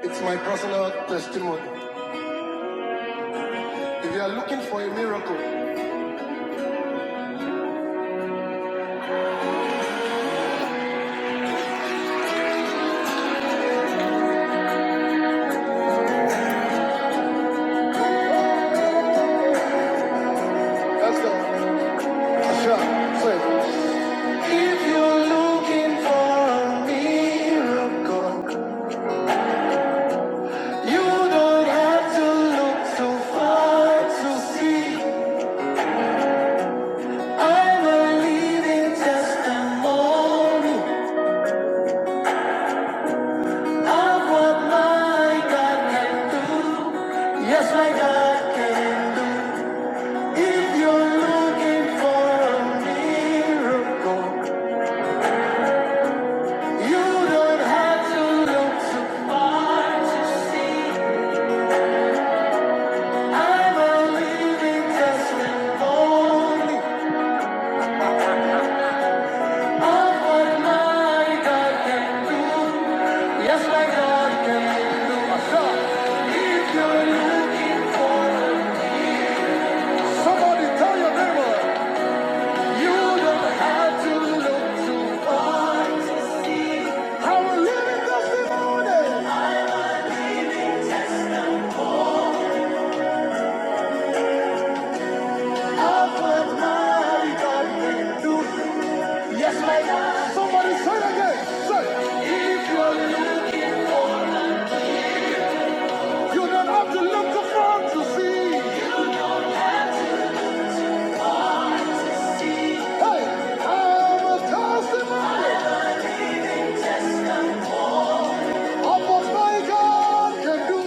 It's my personal testimony. If you are looking for a miracle, that's a sure. Say, if you're looking for a miracle, you don't have to look too far to see. I'm a living testimony of what my God can do. Yes, my God can do. If you're looking for a miracle. You don't have to look so far to see. I'm a living testimony of what my God can do. Yes, my God can do. If you're looking for somebody, tell your neighbor. You don't have to look so far. I'm a living testimony of what my God can do. Yes, ma'am. Somebody say it again. Say, it. if you're looking for, you don't have to look too far to see. Hey, I'm a testimony of what my God can do.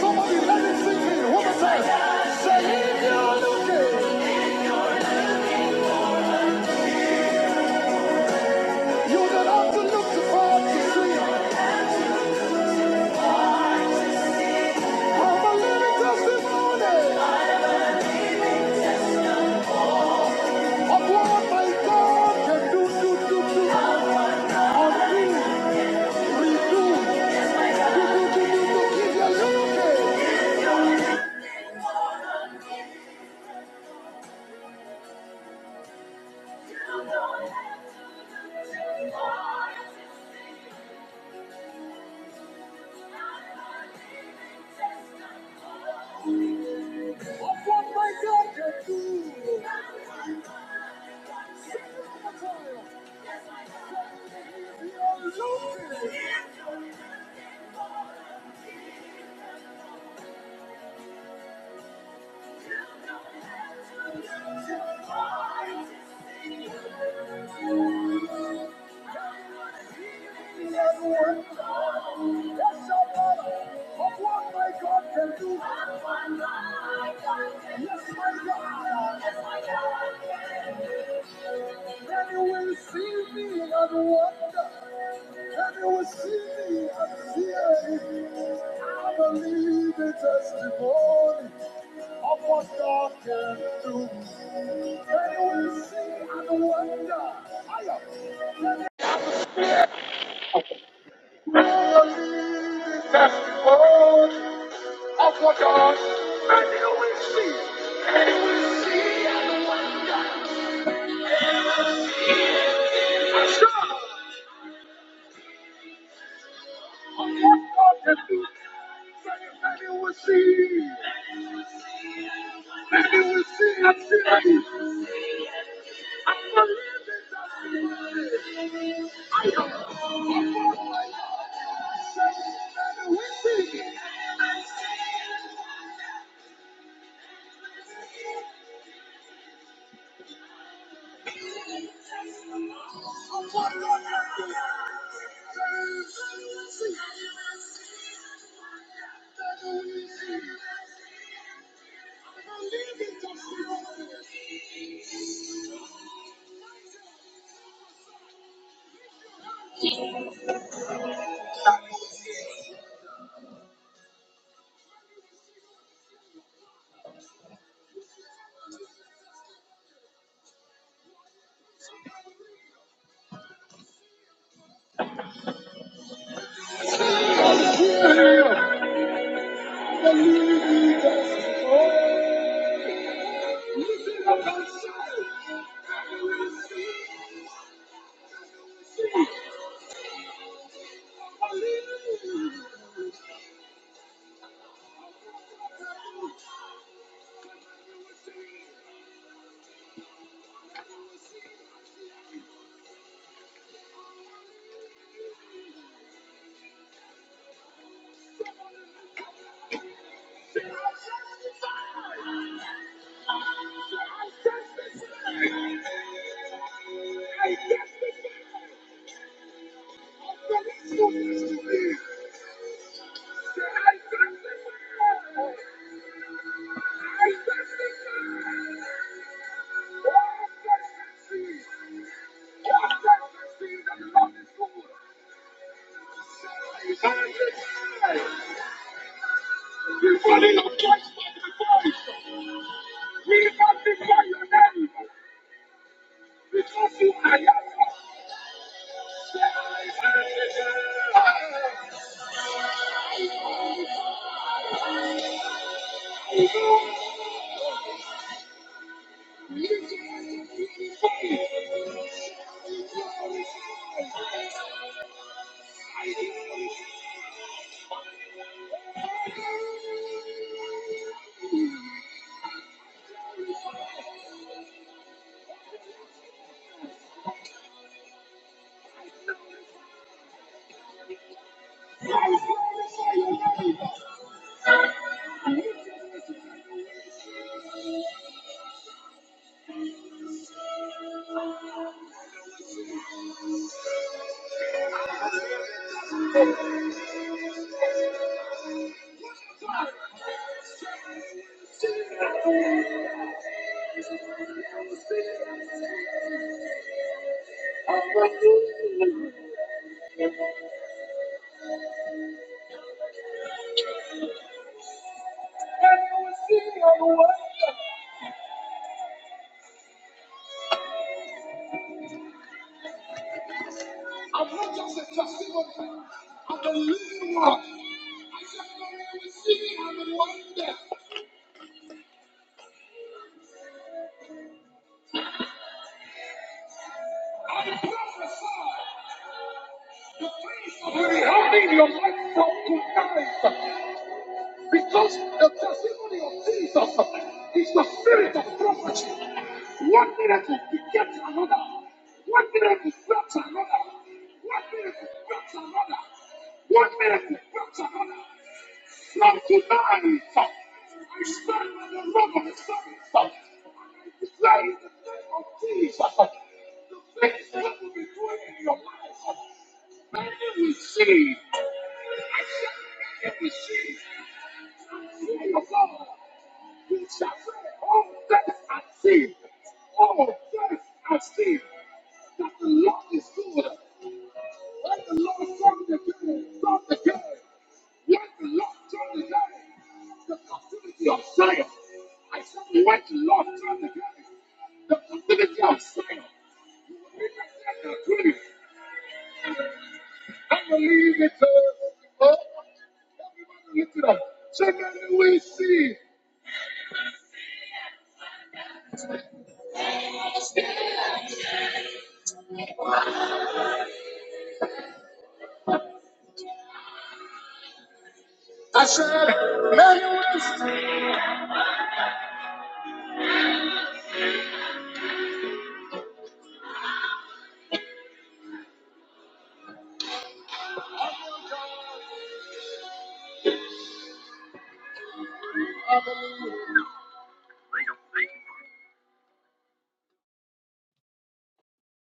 Somebody let it sink in. One more time. Say, if you're looking, you don't have to look too far to see. I'm a living testimony of what my God can do, do, do, do. On me, redo. Yeah,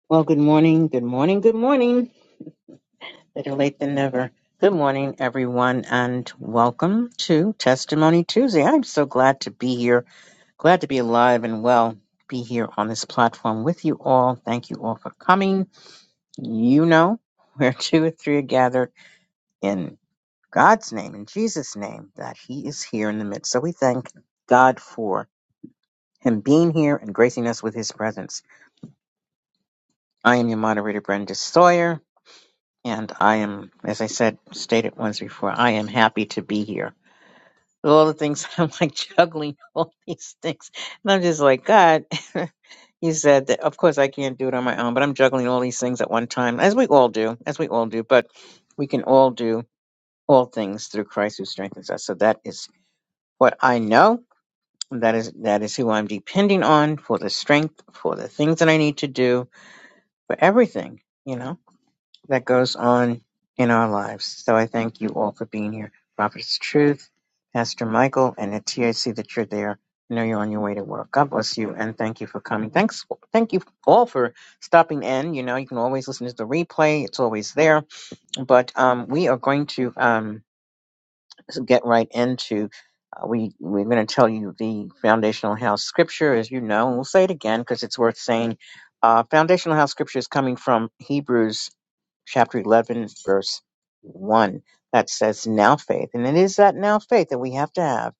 Well, good morning, good morning, good morning. Better late than never. Good morning, everyone, and welcome to Testimony Tuesday. I'm so glad to be here, glad to be alive and well, be here on this platform with you all. Thank you all for coming. You know, where two or three are gathered in God's name, in Jesus' name, that He is here in the midst. So we thank God for Him being here and gracing us with His presence. I am your moderator, Brenda Sawyer, and I am, as I said, stated once before, I am happy to be here. all the things I'm like juggling all these things. And I'm just like, God, you said that of course I can't do it on my own, but I'm juggling all these things at one time, as we all do, as we all do, but we can all do all things through Christ who strengthens us. So that is what I know. That is that is who I'm depending on for the strength, for the things that I need to do, for everything, you know that goes on in our lives. So I thank you all for being here. Prophet's Truth, Pastor Michael, and at TAC that you're there. I know you're on your way to work. God bless you, and thank you for coming. Thanks, thank you all for stopping in. You know, you can always listen to the replay; it's always there. But um, we are going to um, get right into. Uh, we we're going to tell you the foundational house scripture, as you know, and we'll say it again because it's worth saying. Uh, foundational house scripture is coming from Hebrews chapter 11, verse 1, that says now faith. And it is that now faith that we have to have,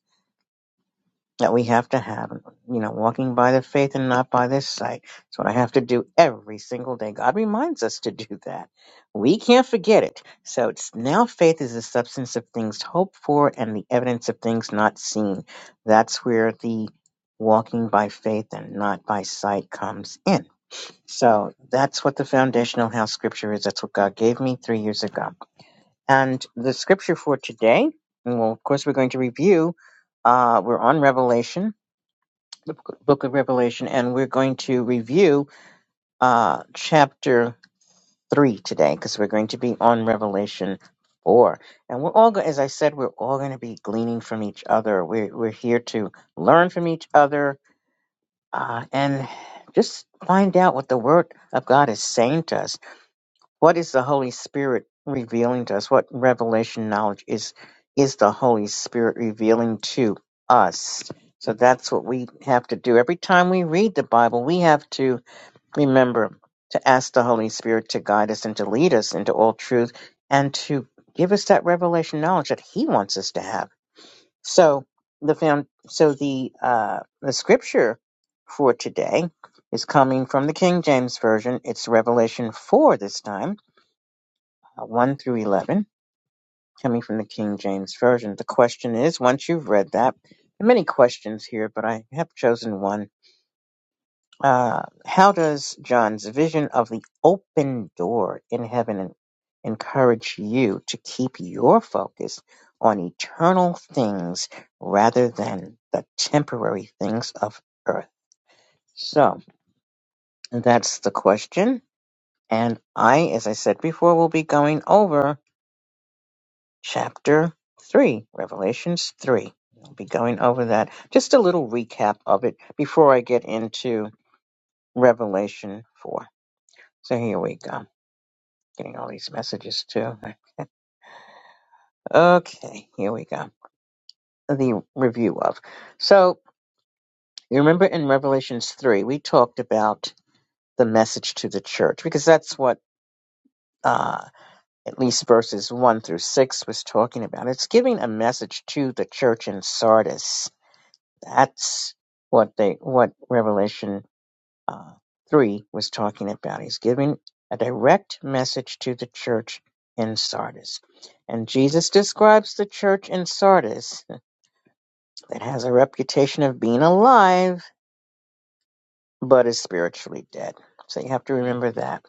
that we have to have, you know, walking by the faith and not by the sight. That's what I have to do every single day. God reminds us to do that. We can't forget it. So it's now faith is the substance of things hoped for and the evidence of things not seen. That's where the walking by faith and not by sight comes in. So that's what the foundational house scripture is. That's what God gave me three years ago. And the scripture for today, and well, of course, we're going to review. Uh, we're on Revelation, the book of Revelation, and we're going to review uh, chapter three today because we're going to be on Revelation four. And we're all, go- as I said, we're all going to be gleaning from each other. We're we're here to learn from each other uh, and just find out what the Word of God is saying to us What is the Holy Spirit revealing to us? What revelation knowledge is is the Holy Spirit revealing to us? So that's what we have to do. Every time we read the Bible, we have to remember to ask the Holy Spirit to guide us and to lead us into all truth and to give us that revelation knowledge that He wants us to have. So the found so the uh, the scripture for today is coming from the King James Version. It's Revelation four this time uh, 1 through 11, coming from the King James Version. The question is once you've read that, there are many questions here, but I have chosen one. Uh, how does John's vision of the open door in heaven encourage you to keep your focus on eternal things rather than the temporary things of earth? So that's the question. And I, as I said before, will be going over chapter 3, Revelations 3. I'll be going over that. Just a little recap of it before I get into Revelation 4. So here we go. Getting all these messages too. Okay, here we go. The review of. So, you remember in Revelations 3, we talked about the message to the church because that's what uh, at least verses 1 through 6 was talking about. It's giving a message to the church in Sardis That's what they what Revelation uh, three was talking about. He's giving a direct message to the church in Sardis, and Jesus describes the church in Sardis that has a reputation of being alive but is spiritually dead. So you have to remember that.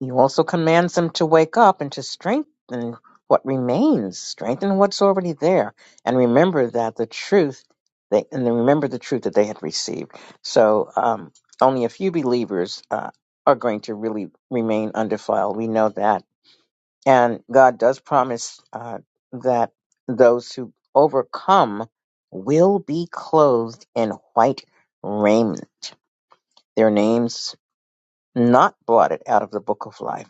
He also commands them to wake up and to strengthen what remains, strengthen what's already there, and remember that the truth, they, and then remember the truth that they had received. So um, only a few believers uh, are going to really remain undefiled. We know that, and God does promise uh, that those who overcome will be clothed in white raiment. Their names not blotted out of the book of life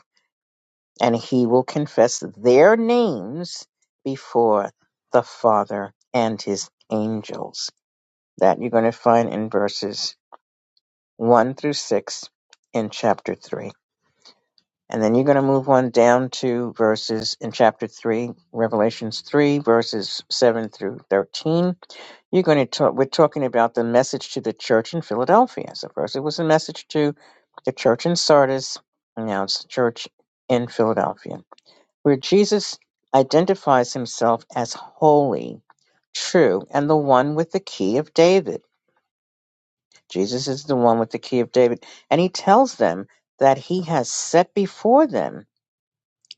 and he will confess their names before the Father and his angels. That you're going to find in verses 1 through 6 in chapter 3. And then you're going to move on down to verses in chapter 3, Revelations 3, verses 7 through 13. You're going to talk, we're talking about the message to the church in Philadelphia. So, first it was a message to the church in Sardis, and now it's the church in Philadelphia where Jesus identifies himself as holy, true, and the one with the key of David. Jesus is the one with the key of David. And he tells them that he has set before them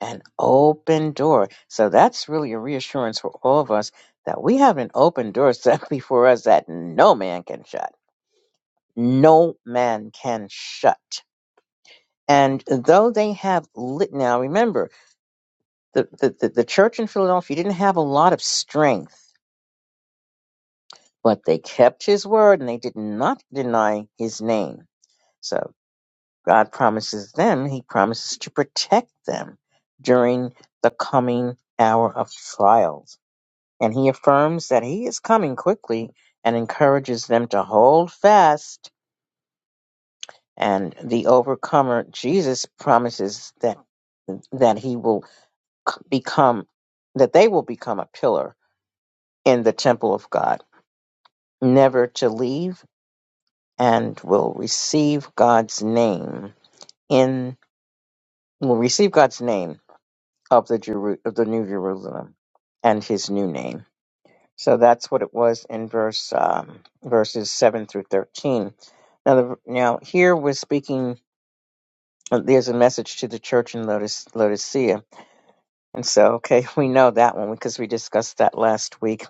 an open door. So that's really a reassurance for all of us that we have an open door set before us that no man can shut. No man can shut. And though they have lit now, remember the, the, the, the church in Philadelphia didn't have a lot of strength But they kept his word and they did not deny his name. So God promises them, he promises to protect them during the coming hour of trials. And he affirms that he is coming quickly and encourages them to hold fast. And the overcomer, Jesus, promises that that he will c- become that they will become a pillar in the temple of God, never to leave and will receive God's name in will receive God's name of the Jeru- of the New Jerusalem and His new name. So that's what it was in verse um, verses seven through thirteen. Now, the, now here we're speaking. There's a message to the church in Lotus, Laodicea, and so okay, we know that one because we discussed that last week,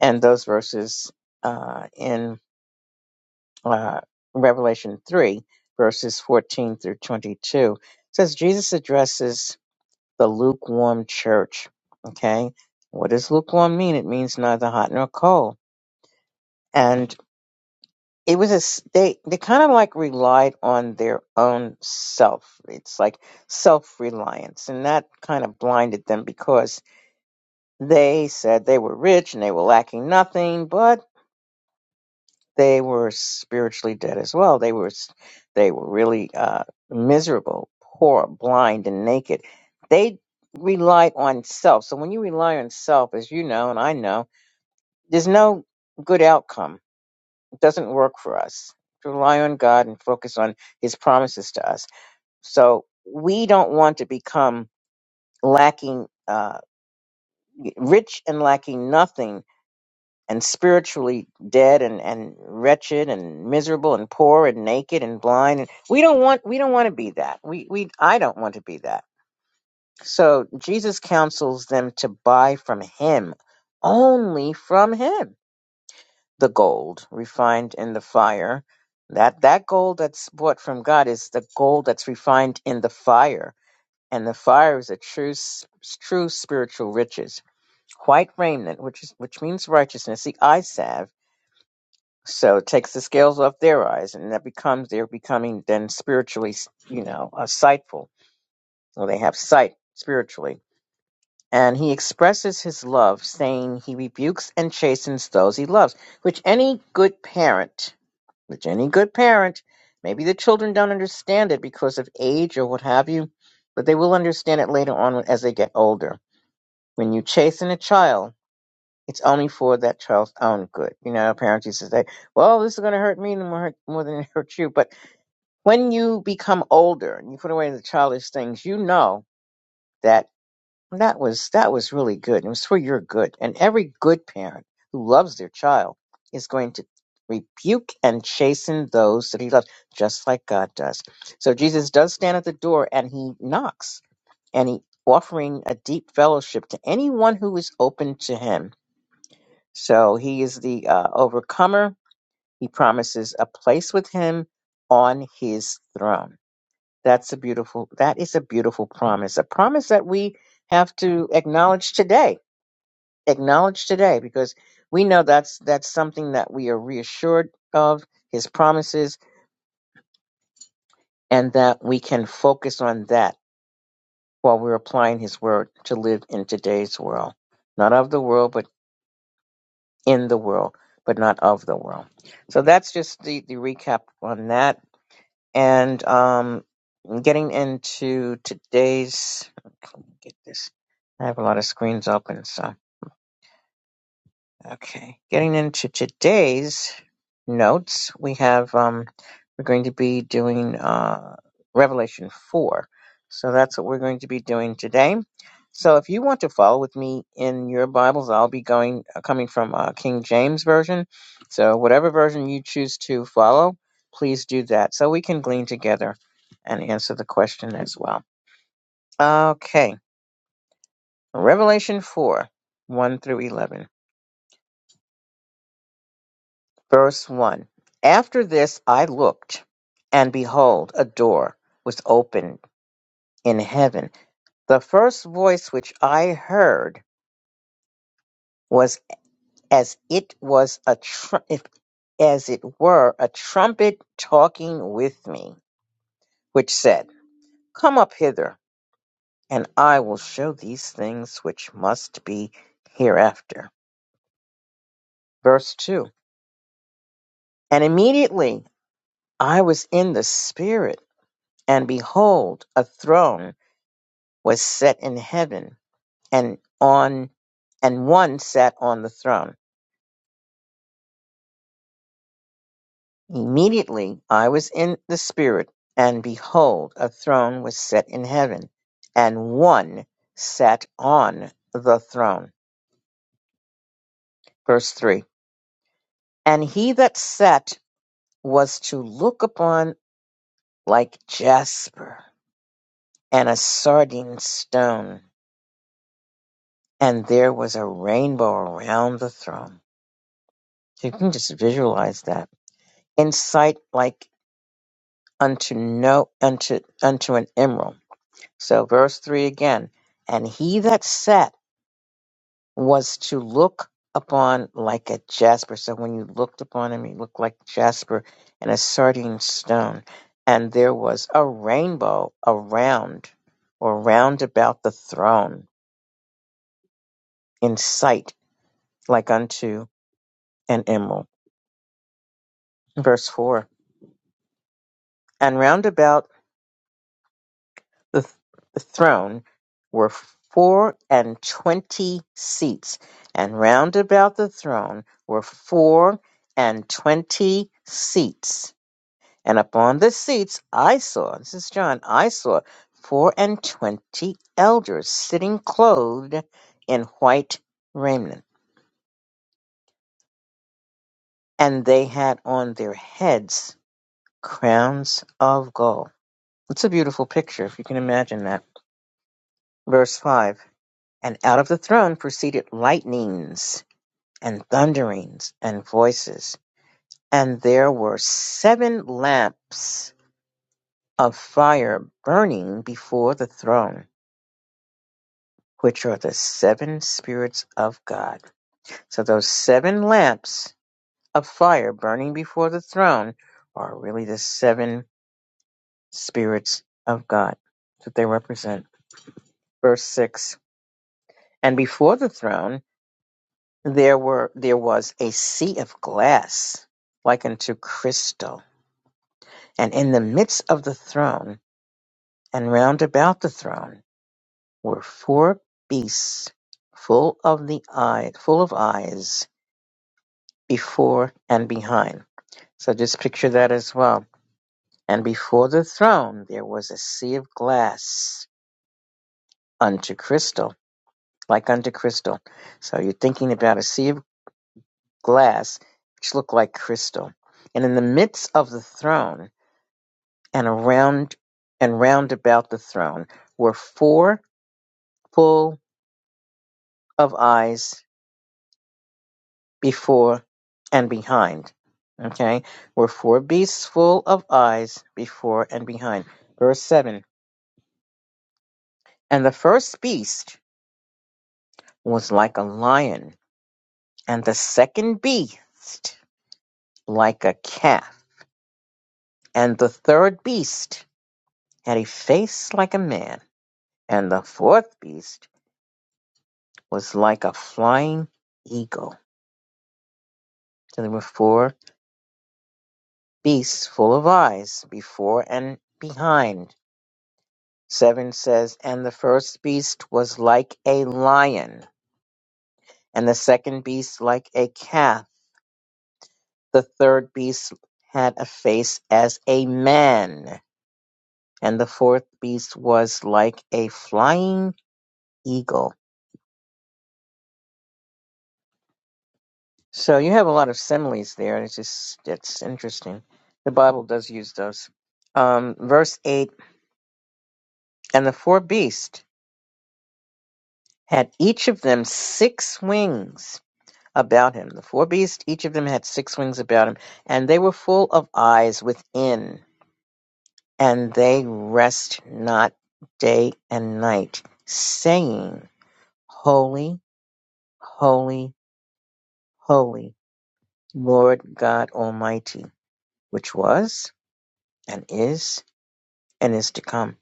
and those verses uh, in uh, Revelation 3, verses 14 through 22. It says Jesus addresses the lukewarm church. Okay. What does lukewarm mean? It means neither hot nor cold. And it was a, s- they, they kind of like relied on their own self. It's like self reliance. And that kind of blinded them because they said they were rich and they were lacking nothing, but. they were spiritually dead as well. They were they were really uh, miserable, poor, blind, and naked. They relied on self. So when you rely on self, as you know and I know, there's no good outcome. It doesn't work for us. rely on God and focus on His promises to us. So we don't want to become lacking, uh, rich and lacking nothing and spiritually dead and, and wretched and miserable and poor and naked and blind and we don't want we don't want to be that we we i don't want to be that so jesus counsels them to buy from him only from him the gold refined in the fire that that gold that's bought from god is the gold that's refined in the fire and the fire is a true s- true spiritual riches white raiment which is which means righteousness the eye isav So it takes the scales off their eyes, and that becomes they're becoming then spiritually, you know, uh, sightful. So they have sight spiritually. And he expresses his love, saying he rebukes and chastens those he loves, which any good parent, which any good parent, maybe the children don't understand it because of age or what have you, but they will understand it later on as they get older. When you chasten a child, it's only for that child's own good. You know, parents used to say, well, this is going to hurt me no more, more than it hurts you. But when you become older and you put away the childish things, you know that that was, that was really good. It was for your good. And every good parent who loves their child is going to rebuke and chasten those that he loves, just like God does. So Jesus does stand at the door and he knocks and he offering a deep fellowship to anyone who is open to him so he is the uh, overcomer. He promises a place with him on his throne. That's a beautiful, that is a beautiful promise, a promise that we have to acknowledge today, acknowledge today, because we know that's, that's something that we are reassured of his promises and that we can focus on that while we're applying his word to live in today's world, not of the world, but in the world, but not of the world. So that's just the, the recap on that And um, getting into today's, okay, let me get this? I have a lot of screens open, so Okay, getting into today's notes, we have um, we're going to be doing uh, Revelation four, so that's what we're going to be doing today. So, if you want to follow with me in your Bibles, I'll be going uh, coming from uh, King James version. So, whatever version you choose to follow, please do that, so we can glean together and answer the question as well. Okay, Revelation four, one through eleven. Verse 1 After this I looked, and behold, a door was opened in heaven. The first voice which I heard was as it was a tr- if, as it were a trumpet talking with me, which said, Come up hither, and I will show these things which must be hereafter. Verse 2 And immediately I was in the Spirit, and behold, a throne. was set in heaven, and on and one sat on the throne. Immediately I was in the spirit, and behold, a throne was set in heaven, and one sat on the throne. Verse three. And he that sat was to look upon like jasper and a sardine stone, and there was a rainbow around the throne. So you can just visualize that. In sight like unto no unto unto an emerald. So verse three again, and he that sat was to look upon like a jasper. So when you looked upon him, he looked like jasper and a sardine stone. And there was a rainbow around or round about the throne in sight, like unto an emerald. Verse four. And round about the, th- the throne were four and twenty seats, and round about the throne were four and twenty seats. And upon the seats I saw, this is John, I saw four and twenty elders sitting clothed in white raiment, and they had on their heads crowns of gold. It's a beautiful picture, if you can imagine that. Verse 5. And out of the throne proceeded lightnings and thunderings and voices. And there were seven lamps of fire burning before the throne, which are the seven spirits of God. So those seven lamps of fire burning before the throne are really the seven spirits of God that they represent. Verse 6. And before the throne There were there was a sea of glass like unto crystal, and in the midst of the throne and round about the throne were four beasts full of the eye full of eyes before and behind. So just picture that as well. And before the throne there was a sea of glass unto crystal, like unto crystal. So you're thinking about a sea of glass which looked like crystal. And in the midst of the throne and around and round about the throne were four full of eyes before and behind. Okay, were four beasts full of eyes before and behind. Verse 7 And the first beast was like a lion, and the second beast like a calf, and the third beast had a face like a man, and the fourth beast was like a flying eagle. So there were four beasts full of eyes before and behind. Seven says, And the first beast was like a lion, and the second beast like a calf. The third beast had a face as a man, and the fourth beast was like a flying eagle. So you have a lot of similes there, and it's just it's interesting. The Bible does use those. Um, verse eight, and the four beasts had each of them six wings about him. The four beasts, each of them had six wings about him, and they were full of eyes within, and they rest not day and night, saying, Holy, holy, holy, Lord God Almighty, which was, and is, and is to come.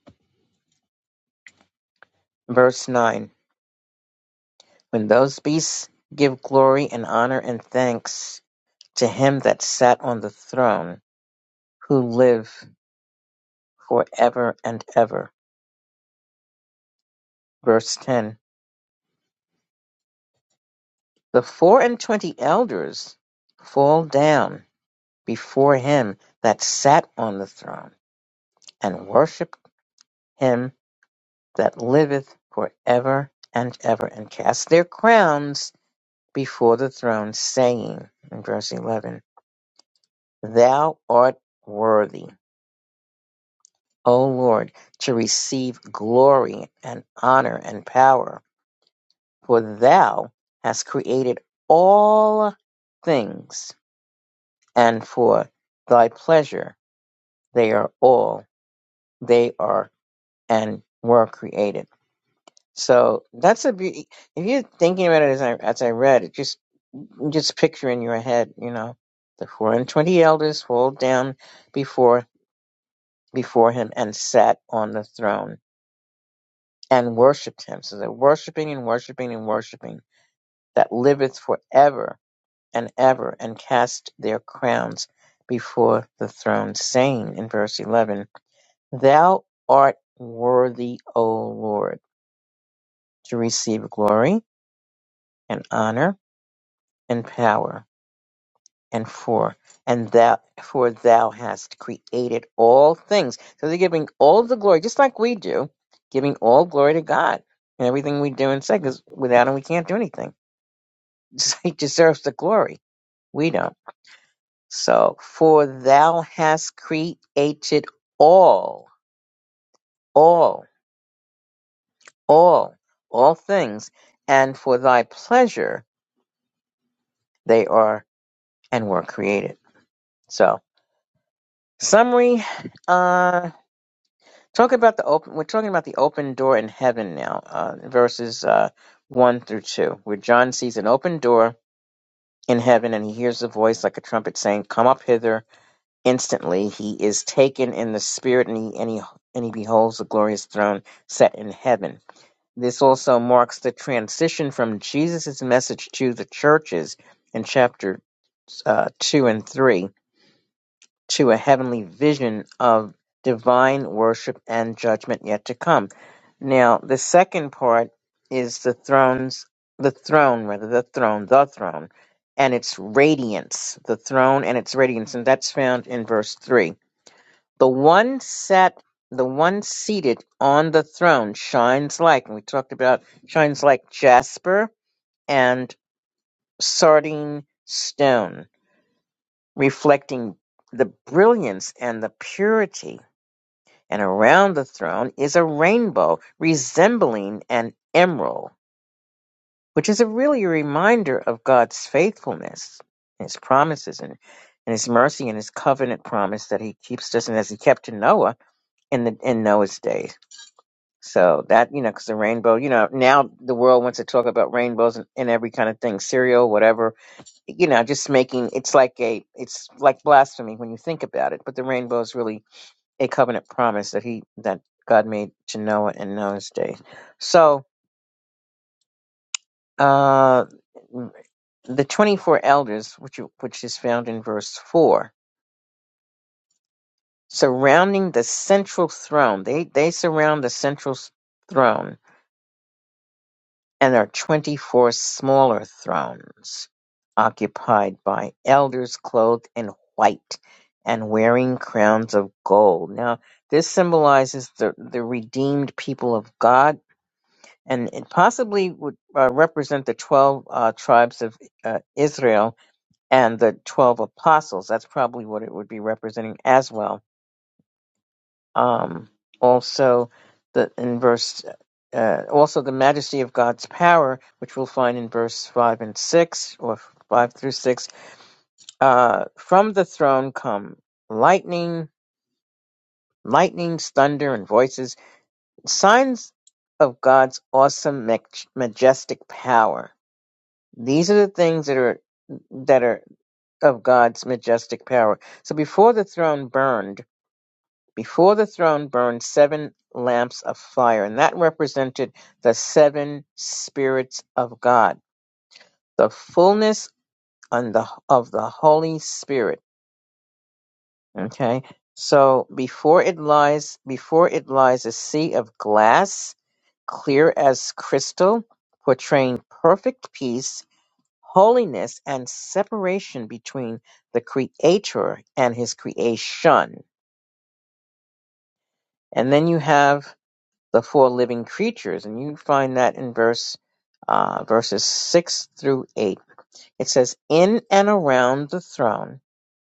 Verse 9 When those beasts give glory and honor and thanks to him that sat on the throne, who live forever and ever. Verse 10 The four and twenty elders fall down before him that sat on the throne, and worship him that liveth for ever and ever, and cast their crowns before the throne, saying, in verse 11, Thou art worthy, O Lord, to receive glory and honor and power, for thou hast created all things, and for thy pleasure They are all. They are and were created. So that's a be- if you're thinking about it as I as I read it, just just picture in your head, you know, the four and twenty elders fall down before before him and sat on the throne and worshipped him. So they're worshiping and worshiping and worshiping that liveth forever and ever and cast their crowns before the throne, saying in verse eleven, Thou art worthy, O Lord to receive glory, and honor, and power, and for and thou for thou hast created all things. So they're giving all the glory, just like we do, giving all glory to God and everything we do and say, because without him we can't do anything. He deserves the glory. We don't. So for thou hast created all, all, all, all things, and for thy pleasure they are and were created. So Summary. Uh, talk about the open. We're talking about the open door in heaven now. Uh, verses uh, one through two, where John sees an open door in heaven, and he hears a voice like a trumpet saying, "Come up hither!" Instantly, he is taken in the spirit, and he and he and he beholds the glorious throne set in heaven. This also marks the transition from Jesus' message to the churches in chapter uh, two and three to a heavenly vision of divine worship and judgment yet to come. Now, the second part is the thrones, the throne, rather, the throne, the throne, and its radiance, the throne and its radiance, and that's found in verse 3. The one sat, the one seated on the throne shines like, and we talked about shines like jasper and sardine stone, reflecting the brilliance and the purity and around the throne is a rainbow resembling an emerald, which is a really a reminder of God's faithfulness and his promises and, and his mercy and his covenant promise that he keeps us and as he kept to Noah in the in Noah's days. So that, you know, because the rainbow, you know, now the world wants to talk about rainbows and, and every kind of thing, cereal, whatever, you know, just making it's like a it's like blasphemy when you think about it. But the rainbow is really a covenant promise that he that God made to Noah in Noah's day. So uh, the twenty-four elders, which you, which is found in verse four, surrounding the central throne. They they surround the central s- throne, and there are twenty-four smaller thrones occupied by elders clothed in white and wearing crowns of gold. Now this symbolizes the the redeemed people of God and it possibly would uh, represent the 12 uh, tribes of uh, Israel and the 12 apostles. That's probably what it would be representing as well. Um, also, the in verse, uh, also the majesty of God's power, which we'll find in verse 5 and 6, or 5 through 6. Uh, from the throne come lightning, lightnings, thunder, and voices, signs of God's awesome, maj- majestic power These are the things that are that are of God's majestic power. So before the throne burned, before the throne burned seven lamps of fire, and that represented the seven spirits of God, the fullness on the of the Holy Spirit. Okay. So before it lies before it lies a sea of glass, clear as crystal, portraying perfect peace holiness and separation between the creator and his creation. And then you have the four living creatures, and you find that in verse uh, verses six through eight. It says, "In and around the throne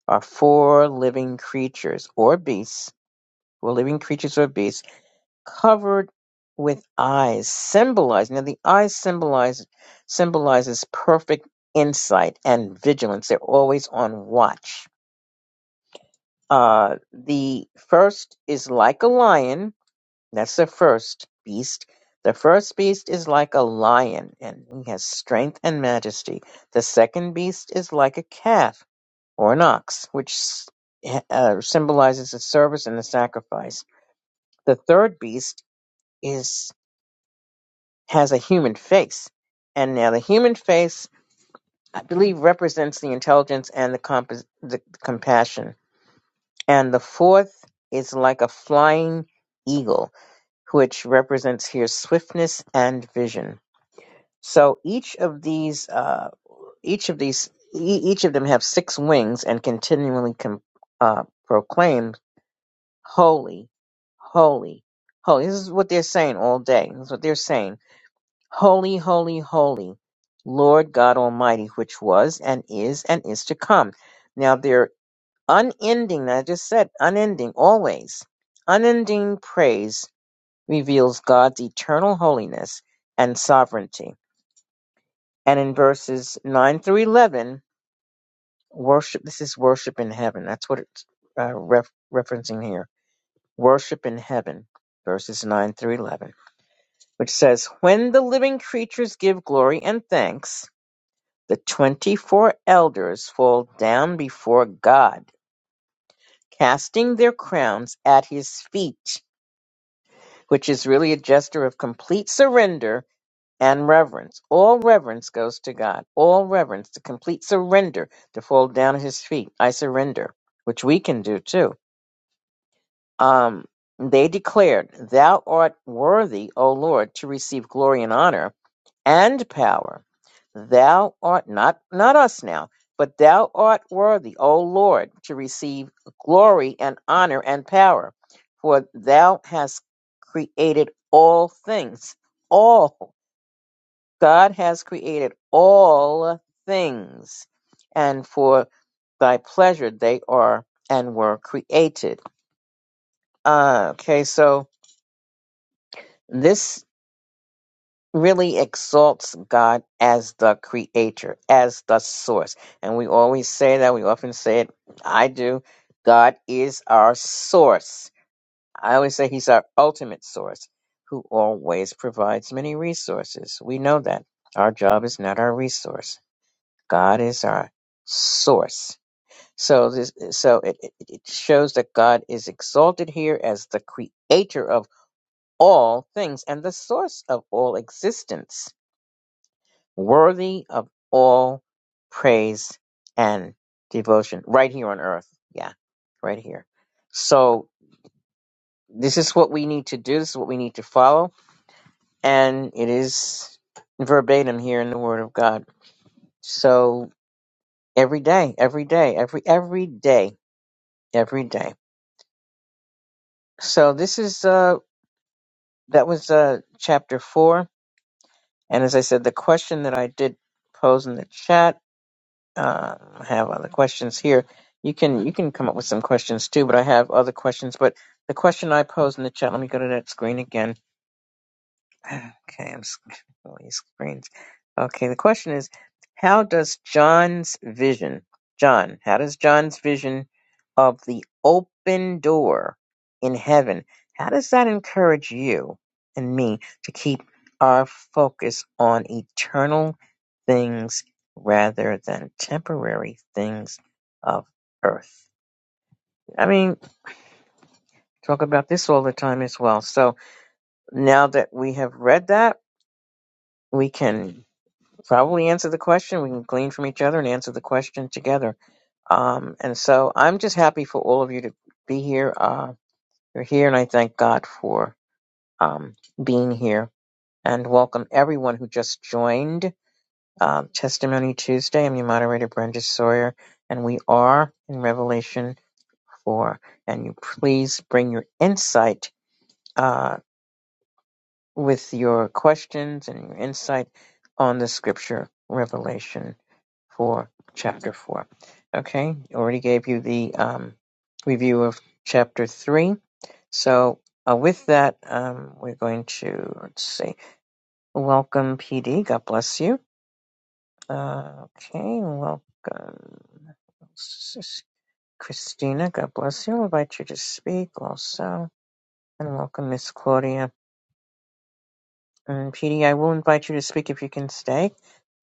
are four living creatures or beasts, four living creatures or beasts, covered with eyes, symbolizing. Now, the eyes symbolize symbolizes perfect insight and vigilance. They're always on watch Uh, the first is like a lion. That's the first beast. The first beast is like a lion, and he has strength and majesty. The second beast is like a calf or an ox, which s- eh, uh, symbolizes the service and the sacrifice. The third beast is has a human face, and now the human face, I believe, represents the intelligence and the, compos- the compassion. And the fourth is like a flying eagle which represents here swiftness and vision. So each of these, uh, each of these, e- each of them have six wings and continually com- uh, proclaim, "Holy, holy, holy." This is what they're saying all day. This is what they're saying: "Holy, holy, holy, Lord God Almighty, which was and is and is to come." Now they're unending. I just said unending, always unending praise reveals God's eternal holiness and sovereignty. And in verses 9 through 11, worship, this is worship in heaven. That's what it's uh, ref, referencing here. Worship in heaven, verses 9 through 11, which says, When the living creatures give glory and thanks, the 24 elders fall down before God, casting their crowns at his feet, which is really a gesture of complete surrender and reverence. All reverence goes to God. All reverence, the complete surrender to fall down at his feet. I surrender, which we can do too. Um, they declared, Thou art worthy, O Lord, to receive glory and honor and power. Thou art not, not us now, but thou art worthy, O Lord, to receive glory and honor and power. For thou hast created all things, all. God has created all things, and for thy pleasure they are and were created. Uh, okay, so this really exalts God as the creator, as the source. And we always say that, we often say it, I do. God is our source. I always say he's our ultimate source who always provides many resources. We know that. Our job is not our resource God is our source. So this so it, it it shows that God is exalted here as the creator of all things and the source of all existence, worthy of all praise and devotion right here on earth. Yeah, right here. So this is what we need to do, this is what we need to follow, and it is verbatim here in the word of God. So every day, every day, every every day, every day. So this is uh that was uh chapter four, and as I said, the question that I did pose in the chat. Uh, I have other questions here. You can you can come up with some questions too, but I have other questions. But the question I posed in the chat. Let me go to that screen again. Okay, I'm scrolling screens. Okay, the question is, how does John's vision, John, how does John's vision of the open door in heaven, how does that encourage you and me to keep our focus on eternal things rather than temporary things of earth? I mean, talk about this all the time as well. So now that we have read that, we can probably answer the question. We can glean from each other and answer the question together. Um, and so I'm just happy for all of you to be here. Uh, you're here, and I thank God for um, being here. And welcome everyone who just joined uh, Testimony Tuesday. I'm your moderator, Brenda Sawyer, and we are in Revelation 4. And you please bring your insight uh, with your questions and your insight on the scripture Revelation for chapter 4. Okay, already gave you the um, review of chapter 3. So, uh, with that, um, we're going to, let's see, welcome PD. God bless you. Uh, okay, welcome. This is Christina, God bless you. I'll invite you to speak also. And welcome, Miss Claudia. And PD, I will invite you to speak if you can stay.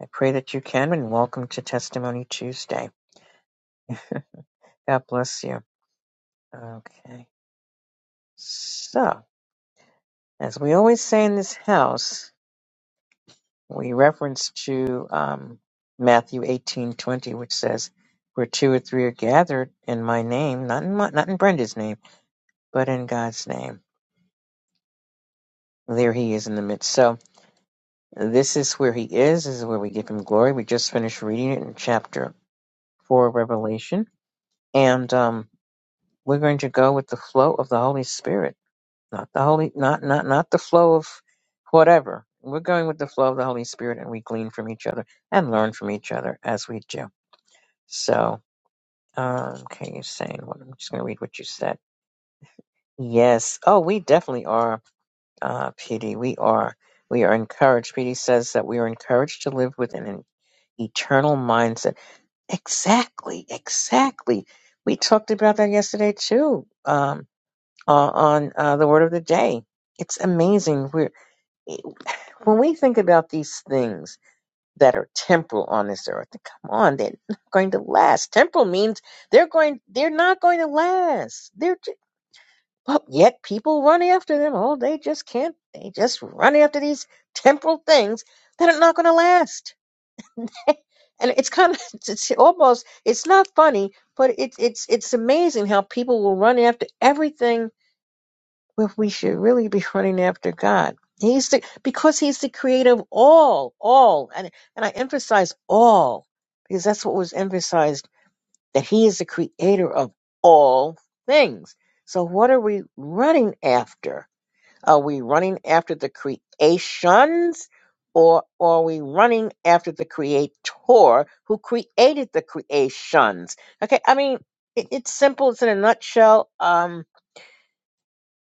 I pray that you can, and welcome to Testimony Tuesday. God bless you. Okay. So, as we always say in this house, we reference to um, Matthew eighteen twenty, which says, "Where two or three are gathered in my name, not in my, not in Brenda's name, but in God's name, there He is in the midst." So, this is where He is. This is where we give Him glory. We just finished reading it in chapter four, of Revelation, and um, we're going to go with the flow of the Holy Spirit. not the holy not not not the flow of whatever we're going with the flow of the holy spirit and we glean from each other and learn from each other as we do so um okay you're saying what i'm just going to read what you said yes oh we definitely are uh pd we are we are encouraged pd says that we are encouraged to live with an eternal mindset exactly exactly we talked about that yesterday too um uh, on uh, the word of the day it's amazing. We're when we think about these things that are temporal on this earth, come on, they're not going to last. Temporal means they're going, they're not going to last. They're, ju- but yet people run after them. Oh, they just can't. They just run after these temporal things that are not going to last. and it's kind of, it's, it's almost, it's not funny, but it's it's it's amazing how people will run after everything but we should really be running after God. He's the because He's the creator of all, all, and and I emphasize all because that's what was emphasized that He is the creator of all things. So what are we running after? Are we running after the creations, or are we running after the Creator who created the creations? Okay, I mean it, it's simple. It's in a nutshell. Um,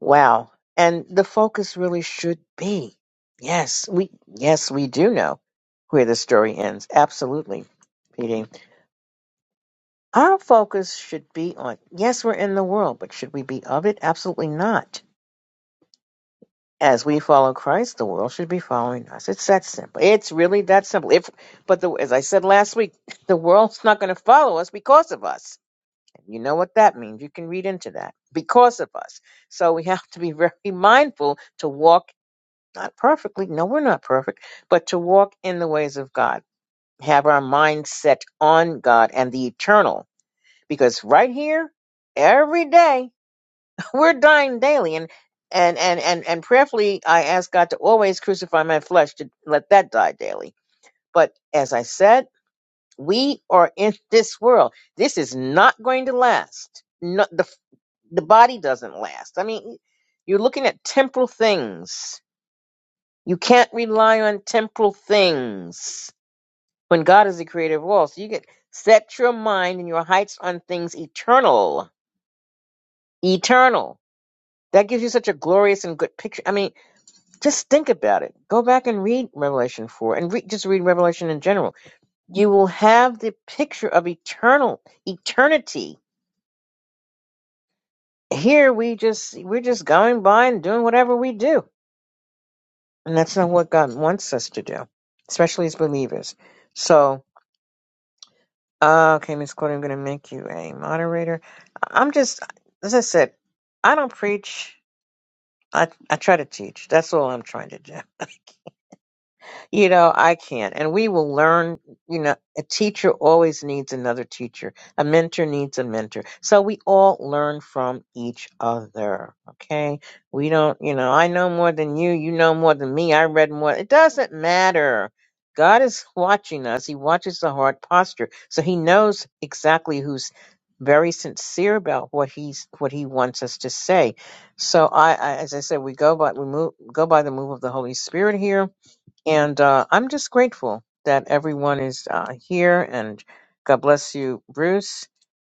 Wow. And the focus really should be. Yes, we yes, we do know where the story ends. Absolutely. PD. Our focus should be on yes, we're in the world, but should we be of it? Absolutely not. As we follow Christ, the world should be following us. It's that simple. It's really that simple. If but the, as I said last week, the world's not going to follow us because of us. You know what that means. You can read into that. Because of us. So we have to be very mindful to walk Not perfectly. No, we're not perfect. But to walk in the ways of God, have our mind set on God and the eternal. Because right here, every day, we're dying daily. And and and and, and prayerfully I ask God to always crucify my flesh to let that die daily. But as I said, we are in this world. This is not going to last. No, the the body doesn't last. I mean, you're looking at temporal things You can't rely on temporal things when God is the creator of all. So you get set your mind and your heights on things eternal. Eternal. That gives you such a glorious and good picture. I mean, just think about it. Go back and read Revelation 4 and read just read Revelation in general. You will have the picture of eternal eternity. Here we just we're just going by and doing whatever we do. And that's not what God wants us to do, especially as believers. So Okay, Miss Courtney, I'm going to make you a moderator. I- I'm just, as I said, I don't preach. I, I try to teach. That's all I'm trying to do. you know, I can't. And we will learn, you know, a teacher always needs another teacher. A mentor needs a mentor. So we all learn from each other. Okay. We don't, you know, I know more than you. You know more than me. I read more. It doesn't matter. God is watching us. He watches the heart posture. So he knows exactly who's very sincere about what he's what he wants us to say. So I, I as I said, we go by we move go by the move of the Holy Spirit here and uh, I'm just grateful that everyone is uh, here. And God bless you, Bruce.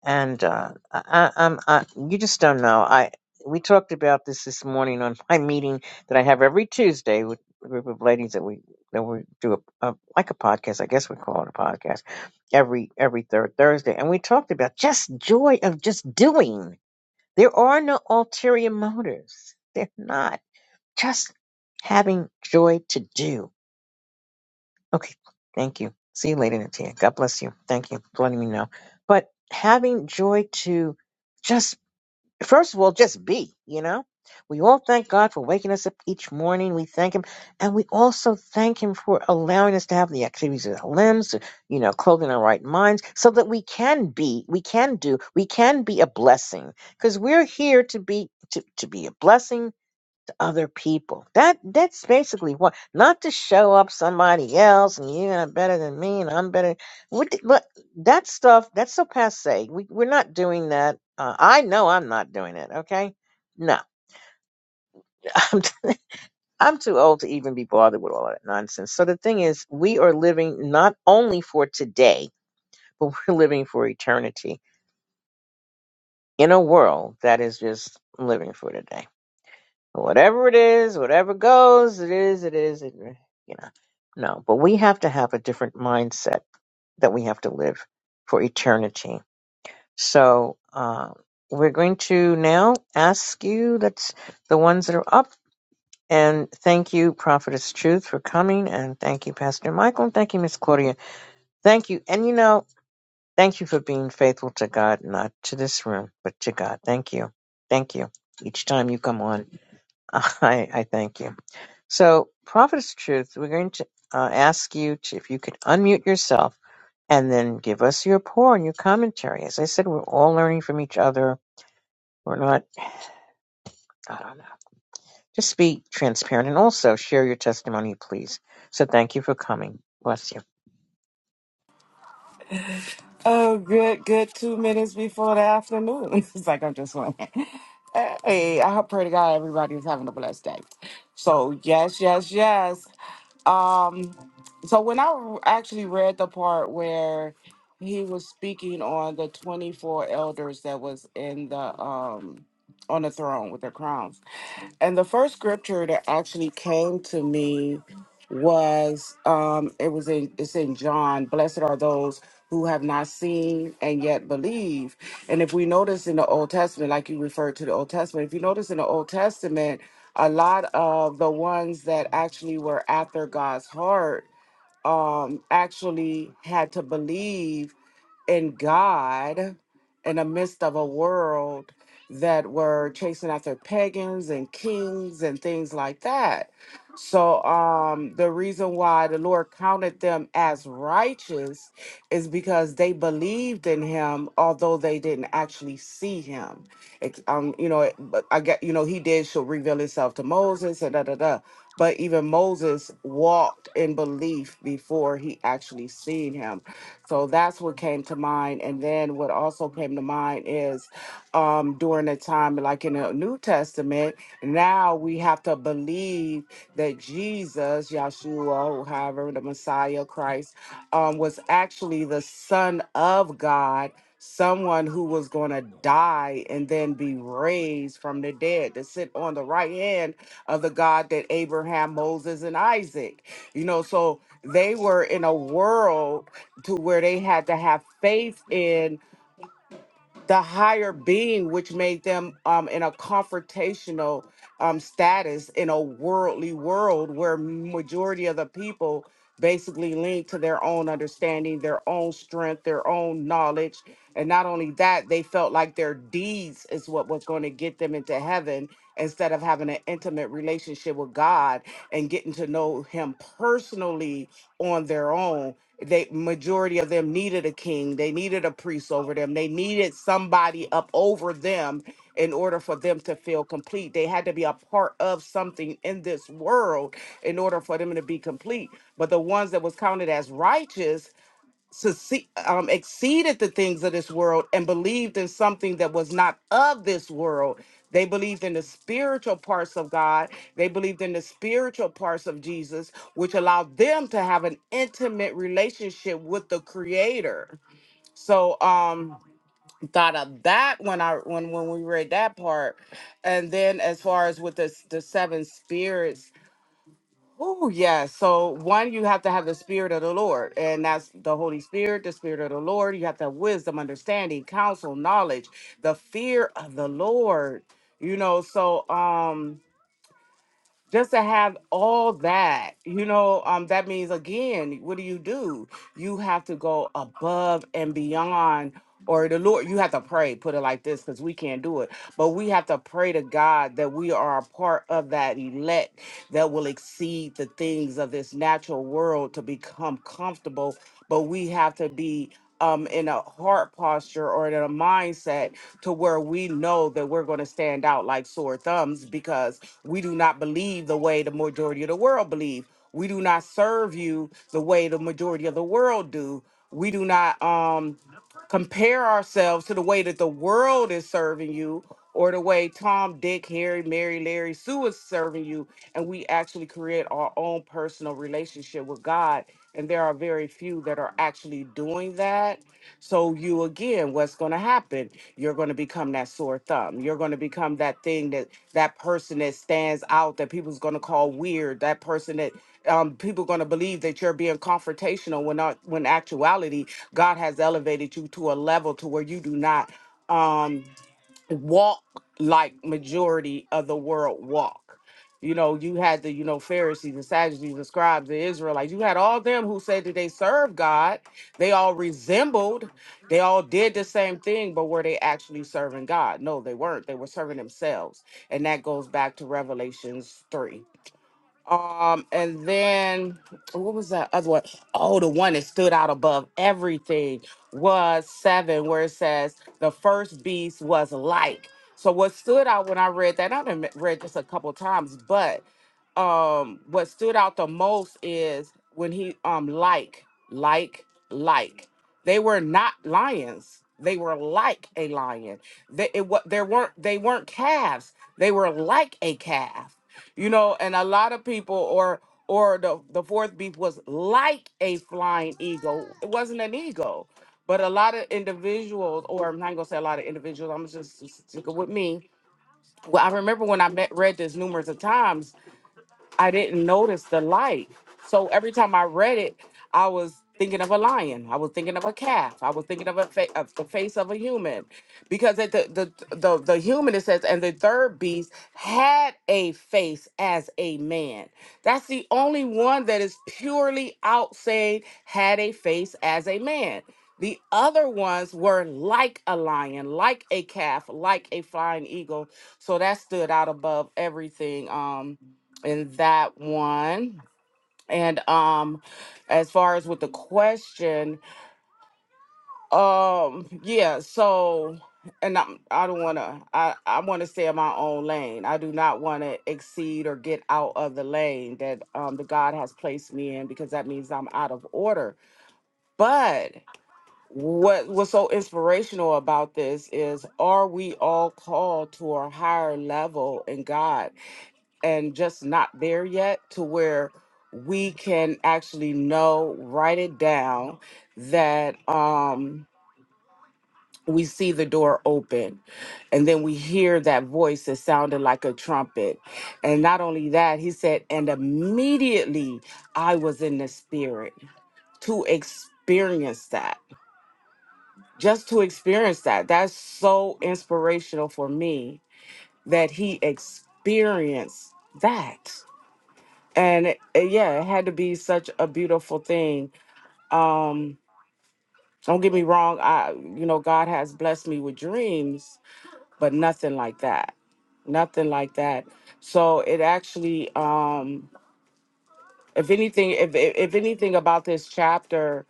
And uh, I, I, I'm, I, you just don't know. I we talked about this this morning on my meeting that I have every Tuesday with a group of ladies that we that we do a, a like a podcast. I guess we call it a podcast every every third Thursday. And we talked about just joy of just doing. There are no ulterior motives. They're not just having joy to do Okay, thank you. See you later, Natia. God bless you. Thank you for letting me know. But having joy to just, first of all, just be, you know? We all thank God for waking us up each morning. We thank Him. And we also thank Him for allowing us to have the activities of our limbs, you know, clothing our right minds, so that we can be, we can do, we can be a blessing. Because we're here to be, to, to be a blessing other people. That that's basically what not to show up somebody else and you're better than me and I'm better. What, the- but that stuff that's so passe. We we're not doing that. Uh, I know I'm not doing it. Okay, no, I'm t- I'm too old to even be bothered with all that nonsense. So the thing is, we are living not only for today, but we're living for eternity in a world that is just living for today. Whatever it is, whatever goes, it is, it is, it, you know. No, but we have to have a different mindset that we have to live for eternity. So uh, we're going to now ask you, that's the ones that are up, and thank you, Prophetess Truth, for coming, and thank you, Pastor Michael, and thank you, Miss Claudia. Thank you, and you know, thank you for being faithful to God, not to this room, but to God. Thank you. Thank you. Each time you come on, I, I thank you. So, Prophet is Truth, we're going to uh, ask you to, if you could unmute yourself and then give us your pour and your commentary. As I said, we're all learning from each other. We're not, I don't know. Just be transparent and also share your testimony, please. So, thank you for coming. Bless you. Oh, good, good. Two minutes before the afternoon. It's like I'm just like, hey, I hope- pray to God everybody is having a blessed day. So yes, yes, yes. Um, so when I actually read the part where he was speaking on the 24 elders that was in the um on the throne with their crowns, and the first scripture that actually came to me was um it was in it's in John, blessed are those who have not seen and yet believe. And if we notice in the Old Testament, like you referred to the Old Testament, if you notice in the Old Testament, a lot of the ones that actually were after God's heart um, actually had to believe in God in the midst of a world that were chasing after pagans and kings and things like that. So um the reason why the Lord counted them as righteous is because they believed in him although they didn't actually see him. It, um you know it- but I get you know he did shall reveal himself to Moses and da da da but even Moses walked in belief before he actually seen him. So that's what came to mind. And then what also came to mind is um, during the time, like in the New Testament, now we have to believe that Jesus, Yahshua, or however, the Messiah, Christ, um, was actually the Son of God. Someone who was going to die and then be raised from the dead to sit on the right hand of the God that Abraham, Moses, and Isaac, you know, so they were in a world to where they had to have faith in the higher being, which made them um, in a confrontational um, status in a worldly world where majority of the people basically lean to their own understanding, their own strength, their own knowledge. And not only that, they felt like their deeds is what was going to get them into heaven instead of having an intimate relationship with God and getting to know him personally on their own they majority of them needed a king they needed a priest over them they needed somebody up over them in order for them to feel complete they had to be a part of something in this world in order for them to be complete but the ones that was counted as righteous succe- um, exceeded the things of this world and believed in something that was not of this world. They believed in the spiritual parts of God. They believed in the spiritual parts of Jesus, which allowed them to have an intimate relationship with the Creator. So, um, thought of that when I when when we read that part, and then as far as with the the seven spirits Oh, yeah. So, one, you have to have the Spirit of the Lord, and that's the Holy Spirit, the Spirit of the Lord. You have to have wisdom, understanding, counsel, knowledge, the fear of the Lord. You know, so um, just to have all that, you know, um, that means again, what do you do? You have to go above and beyond, or the Lord, you have to pray, put it like this, because we can't do it. But we have to pray to God that we are a part of that elect that will exceed the things of this natural world to become comfortable. But we have to be um, in a heart posture or in a mindset to where we know that we're going to stand out like sore thumbs because we do not believe the way the majority of the world believe. We do not serve you the way the majority of the world do. We do not um, compare ourselves to the way that the world is serving you or the way Tom, Dick, Harry, Mary, Larry, Sue is serving you. And we actually create our own personal relationship with God. And there are very few that are actually doing that so you again, what's going to happen? You're going to become that sore thumb. You're going to become that thing that that person that stands out that people's going to call weird. That person that um, people going to believe that you're being confrontational when not when actuality God has elevated you to a level to where you do not. Um, walk like majority of the world walk. You know, you had the, you know, Pharisees, the Sadducees, the scribes, the Israelites. You had all them who said that they served God. They all resembled, they all did the same thing, but were they actually serving God? No, they weren't. They were serving themselves. And that goes back to Revelations 3. Um, and then what was that other one? Oh, the one that stood out above everything was seven, where it says the first beast was like. So what stood out when I read that, I've done read this a couple times, but um what stood out the most is when he um like, like, like. They were not lions. They were like a lion. They it, wa- there weren't they weren't calves. They were like a calf you know and a lot of people or or the the fourth beef was like a flying eagle it wasn't an eagle but a lot of individuals or i'm not gonna say a lot of individuals i'm just sticking with me well i remember when i met read this numerous of times I didn't notice the light. So every time I read it, I was thinking of a lion. I was thinking of a calf. I was thinking of a fa- of the face of a human, because at the, the the the human it says, and the third beast had a face as a man. That's the only one that is purely out saying had a face as a man. The other ones were like a lion, like a calf, like a flying eagle. So that stood out above everything. Um, in that one. And um as far as with the question, um yeah, so and I'm, I don't want to I I want to stay in my own lane. I do not want to exceed or get out of the lane that um the God has placed me in because that means I'm out of order. But what was so inspirational about this is are we all called to a higher level in God? and just not there yet to where we can actually know write it down that um we see the door open and then we hear that voice that sounded like a trumpet and not only that he said and immediately i was in the spirit to experience that just to experience that that's so inspirational for me that he experienced that and it, it- yeah it had to be such a beautiful thing um don't get me wrong i you know god has blessed me with dreams but nothing like that nothing like that so it actually um if anything if if, if anything about this chapter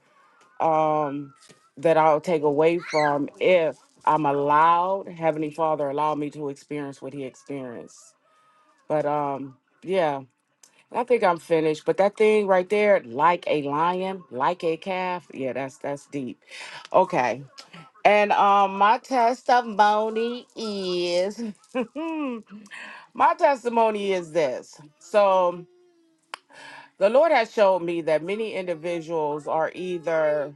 um that i'll take away from if i'm allowed heavenly father allow me to experience what he experienced but um yeah I think I'm finished, but that thing right there, like a lion, like a calf. Yeah, that's that's deep. Okay. And um my testimony is my testimony is this. So the Lord has showed me that many individuals are either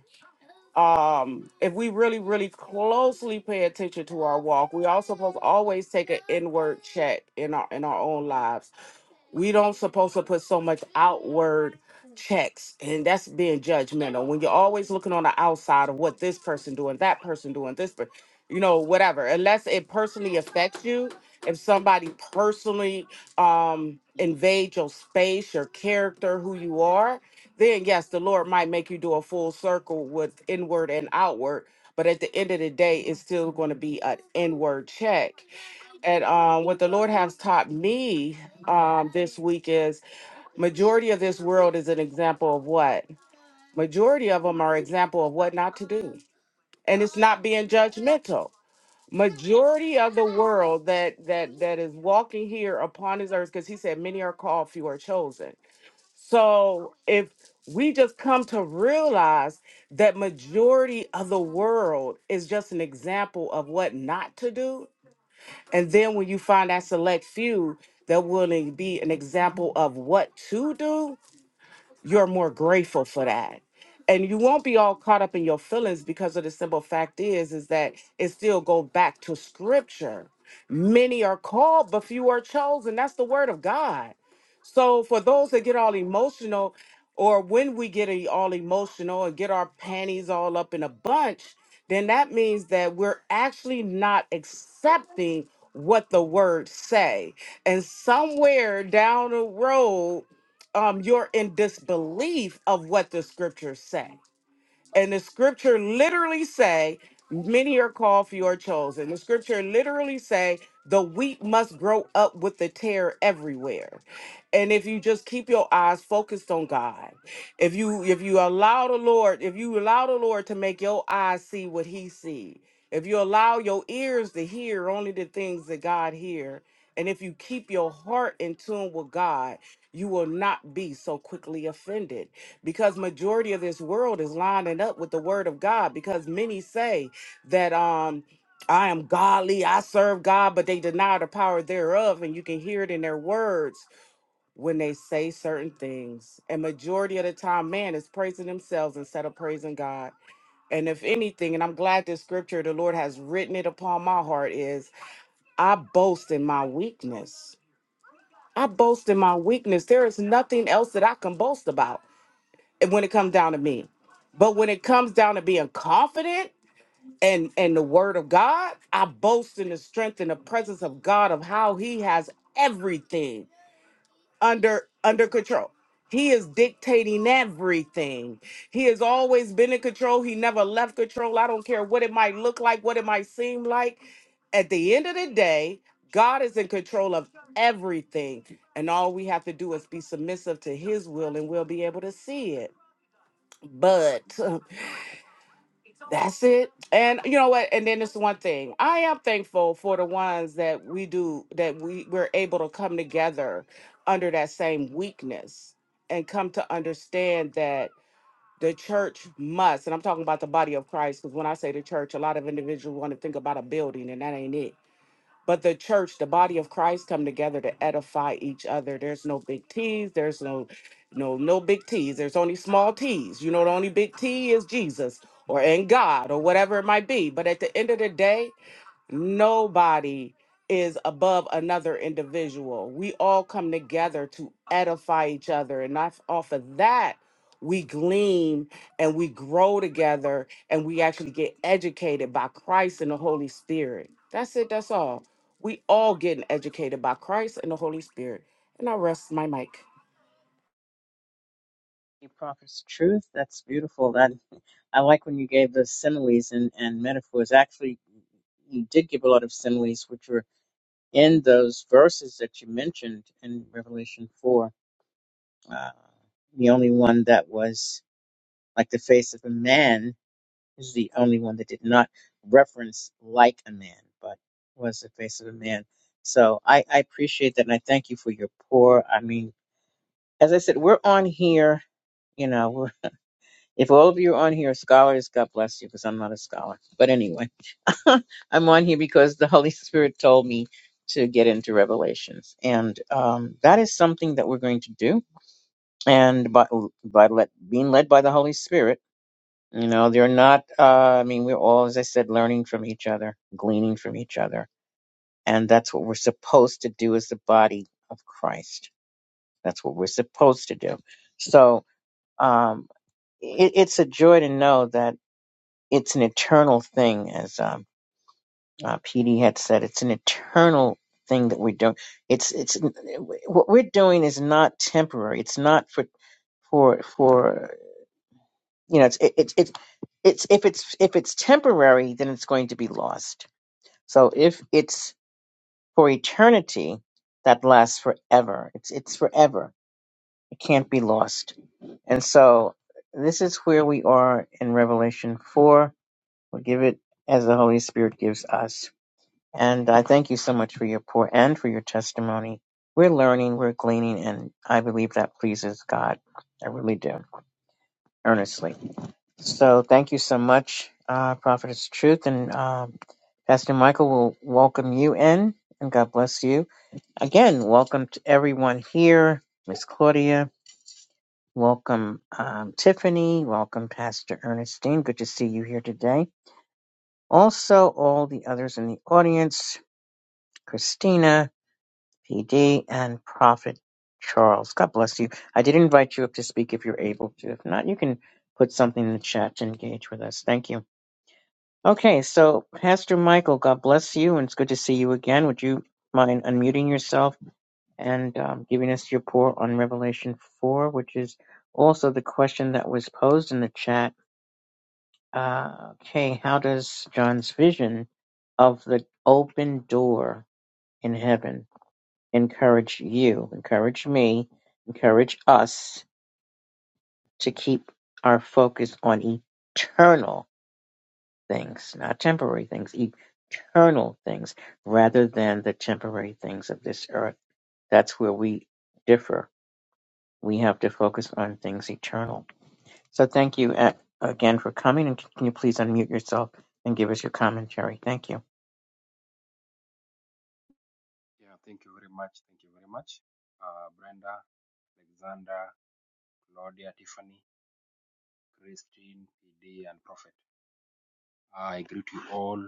um if we really really closely pay attention to our walk, we also supposed to always take an inward check in our in our own lives we don't supposed to put so much outward checks and that's being judgmental when you're always looking on the outside of what this person doing that person doing this per- you know whatever unless it personally affects you if somebody personally um invade your space your character who you are then yes the lord might make you do a full circle with inward and outward but at the end of the day it's still going to be an inward check and um, what the Lord has taught me um, this week is majority of this world is an example of what? Majority of them are example of what not to do, and it's not being judgmental. Majority of the world that that that is walking here upon His earth, because He said, "Many are called, few are chosen." So if we just come to realize that majority of the world is just an example of what not to do and then when you find that select few they're willing to be an example of what to do, you're more grateful for that and you won't be all caught up in your feelings because of the simple fact is is that it still go back to scripture many are called but few are chosen that's the word of god so for those that get all emotional or when we get e- all emotional and get our panties all up in a bunch then that means that we're actually not accepting what the word say and somewhere down the road um, you're in disbelief of what the scriptures say. And the scripture literally say, many are called, few are chosen. The scripture literally say, the wheat must grow up with the tear everywhere. And if you just keep your eyes focused on God if you if you allow the Lord, if you allow the Lord to make your eyes see what he see, if you allow your ears to hear only the things that God hear, and if you keep your heart in tune with God, you will not be so quickly offended because majority of this world is lining up with the word of God because many say that um I am godly, I serve God, but they deny the power thereof and you can hear it in their words when they say certain things. And majority of the time, man is praising themselves instead of praising God. And if anything, and I'm glad this scripture the Lord has written it upon my heart is I boast in my weakness. I boast in my weakness. There is nothing else that I can boast about when it comes down to me. But when it comes down to being confident and and the word of God, I boast in the strength and the presence of God of how he has everything under under control. He is dictating everything. He has always been in control. He never left control. I don't care what it might look like, what it might seem like. At the end of the day, God is in control of everything. And all we have to do is be submissive to his will and we'll be able to see it. But. That's it. And you know what? And then it's one thing. I am thankful for the ones that we do that we we're able to come together under that same weakness and come to understand that the church must, and I'm talking about the body of Christ, because when I say the church, a lot of individuals want to think about a building, and that ain't it but the church the body of christ come together to edify each other there's no big t's there's no no no big t's there's only small t's you know the only big t is jesus or in god or whatever it might be but at the end of the day Nobody is above another individual. We all come together to edify each other. And off, off of that, we glean and we grow together and we actually get educated by Christ and the Holy Spirit. That's it. That's all. We all getting educated by Christ and the Holy Spirit. And I rest my mic. You Prophet's Truth, that's beautiful. That I like when you gave the similes and, and metaphors. Actually, you did give a lot of similes, which were in those verses that you mentioned in Revelation 4 Uh, the only one that was like the face of a man is the only one that did not reference like a man, but was the face of a man. So I, I appreciate that, and I thank you for your pour. I mean, as I said, we're on here. You know, we're, if all of you are on here, are scholars, God bless you, because I'm not a scholar. But anyway, I'm on here because the Holy Spirit told me to get into Revelations, and um, that is something that we're going to do and by, by let, being led by the Holy Spirit. You know, they're not, uh, I mean, we're all, as I said, learning from each other, gleaning from each other. And that's what we're supposed to do as the body of Christ. That's what we're supposed to do. So um, it, it's a joy to know that it's an eternal thing, as um, uh, PD had said, it's an eternal thing that we're doing. It's, it's, what we're doing is not temporary. It's not for, for, for you know it's it, it's it's it's if it's if it's temporary then it's going to be lost so if it's for eternity that lasts forever it's it's forever it can't be lost and so this is where we are in revelation 4 we'll give it as the holy spirit gives us and i thank you so much for your pour and for your testimony we're learning we're gleaning and i believe that pleases god i really do earnestly So thank you so much, uh, Prophetess Truth, and um, Pastor Michael will welcome you in, and God bless you. Again, welcome to everyone here, Miss Claudia. Welcome, um, Tiffany. Welcome, Pastor Ernestine. Good to see you here today. Also, all the others in the audience, Christina, PD, and Prophet Charles. God bless you. I did invite you up to speak if you're able to. If not, you can put something in the chat to engage with us. Thank you. Okay, so Pastor Michael, God bless you, and it's good to see you again. Would you mind unmuting yourself and um, giving us your pour on Revelation 4, which is also the question that was posed in the chat? Uh, okay, how does John's vision of the open door in heaven encourage you, encourage me, encourage us to keep our focus on eternal? things, not temporary things, eternal things, rather than the temporary things of this earth. That's where we differ. We have to focus on things eternal. So thank you a- again for coming, and can you please unmute yourself and give us your commentary? Thank you. Yeah, thank you very much. Thank you very much, uh, Brenda, Alexander, Claudia, Tiffany, Christine, PD, and Prophet. I greet you all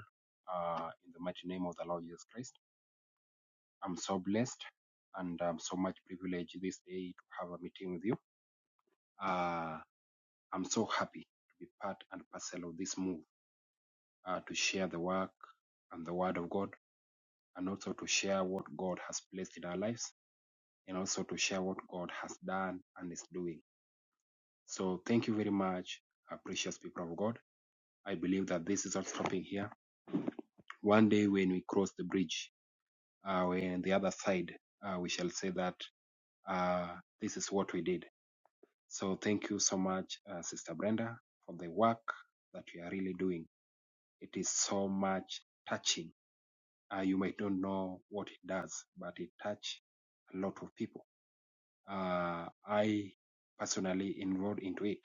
uh, in the mighty name of the Lord Jesus Christ. I'm so blessed and I'm so much privileged this day to have a meeting with you. Uh, I'm so happy to be part and parcel of this move uh, to share the work and the word of God and also to share what God has placed in our lives and also to share what God has done and is doing. So thank you very much, uh, precious people of God. I believe that this is our stopping here. One day when we cross the bridge, uh, when the other side, uh, we shall say that uh, this is what we did. So thank you so much, uh, Sister Brenda, for the work that you are really doing. It is so much touching. Uh, you might not know what it does, but it touch a lot of people. Uh, I personally involved into it.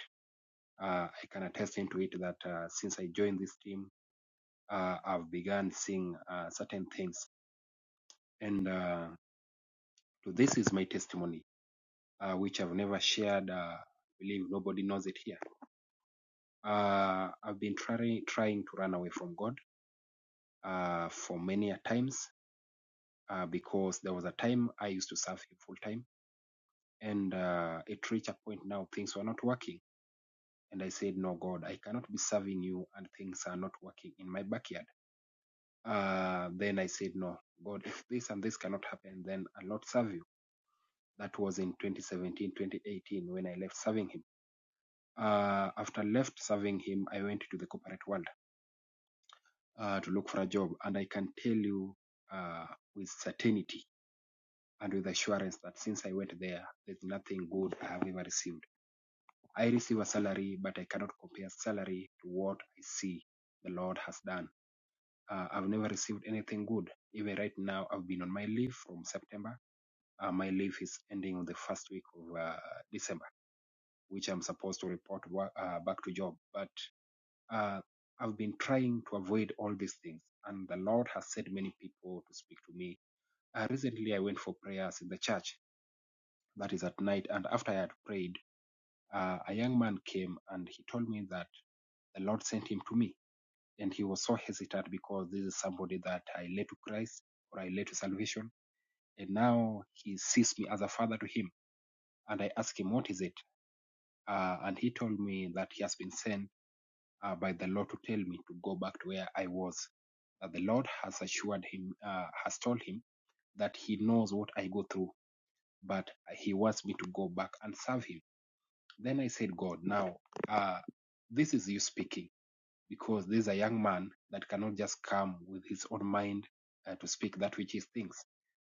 Uh, I can attest into it that uh, since I joined this team uh, I've begun seeing uh, certain things. And uh, so this is my testimony, uh, which I've never shared. Uh, I believe nobody knows it here. Uh, I've been trying trying to run away from God uh, for many a times uh, because there was a time I used to serve Him full time, and uh, it reached a point now things were not working. And I said, No, God, I cannot be serving you, and things are not working in my backyard. Uh, then I said, No, God, if this and this cannot happen, then I'll not serve you That was in 2017, 2018 when I left serving him. Uh, after left serving him, I went to the corporate world uh, to look for a job, and I can tell you uh, with certainty and with assurance that since I went there, there's nothing good I have ever received. I receive a salary, but I cannot compare salary to what I see the Lord has done. Uh, I've never received anything good. Even right now, I've been on my leave from September. Uh, my leave is ending on the first week of uh, December. which I'm supposed to report uh, back to Job. But uh, I've been trying to avoid all these things, and the Lord has sent many people to speak to me. Uh, recently, I went for prayers in the church. That is at night, and after I had prayed, uh, a young man came and he told me that the Lord sent him to me, and he was so hesitant because this is somebody that I led to Christ or I led to salvation, and now he sees me as a father to him. And I asked him, "What is it?" Uh, and he told me that he has been sent uh, by the Lord to tell me to go back to where I was. Uh, the Lord has assured him, uh, has told him that he knows what I go through, but he wants me to go back and serve him. Then I said, God, now uh, this is you speaking because this is a young man that cannot just come with his own mind uh, to speak that which he thinks.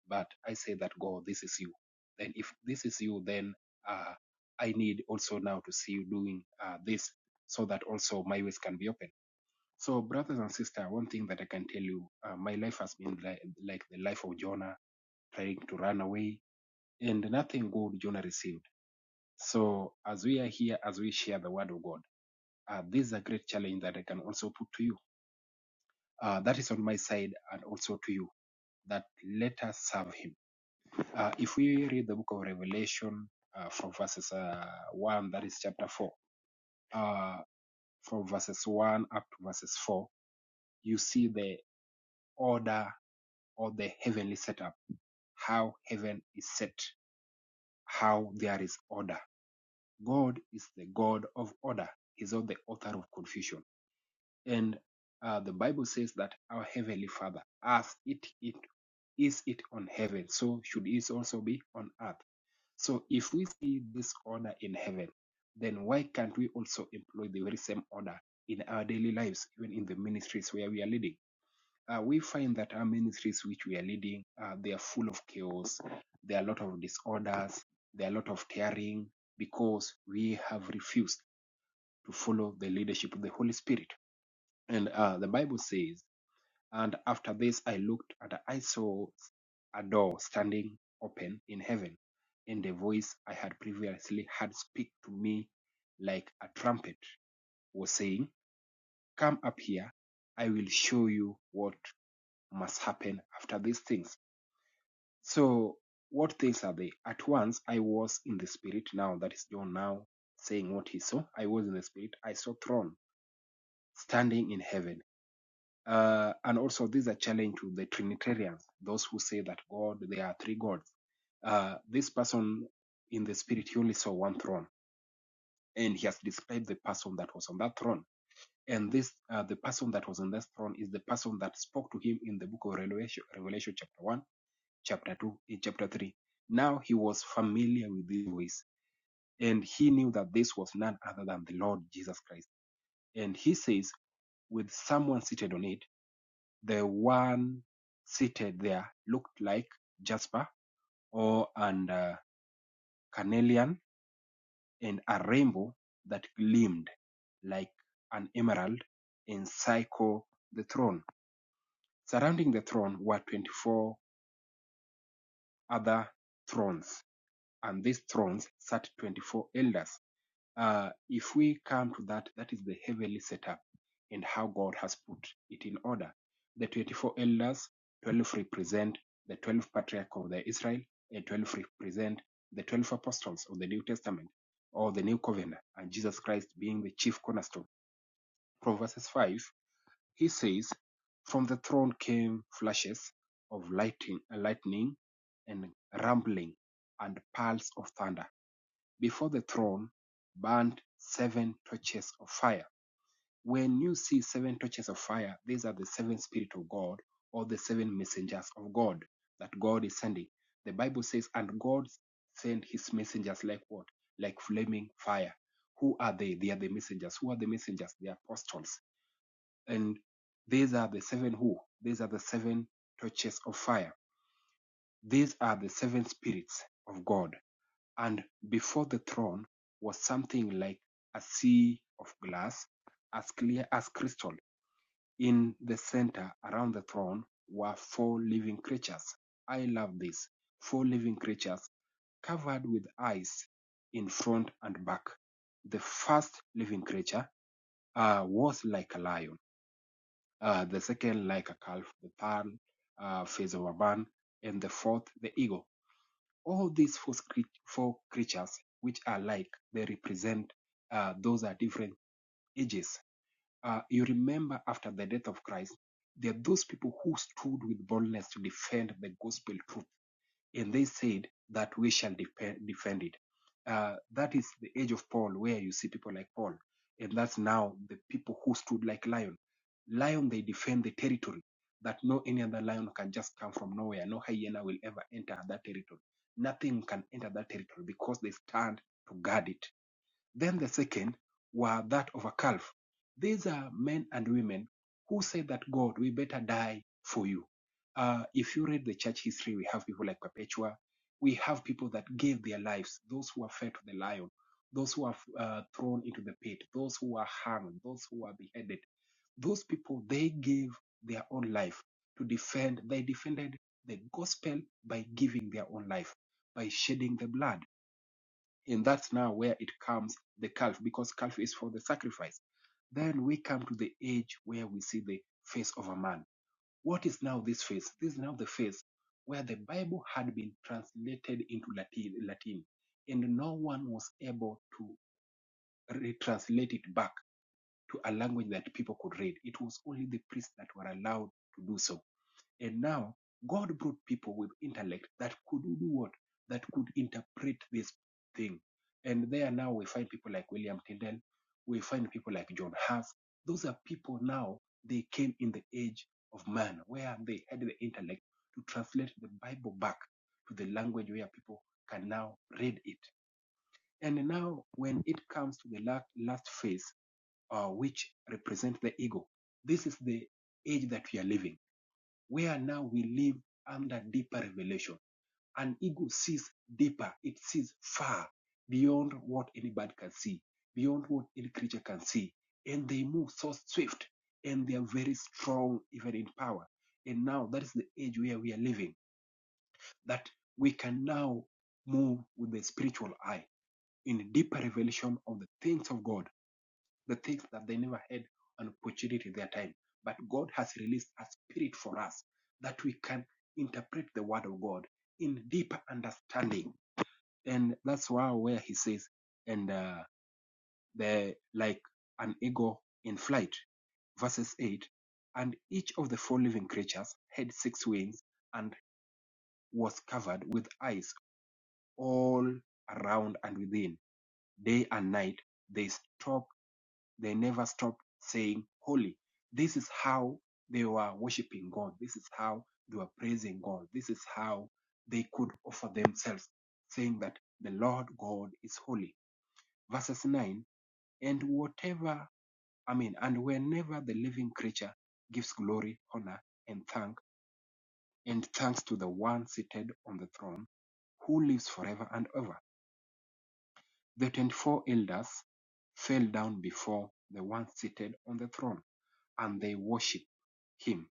But I say that, God, this is you. Then if this is you, then uh, I need also now to see you doing uh, this so that also my ways can be open so, brothers and sisters, one thing that I can tell you, uh, my life has been li- like the life of Jonah, trying to run away, and nothing good Jonah received. So, as we are here, as we share the word of God, uh, this is a great challenge that I can also put to you. Uh, that is on my side and also to you that let us serve him. Uh, if we read the book of Revelation uh, from verses uh, 1, that is chapter 4, uh, from verses 1 up to verses 4, you see the order or the heavenly setup, how heaven is set, how there is order. God is the God of order. He's not the author of confusion. And uh, the Bible says that our heavenly Father, as it, it is it on heaven, so should it also be on earth. So if we see this order in heaven, then why can't we also employ the very same order in our daily lives, even in the ministries where we are leading? uh, we find that our ministries which we are leading, uh, they are full of chaos. There are a lot of disorders. There are a lot of tearing because we have refused to follow the leadership of the Holy Spirit. And uh, the Bible says, and after this I looked and I saw a door standing open in heaven, and the voice I had previously heard speak to me like a trumpet was saying, Come up here, I will show you what must happen after these things So what things are they? At once I was in the spirit. Now that is John now saying what he saw. I was in the spirit. I saw throne standing in heaven. Uh, and also this is a challenge to the Trinitarians, those who say that God, there are three gods. Uh, this person in the spirit, he only saw one throne, and he has described the person that was on that throne. And this, uh, the person that was on that throne, is the person that spoke to him in the book of Revelation, Revelation chapter one chapter 2, in chapter 3. Now he was familiar with these ways, and he knew that this was none other than the Lord Jesus Christ. And he says, with someone seated on it, the one seated there looked like jasper or and uh, carnelian and a rainbow that gleamed like an emerald encircled the throne. Surrounding the throne were 24 other thrones, and these thrones sat 24 elders. uh, if we come to that, that is the heavenly setup and how God has put it in order. The 24 elders, 12 represent the 12 patriarchs of the Israel, and 12 represent the 12 apostles of the New Testament or the New Covenant, and Jesus Christ being the chief cornerstone. From verses 5, he says, From the throne came flashes of lightning, lightning and rumbling and peals of thunder before the throne burned seven torches of fire. When you see seven torches of fire, these are the seven spirit of God or the seven messengers of God that God is sending. The Bible says, and God sent his messengers like what? Like flaming fire. Who are they? They are the messengers. Who are the messengers? The apostles. And these are the seven who? These are the seven torches of fire. These are the seven spirits of God. And before the throne was something like a sea of glass, as clear as crystal. In the center around the throne were four living creatures. I love this. Four living creatures covered with eyes in front and back. The first living creature uh, was like a lion, uh, the second like a calf, the third uh, face of a man, and the fourth the eagle. All these four, four creatures, which are like, they represent uh, those are different ages. Uh, you remember after the death of Christ, there are those people who stood with boldness to defend the gospel truth and they said that we shall defend, defend it. Uh, that is the age of Paul, where you see people like Paul, and that's now the people who stood like lion. Lion, they defend the territory that no any other lion can just come from nowhere. No hyena will ever enter that territory. Nothing can enter that territory because they stand to guard it then the second were that of a calf. These are men and women who say that God, we better die for you. Uh, if you read the church history, we have people like Perpetua. We have people that gave their lives, those who were fed to the lion, those who were uh, thrown into the pit, those who were hung, those who were beheaded. Those people, they gave their own life to defend. They defended the gospel by giving their own life, by shedding the blood and that's now where it comes the calf because calf is for the sacrifice then we come to the age where we see the face of a man what is now this face this is now the face where the bible had been translated into latin latin and no one was able to retranslate it back to a language that people could read it was only the priests that were allowed to do so and now God brought people with intellect that could do what? That could interpret this thing. And there now we find people like William Tyndale, we find people like John Huff. Those are people now, they came in the age of man, where they had the intellect to translate the Bible back to the language where people can now read it. And now, when it comes to the last, last phase, uh, which represents the ego, this is the age that we are living where now we live under deeper revelation. And ego sees deeper, it sees far beyond what anybody can see, beyond what any creature can see. And they move so swift and they are very strong, even in power. And now that is the age where we are living, that we can now move with the spiritual eye in deeper revelation of the things of God the things that they never had an opportunity their time. But God has released a spirit for us that we can interpret the word of God in deeper understanding. And that's why where he says, and uh, the like an eagle in flight, verses 8, and each of the four living creatures had six wings and was covered with eyes all around and within. Day and night they stopped They never stopped saying holy. This is how they were worshiping God. This is how they were praising God. This is how they could offer themselves, saying that the Lord God is holy. Verses 9 And whatever, I mean, and whenever the living creature gives glory, honor, and thank, and thanks to the one seated on the throne who lives forever and ever The twenty-four elders fell down before the one seated on the throne, and they worshiped him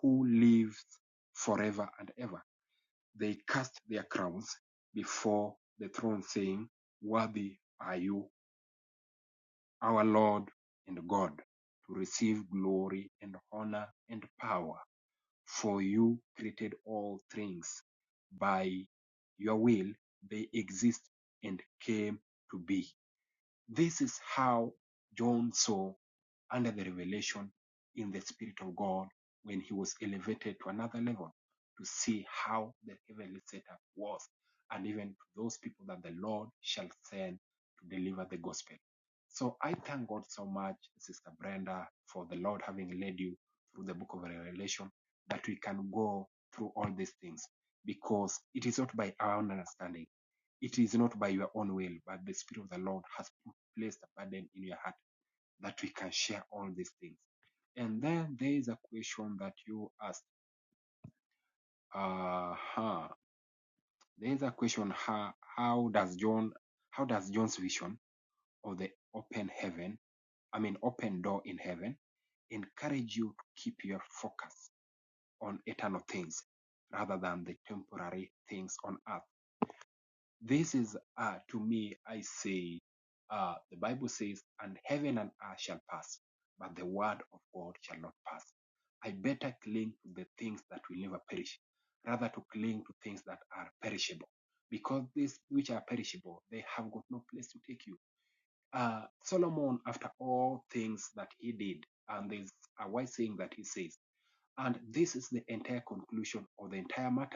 who lives forever and ever. They cast their crowns before the throne, saying, Worthy are you, our Lord and God, to receive glory and honor and power. For you created all things. By your will they exist and came to be. This is how John saw under the revelation in the Spirit of God when he was elevated to another level to see how the heavenly setup was, and even to those people that the Lord shall send to deliver the gospel. So I thank God so much, Sister Brenda, for the Lord having led you through the book of Revelation that we can go through all these things because it is not by our own understanding. It is not by your own will, but the Spirit of the Lord has put placed a burden in your heart that we can share all these things. And then there is a question that you asked. Uh-huh. There is a question how, how does John how does John's vision of the open heaven, I mean open door in heaven, encourage you to keep your focus on eternal things rather than the temporary things on earth? This is uh, to me, I say, uh, the Bible says, and heaven and earth shall pass, but the word of God shall not pass. I better cling to the things that will never perish, rather to cling to things that are perishable, because these which are perishable, they have got no place to take you. Uh, Solomon, after all things that he did, and there's a wise saying that he says, and this is the entire conclusion of the entire matter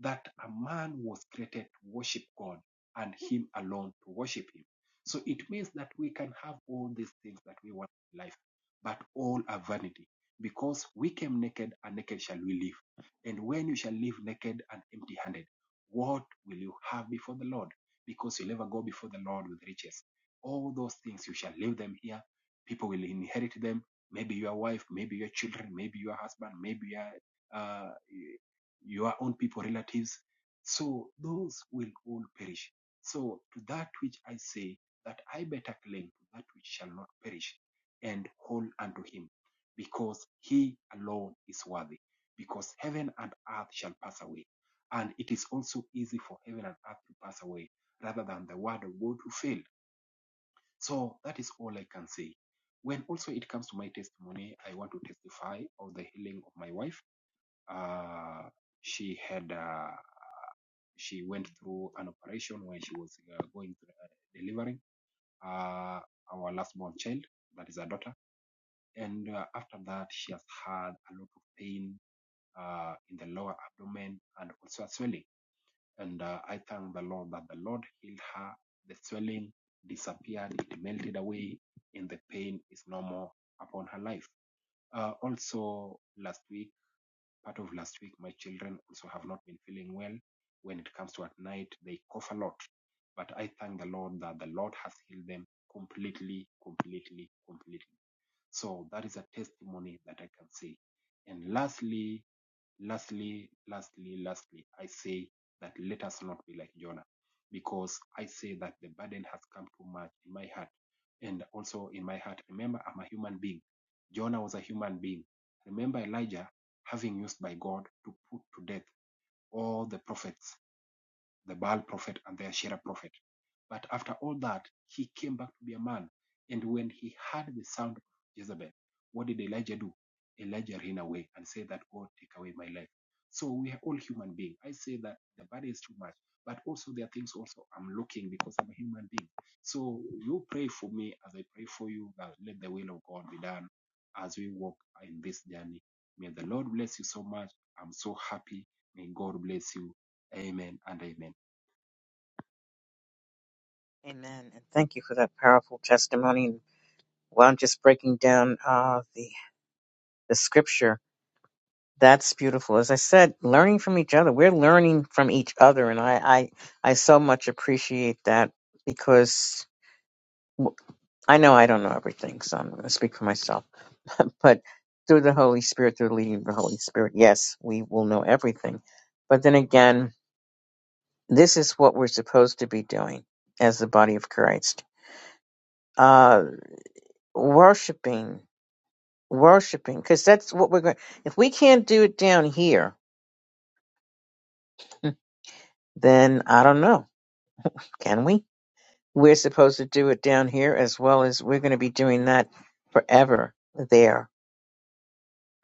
that a man was created to worship God and him alone to worship him. So it means that we can have all these things that we want in life, but all are vanity because we came naked and naked shall we live. And when you shall live naked and empty handed, what will you have before the Lord? Because you'll never go before the Lord with riches. All those things you shall leave them here. People will inherit them. Maybe your wife, maybe your children, maybe your husband, maybe your, uh, your own people, relatives. So those will all perish. So to that which I say that I better cling to that which shall not perish and hold unto him, because he alone is worthy, because heaven and earth shall pass away. And it is also easy for heaven and earth to pass away rather than the word of God to fail. So that is all I can say. When also it comes to my testimony, I want to testify of the healing of my wife uh, she had uh, she went through an operation when she was uh, going through uh, delivering uh, our last born child, that is her daughter. And uh, after that, she has had a lot of pain uh, in the lower abdomen and also a swelling. And uh, I thank the Lord that the Lord healed her. The swelling disappeared, it melted away, and the pain is no more upon her life. Uh, also, last week part of last week, my children also have not been feeling well. When it comes to at night, they cough a lot. But I thank the Lord that the Lord has healed them completely, completely, completely. So that is a testimony that I can say. And lastly, Lastly, lastly, lastly, I say that let us not be like Jonah, because I say that the burden has come too much in my heart and also in my heart. Remember, I'm a human being. Jonah was a human being. Remember Elijah having used by God to put to death all the prophets the Baal prophet and the Asherah prophet. But after all that, he came back to be a man. And when he heard the sound of Jezebel, what did Elijah do? Elijah ran away and said that God take away my life. So we are all human beings. I say that the body is too much, but also there are things also I'm looking because I'm a human being. So you pray for me as I pray for you that let the will of God be done as we walk in this journey. May the Lord bless you so much. I'm so happy. May God bless you. Amen and amen. Amen. And thank you for that powerful testimony. While I'm just breaking down uh, the the scripture, that's beautiful. As I said, learning from each other. We're learning from each other, and I I, I so much appreciate that because well, I know I don't know everything, so I'm going to speak for myself. But through the Holy Spirit, through the leading of the Holy Spirit, yes, we will know everything. But then again, this is what we're supposed to be doing as the body of Christ. Uh, worshiping, worshiping, because that's what we're going If we can't do it down here, then I don't know. Can we? We're supposed to do it down here as well as we're going to be doing that forever there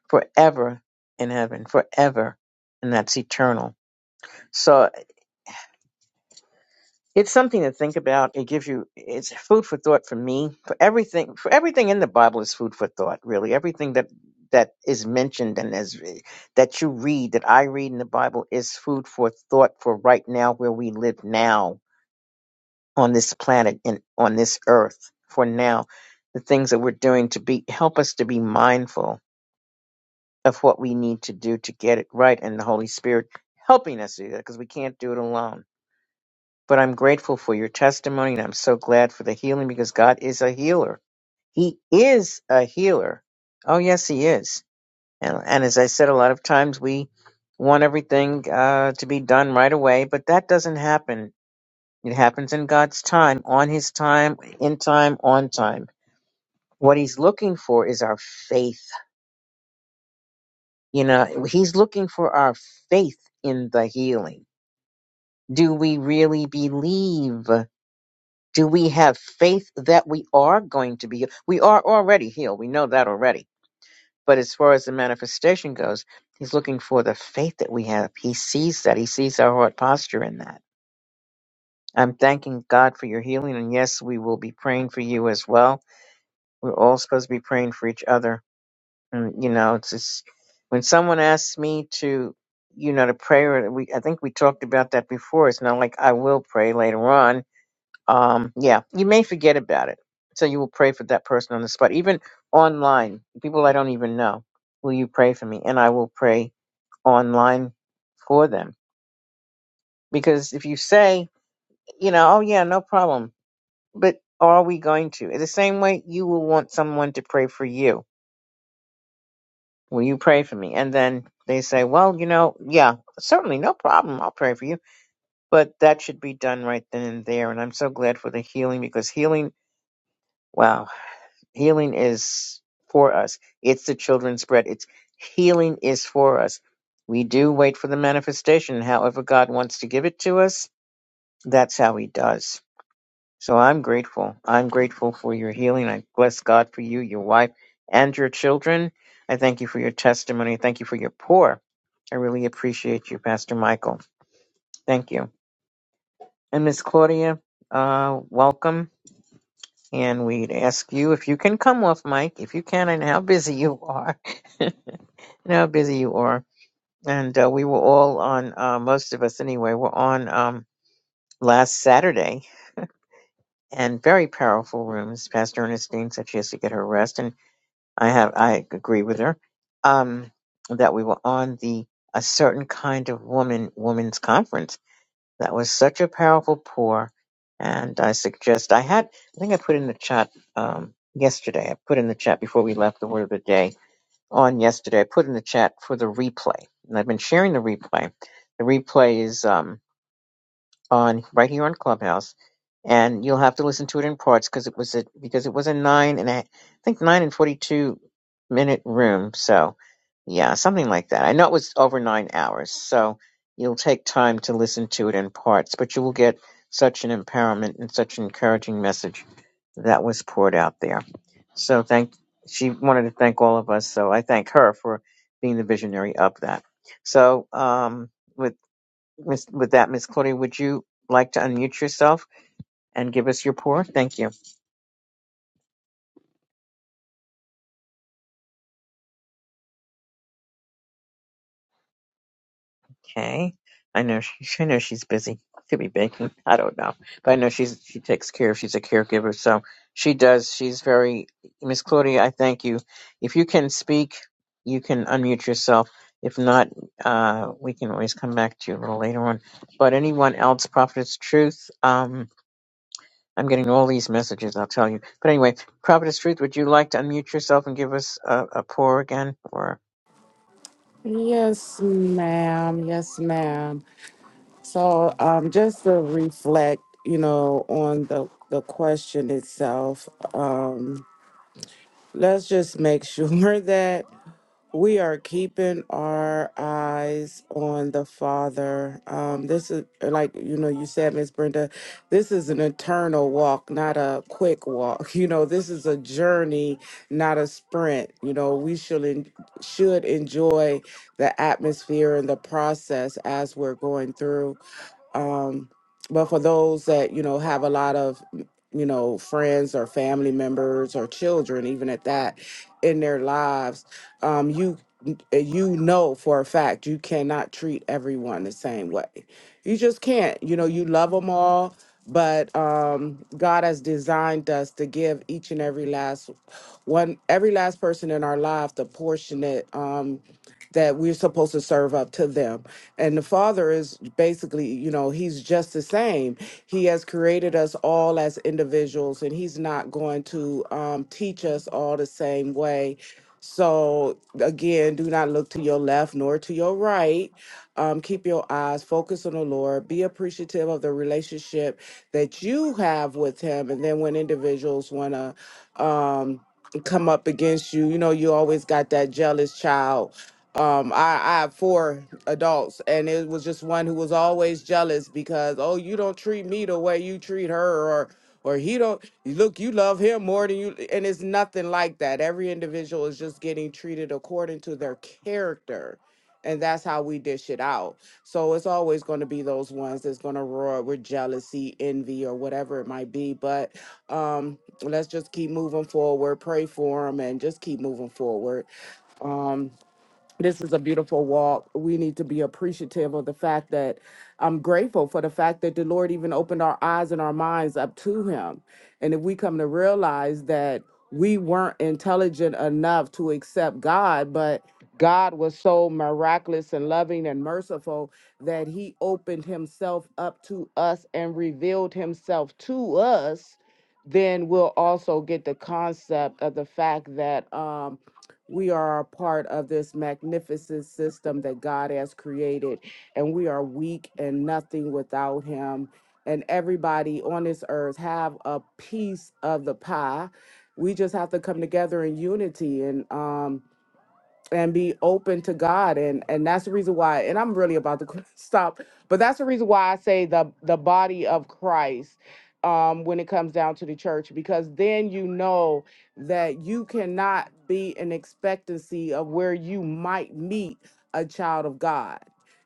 forever in heaven, forever, and that's eternal. So it's something to think about. It gives you it's food for thought for me. For everything, for everything in the Bible is food for thought. Really, everything that that is mentioned and as that you read, that I read in the Bible, is food for thought for right now, where we live now on this planet and on this earth. For now, the things that we're doing to be help us to be mindful of what we need to do to get it right and the Holy Spirit helping us do that because we can't do it alone. But I'm grateful for your testimony and I'm so glad for the healing because God is a healer. He is a healer. Oh, yes, He is. And, and as I said, a lot of times we want everything uh, to be done right away, but that doesn't happen. It happens in God's time, on His time, in time, on time. What He's looking for is our faith. You know, He's looking for our faith in the healing Do we really believe? Do we have faith that we are going to be? We are already healed. We know that already. But as far as the manifestation goes, he's looking for the faith that we have. He sees that. He sees our heart posture in that. I'm thanking God for your healing. And yes, we will be praying for you as well. We're all supposed to be praying for each other. And, you know, it's just when someone asks me to, you know, to pray, or we, I think we talked about that before. It's not like I will pray later on um yeah you may forget about it so you will pray for that person on the spot even online people i don't even know will you pray for me and i will pray online for them because if you say you know oh yeah no problem but are we going to the same way you will want someone to pray for you will you pray for me and then they say well you know yeah certainly no problem i'll pray for you but that should be done right then and there and i'm so glad for the healing because healing wow healing is for us. It's the children's bread. It's healing is for us. We do wait for the manifestation. However God wants to give it to us, that's how he does. So I'm grateful. I'm grateful for your healing. I bless God for you, your wife, and your children. I thank you for your testimony. Thank you for your pour. I really appreciate you, Pastor Michael. Thank you. And Miss Claudia, uh, welcome. And we'd ask you if you can come off mic. If you can, I know how busy you are. You know how busy you are. And uh, we were all on, uh, most of us anyway, were on um, last Saturday and very powerful rooms. Pastor Ernestine said she has to get her rest. And I have, I agree with her um, that we were on the A Certain Kind of Woman Women's Conference. That was such a powerful pour. And I suggest, I had, I think I put in the chat um, yesterday, I put in the chat before we left the word of the day on yesterday. I put in the chat for the replay, and I've been sharing the replay. The replay is um, on right here on Clubhouse, and you'll have to listen to it in parts because it was a because it was a nine and a, I think nine and forty two minute room. So yeah, something like that. I know it was over nine hours, so you'll take time to listen to it in parts, but you will get such an empowerment and such an encouraging message that was poured out there. So thank she wanted to thank all of us, so I thank her for being the visionary of that. So um, with Miss, with that, Miss Claudia, would you like to unmute yourself and give us your pour? Thank you. Okay. I know she, I know she's busy. Could be baking. I don't know, but I know she's she takes care. She's a caregiver, so she does. She's very Miss Claudia. I thank you. If you can speak, you can unmute yourself. If not, uh, we can always come back to you a little later on. But anyone else, Prophetess Truth, um, I'm getting all these messages, I'll tell you. But anyway, Prophetess Truth, would you like to unmute yourself and give us a, a pour again? Or Yes, ma'am. Yes, ma'am. So um, just to reflect, you know, on the the question itself, um, let's just make sure that we are keeping our eyes on the Father. Um, this is like you know you said, Miss Brenda, this is an eternal walk, not a quick walk. You know, this is a journey, not a sprint. You know, we should en- should enjoy the atmosphere and the process as we're going through um, but for those that, you know, have a lot of, you know, friends or family members or children, even at that, in their lives, um, you you know for a fact you cannot treat everyone the same way. You just can't. You know, you love them all, but um, God has designed us to give each and every last one, every last person in our life the portion that. Um, that we're supposed to serve up to them. And the Father is basically, you know, He's just the same. He has created us all as individuals, and He's not going to um, teach us all the same way. So, again, do not look to your left nor to your right. Um, keep your eyes focused on the Lord. Be appreciative of the relationship that you have with Him. And then, when individuals want to, um, come up against you. You know, you always got that jealous child. Um, I, I have four adults, and it was just one who was always jealous because, oh, you don't treat me the way you treat her, or or he don't look, you love him more than you, and it's nothing like that. Every individual is just getting treated according to their character and that's how we dish it out. So it's always going to be those ones that's going to roar with jealousy, envy, or whatever it might be. But um, let's just keep moving forward, pray for them, and just keep moving forward. Um, this is a beautiful walk. We need to be appreciative of the fact that I'm grateful for the fact that the Lord even opened our eyes and our minds up to Him. And if we come to realize that we weren't intelligent enough to accept God, but God was so miraculous and loving and merciful that He opened Himself up to us and revealed Himself to us, then we'll also get the concept of the fact that. Um, we are a part of this magnificent system that God has created, and we are weak and nothing without Him. And everybody on this earth have a piece of the pie. We just have to come together in unity and um, and be open to God. And and that's the reason why, and I'm really about to qu- stop, but that's the reason why I say the the body of Christ um when it comes down to the church, because then you know that you cannot be in expectancy of where you might meet a child of God.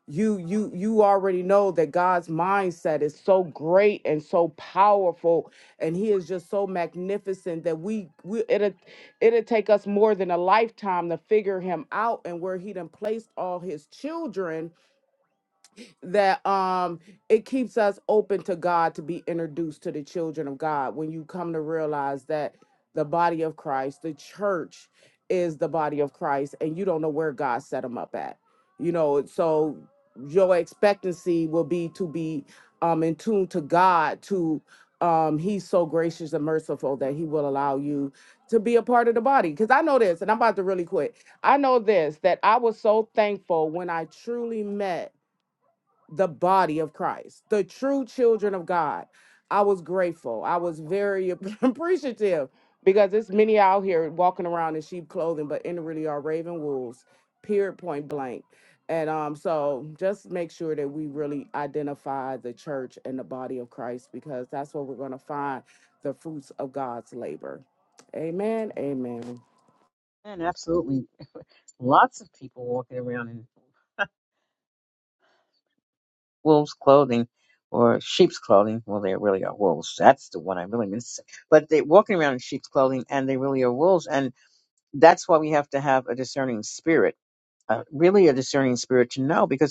You you you already know that God's mindset is so great and so powerful and he is just so magnificent that we we it It'll take us more than a lifetime to figure him out and where he done placed all his children that um it keeps us open to God to be introduced to the children of God when you come to realize that the body of Christ, the church is the body of Christ and you don't know where God set them up at. You know, so your expectancy will be to be um in tune to God to um he's so gracious and merciful that he will allow you to be a part of the body cuz I know this and I'm about to really quit. I know this that I was so thankful when I truly met the body of Christ, the true children of God. I was grateful. I was very appreciative because there's many out here walking around in sheep clothing, but in really are raven wolves, period, point blank. And um, so just make sure that we really identify the church and the body of Christ because that's where we're going to find the fruits of God's labor. Amen. Amen. and absolutely, lots of people walking around in wolves' clothing or sheep's clothing. Well, they really are wolves. That's the one I really miss. But they're walking around in sheep's clothing, and they really are wolves. And that's why we have to have a discerning spirit. Uh, really, a discerning spirit to know, because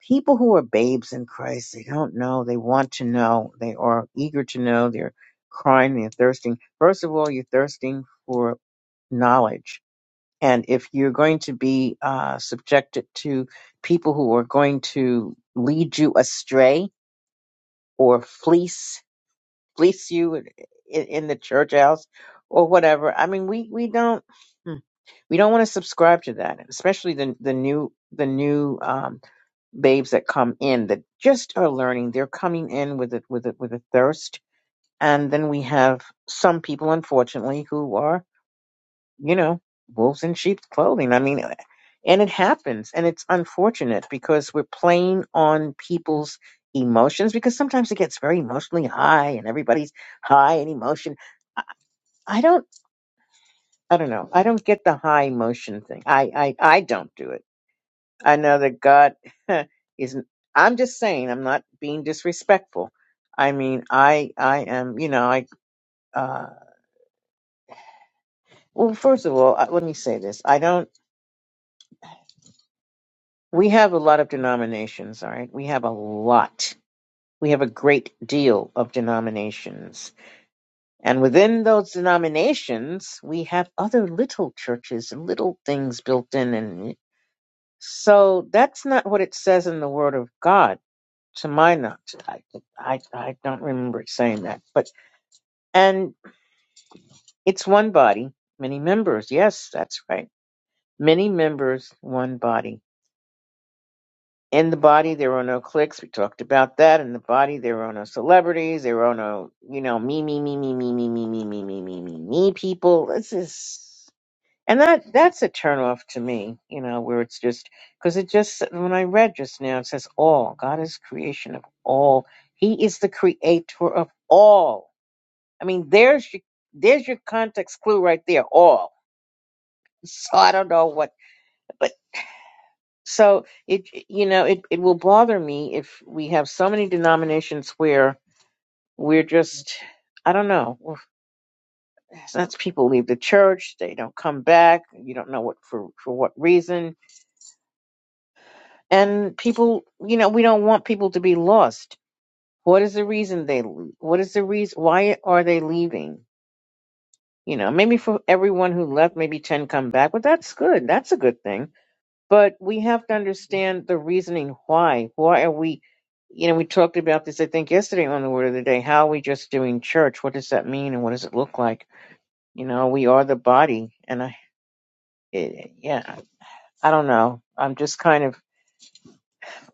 people who are babes in Christ, they don't know, they want to know, they are eager to know, they're crying, they're thirsting. First of all, you're thirsting for knowledge. And if you're going to be uh, subjected to people who are going to lead you astray or fleece, fleece you in, in the church house or whatever, I mean, we, we don't, hmm, we don't want to subscribe to that, especially the, the new, the new, um babes that come in that just are learning. They're coming in with it, with it, with a thirst, and then we have some people, unfortunately, who are you know wolves in sheep's clothing. I mean, and it happens, and it's unfortunate because we're playing on people's emotions because sometimes it gets very emotionally high, and everybody's high in emotion. I I don't, I don't know. I don't get the high emotion thing. I, I, I don't do it I know that God is. I'm just saying. I'm not being disrespectful. I mean, I I am. You know, I. Uh, well, first of all, I, let me say this. I don't. We have a lot of denominations. All right, we have a lot. We have a great deal of denominations. And within those denominations, we have other little churches and little things built in. And so that's not what it says in the Word of God to my knowledge, I, I, I don't remember it saying that. But and it's one body, many members. Yes, that's right. Many members, one body. In the body, there are no cliques. We talked about that. In the body, there are no celebrities. There are no, you know, me, me, me, me, me, me, me, me, me, me, me, me, me people. This is, and that that's a turnoff to me. You know, where it's just because it just when I read just now, it says all. God is creation of all. He is the creator of all I mean, there's your there's your context clue right there. All. So I don't know what, but so it you know it it will bother me if we have so many denominations where we're just I don't know. Well, That's people leave the church, they don't come back. You don't know what for for what reason, and people you know we don't want people to be lost. What is the reason they? leave? What is the reason? Why are they leaving? You know, maybe for everyone who left, maybe ten come back, but that's good. That's a good thing But we have to understand the reasoning why. Why are we, you know, we talked about this, I think, yesterday on the Word of the Day. How are we just doing church? What does that mean and what does it look like? You know, we are the body. And I, it, yeah, I don't know. I'm just kind of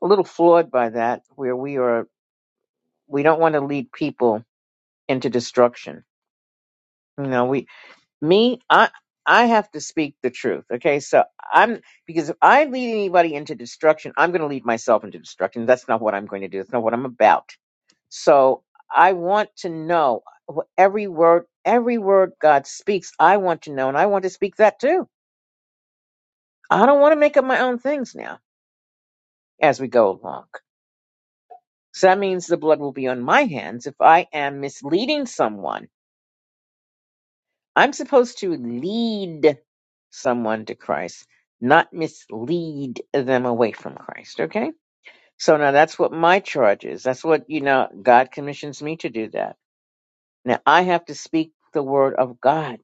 a little flawed by that, where we are, we don't want to lead people into destruction. You know, we, me i i have to speak the truth okay so i'm because if i lead anybody into destruction i'm going to lead myself into destruction that's not what i'm going to do that's not what i'm about so i want to know wh- every word every word god speaks i want to know and i want to speak that too i don't want to make up my own things now as we go along so that means the blood will be on my hands if i am misleading someone I'm supposed to lead someone to Christ, not mislead them away from Christ. Okay? So now that's what my charge is. That's what, you know, God commissions me to do that. Now I have to speak the word of God.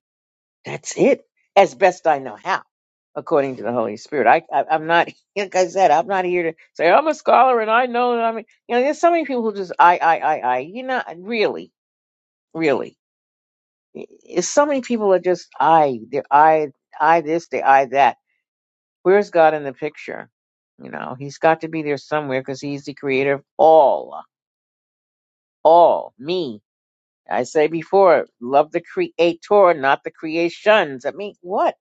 That's it. As best I know how, according to the Holy Spirit. I, I I'm not like I said, I'm not here to say I'm a scholar and I know that I mean you know, there's so many people who just I I I I you know really, really. It's so many people are just I, the I, I this, the I that. Where's God in the picture? You know, He's got to be there somewhere because He's the creator of all, all me. I say before, love the creator, not the creations. I mean, what?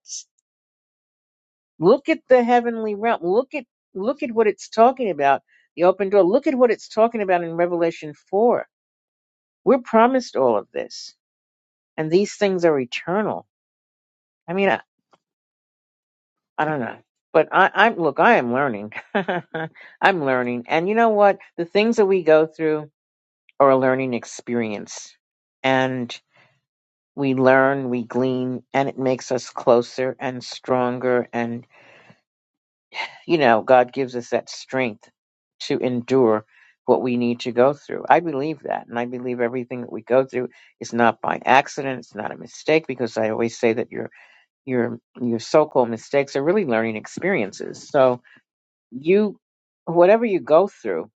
Look at the heavenly realm. Look at look at what it's talking about. The open door. Look at what it's talking about in Revelation four. We're promised all of this, and these things are eternal. I mean. I don't know. But I, I look, I am learning. I'm learning. And you know what? The things that we go through are a learning experience. And we learn, we glean, and it makes us closer and stronger. And, you know, God gives us that strength to endure what we need to go through. I believe that. And I believe everything that we go through is not by accident. It's not a mistake because I always say that your your your so-called mistakes are really learning experiences. So you whatever you go through,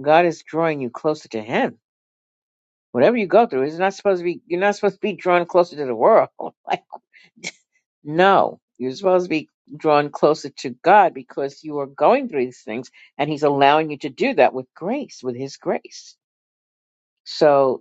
God is drawing you closer to Him. Whatever you go through, it's not supposed to be. You're not supposed to be drawn closer to the world. Like no, you're supposed to be drawn closer to God because you are going through these things, and He's allowing you to do that with grace, with His grace. So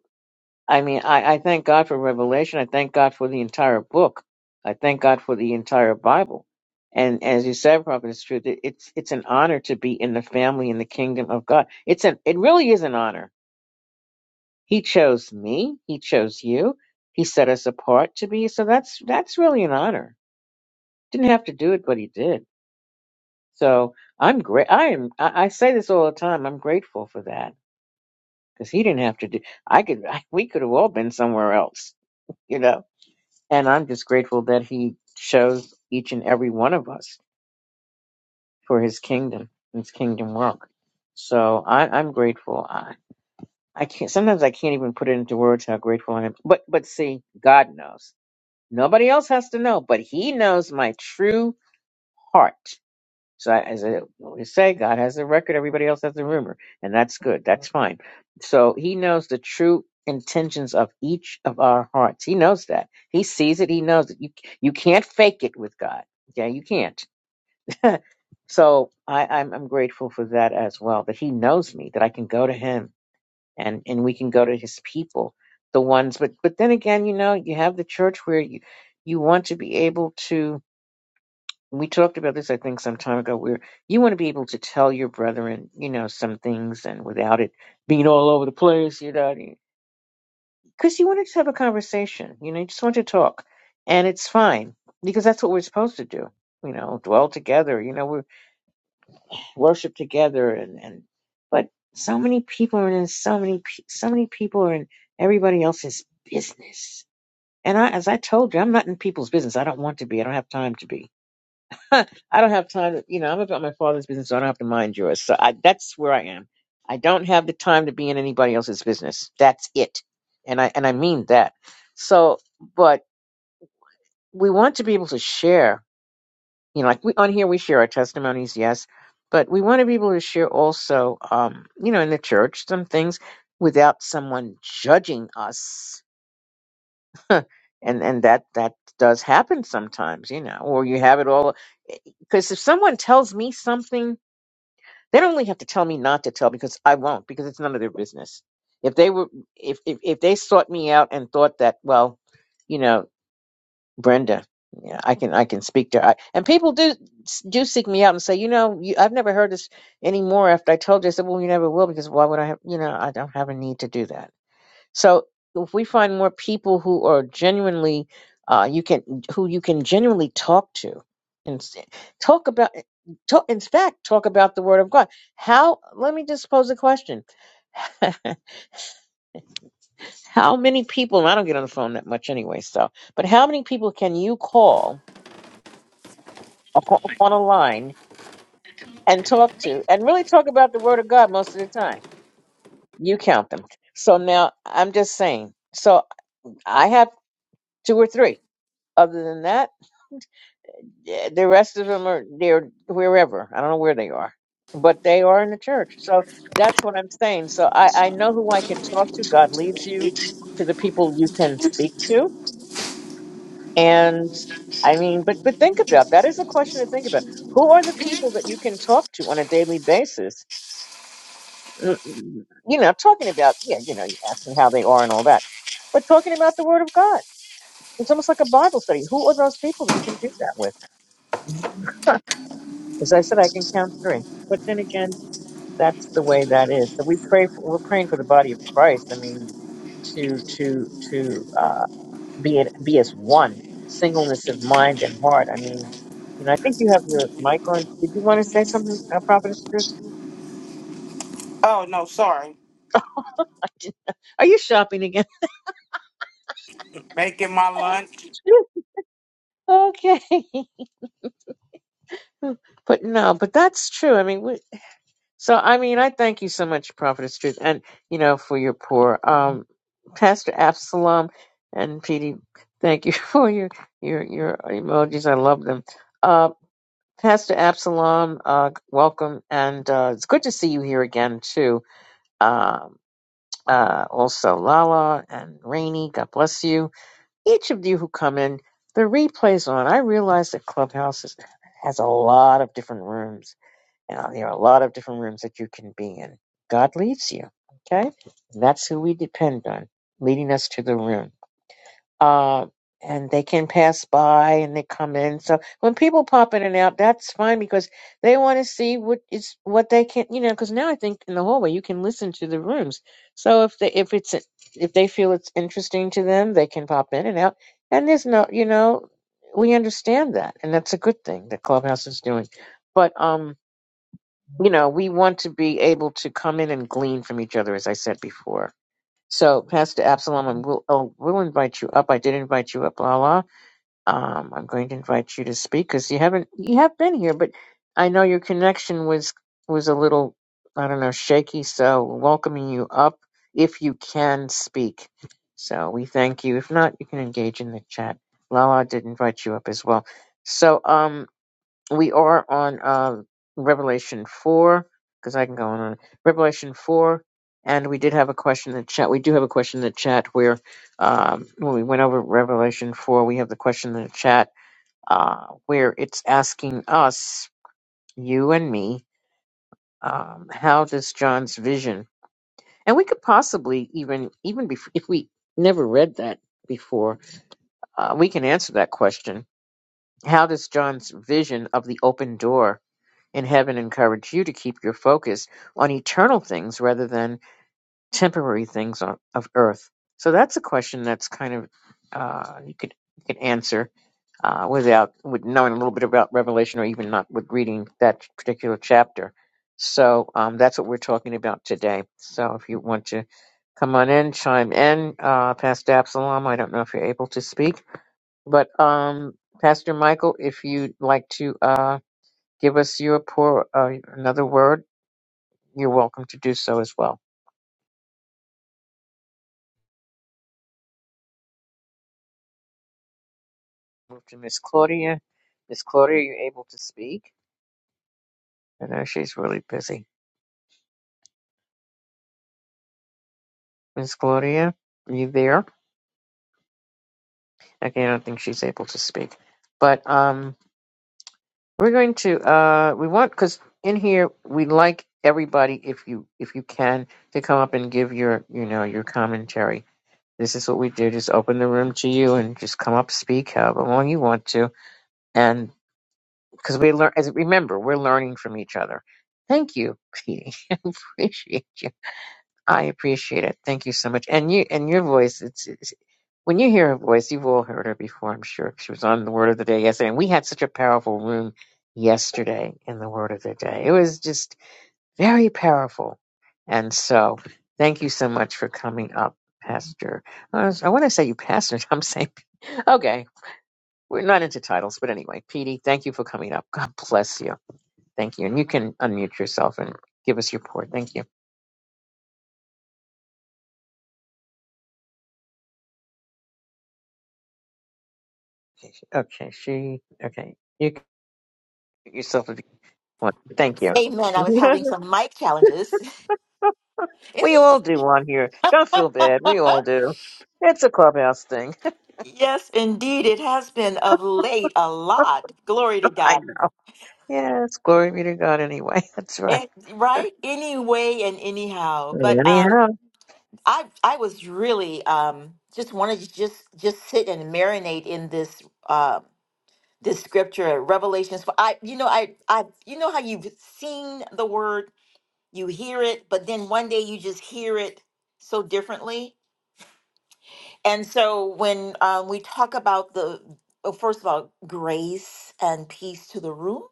I mean, I, I thank God for revelation. I thank God for the entire book. I thank God for the entire Bible. And as you said, Prophet, it's true. that It's it's an honor to be in the family in the kingdom of God. It's an it really is an honor. He chose me. He chose you. He set us apart to be. So that's that's really an honor. Didn't have to do it, but he did. So I'm great. I am. I, I say this all the time. I'm grateful for that because he didn't have to do. I could. we could have all been somewhere else. You know And I'm just grateful that he shows each and every one of us for his kingdom, his kingdom work. So I, I'm grateful. I, I can't, sometimes I can't even put it into words how grateful I am. But, but see, God knows. Nobody else has to know, but he knows my true heart. So I, as I always say, God has the record, everybody else has the rumor, and that's good. That's fine. So he knows the true intentions of each of our hearts. He knows that. He sees it. He knows it. You you can't fake it with God. Okay, you can't. so I, I'm I'm grateful for that as well. That he knows me, that I can go to him and and we can go to his people, the ones but but then again, you know, you have the church where you you want to be able to we talked about this, I think, some time ago, where you want to be able to tell your brethren, you know, some things and without it being all over the place, you know, because you want to just have a conversation, you know, you just want to talk. And it's fine because that's what we're supposed to do, you know, dwell together, you know, we worship together. And, and, but so many people are in so many, pe- so many people are in everybody else's business. And I, as I told you, I'm not in people's business. I don't want to be. I don't have time to be I don't have time to, you know, I'm about my father's business. So I don't have to mind yours. So I, that's where I am. I don't have the time to be in anybody else's business. That's it. And I, and I mean that. So, but we want to be able to share, you know, like we, on here, we share our testimonies. Yes. But we want to be able to share also, um, you know, in the church, some things without someone judging us. and, and that, that does happen sometimes, you know, or you have it all. Because if someone tells me something They don't really have to tell me not to tell because I won't because it's none of their business. If they were, if if, if they sought me out and thought that, well, you know, Brenda, yeah, I can I can speak to, I, and people do do seek me out and say, you know, you, I've never heard this anymore after I told you. I said, well, you never will because why would I have? You know, I don't have a need to do that. So if we find more people who are genuinely, uh, you can who you can genuinely talk to, and s- talk about, eh, talk, in fact, talk about the Word of God. How? Let me just pose a question: How many people? And I don't get on the phone that much anyway, so. But how many people can you call o- on a line and talk to, and really talk about the Word of God most of the time? You count them. So now I'm just saying. So I have two or three. Other than that. Yeah, The rest of them are they're wherever. I don't know where they are, but they are in the church. So that's what I'm saying. So I, I know who I can talk to. God leads you to the people you can speak to. And I mean, but but think about that is a question to think about. Who are the people that you can talk to on a daily basis? Mm, mm, You know, talking about yeah, you know, asking how they are and all that, but talking about the Word of God. It's almost like a Bible study. Who are those people that you can do that with? As I said, I can count three. But then again. that's the way that is. So we pray for, we're praying for the body of Christ. I mean, to to to uh, be in, be as one, singleness of mind and heart. I mean, you know, I think you have your mic on. Did you want to say something, uh, Prophetess? Ruth? Oh no, sorry. Are you shopping again? Making my lunch. okay, but no, but that's true. I mean, we, So, I mean, I thank you so much, Prophetess Truth, and, you know, for your poor um, Pastor Absalom and Petey. Thank you for your, your, your emojis. I love them. Uh, Pastor Absalom, uh, welcome. And uh, it's good to see you here again, too. Um uh, also, Lala and Rainey, God bless you. Each of you who come in, the replay's on. I realize that Clubhouse is, has a lot of different rooms now, there are a lot of different rooms that you can be in. God leads you, okay? And That's who we depend on, leading us to the room. Uh, and they can pass by and they come in. So when people pop in and out, that's fine because they want to see what is what they can, you know. Because now I think in the hallway you can listen to the rooms. So if they if it's if they feel it's interesting to them, they can pop in and out. And there's no, you know, we understand that, and that's a good thing that Clubhouse is doing. But um, you know, we want to be able to come in and glean from each other, as I said before. So, Pastor Absalom, and we'll, oh, we'll invite you up. I did invite you up, Lala. Um, I'm going to invite you to speak because you haven't, you have been here, but I know your connection was, was a little, I don't know, shaky. So, welcoming you up if you can speak. So, we thank you. If not, you can engage in the chat. Lala did invite you up as well. So, um, we are on uh, Revelation 4, because I can go on, and on Revelation 4, and we did have a question in the chat. We do have a question in the chat where, um, when we went over Revelation 4, we have the question in the chat uh, where it's asking us, you and me, um, how does John's vision, and we could possibly even, even bef- if we never read that before, uh, we can answer that question. How does John's vision of the open door? in heaven encourage you to keep your focus on eternal things rather than temporary things on, of earth? So that's a question that's kind of uh, you could you could answer uh, without with knowing a little bit about Revelation or even not with reading that particular chapter. So um, that's what we're talking about today. So if you want to come on in, chime in, uh, Pastor Absalom. I don't know if you're able to speak, but um, Pastor Michael, if you'd like to. Uh, give us your poor uh, another word, you're welcome to do so as well. Move to Miss Claudia. Miss Claudia, are you able to speak? I know she's really busy. Miss Claudia, are you there? Okay, I don't think she's able to speak. But um, we're going to uh, we want because in here we like everybody if you if you can to come up and give your you know your commentary. This is what we do. Just open the room to you and just come up, speak however long you want to, and. because we learn as remember we're learning from each other thank you Petey. i appreciate you i appreciate it thank you so much and you and your voice it's, it's when you hear her voice you've all heard her before i'm sure she was on the word of the day yesterday and we had such a powerful room yesterday in the word of the day it was just very powerful and so thank you so much for coming up pastor i, was- I want to say you pastor i'm saying okay we're not into titles but anyway Petey, thank you for coming up god bless you Thank you. And you can unmute yourself and give us your report. Thank you. Okay, she. Okay, you can mute yourself if you want. Thank you. Amen. I was having some mic challenges. we all It's- do one here. Don't feel bad. We all do. It's a clubhouse thing. yes, indeed. It has been of late a lot. Glory to I God. know. Yes, glory be to God anyway. That's right. And, right? Anyway and anyhow. But um Anyhow, I I was really um just wanted to just just sit and marinate in this um this scripture, Revelations. For I you know, I I you know how you've seen the word, you hear it, but then one day you just hear it so differently. And so when um, we talk about the, oh, first of all, grace and peace to the room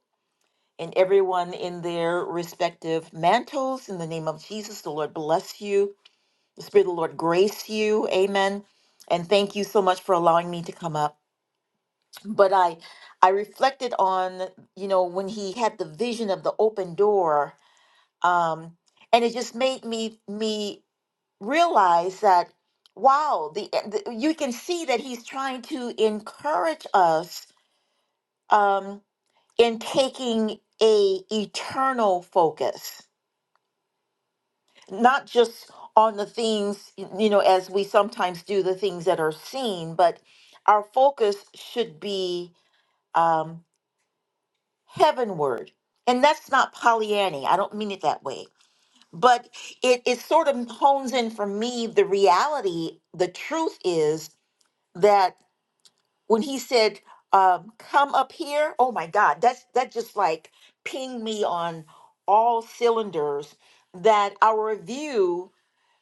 and everyone in their respective mantles, in the name of Jesus, the Lord bless you. The Spirit of the Lord grace you. Amen. And thank you so much for allowing me to come up. But I, I reflected on, you know, when he had the vision of the open door, um, and it just made me me realize that wow the, eh, the you can see that he's trying to encourage us um in taking a eternal focus not just on the things y- you know as we sometimes do the things that are seen but our focus should be um heavenward and that's not pollyanny i don't mean it that way but it, it sort of hones in for me the reality the truth is that when he said, um, "Come up here," oh my God, that's that just like pinged me on all cylinders. That our view,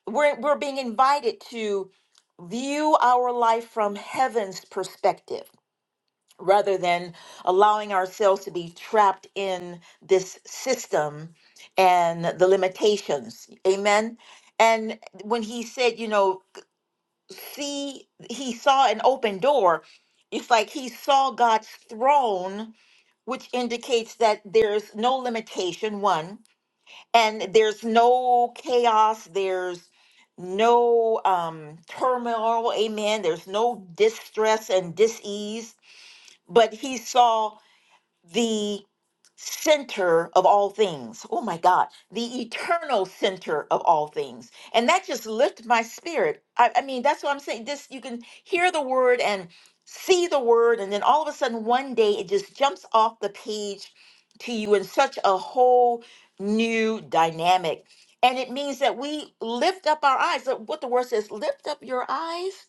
we're we're being invited to view our life from heaven's perspective rather than allowing ourselves to be trapped in this system and the limitations. Amen. And when he said, you know see he saw an open door it's like he saw god's throne which indicates that there's no limitation one and there's no chaos there's no um turmoil amen there's no distress and disease but he saw the center of all things. Oh my God, the eternal center of all things. And that just lifted my spirit. I, I mean, that's what I'm saying. This you can hear the word and see the word, and then all of a sudden one day it just jumps off the page to you in such a whole new dynamic. And it means that we lift up our eyes. Look What the word says, lift up your eyes.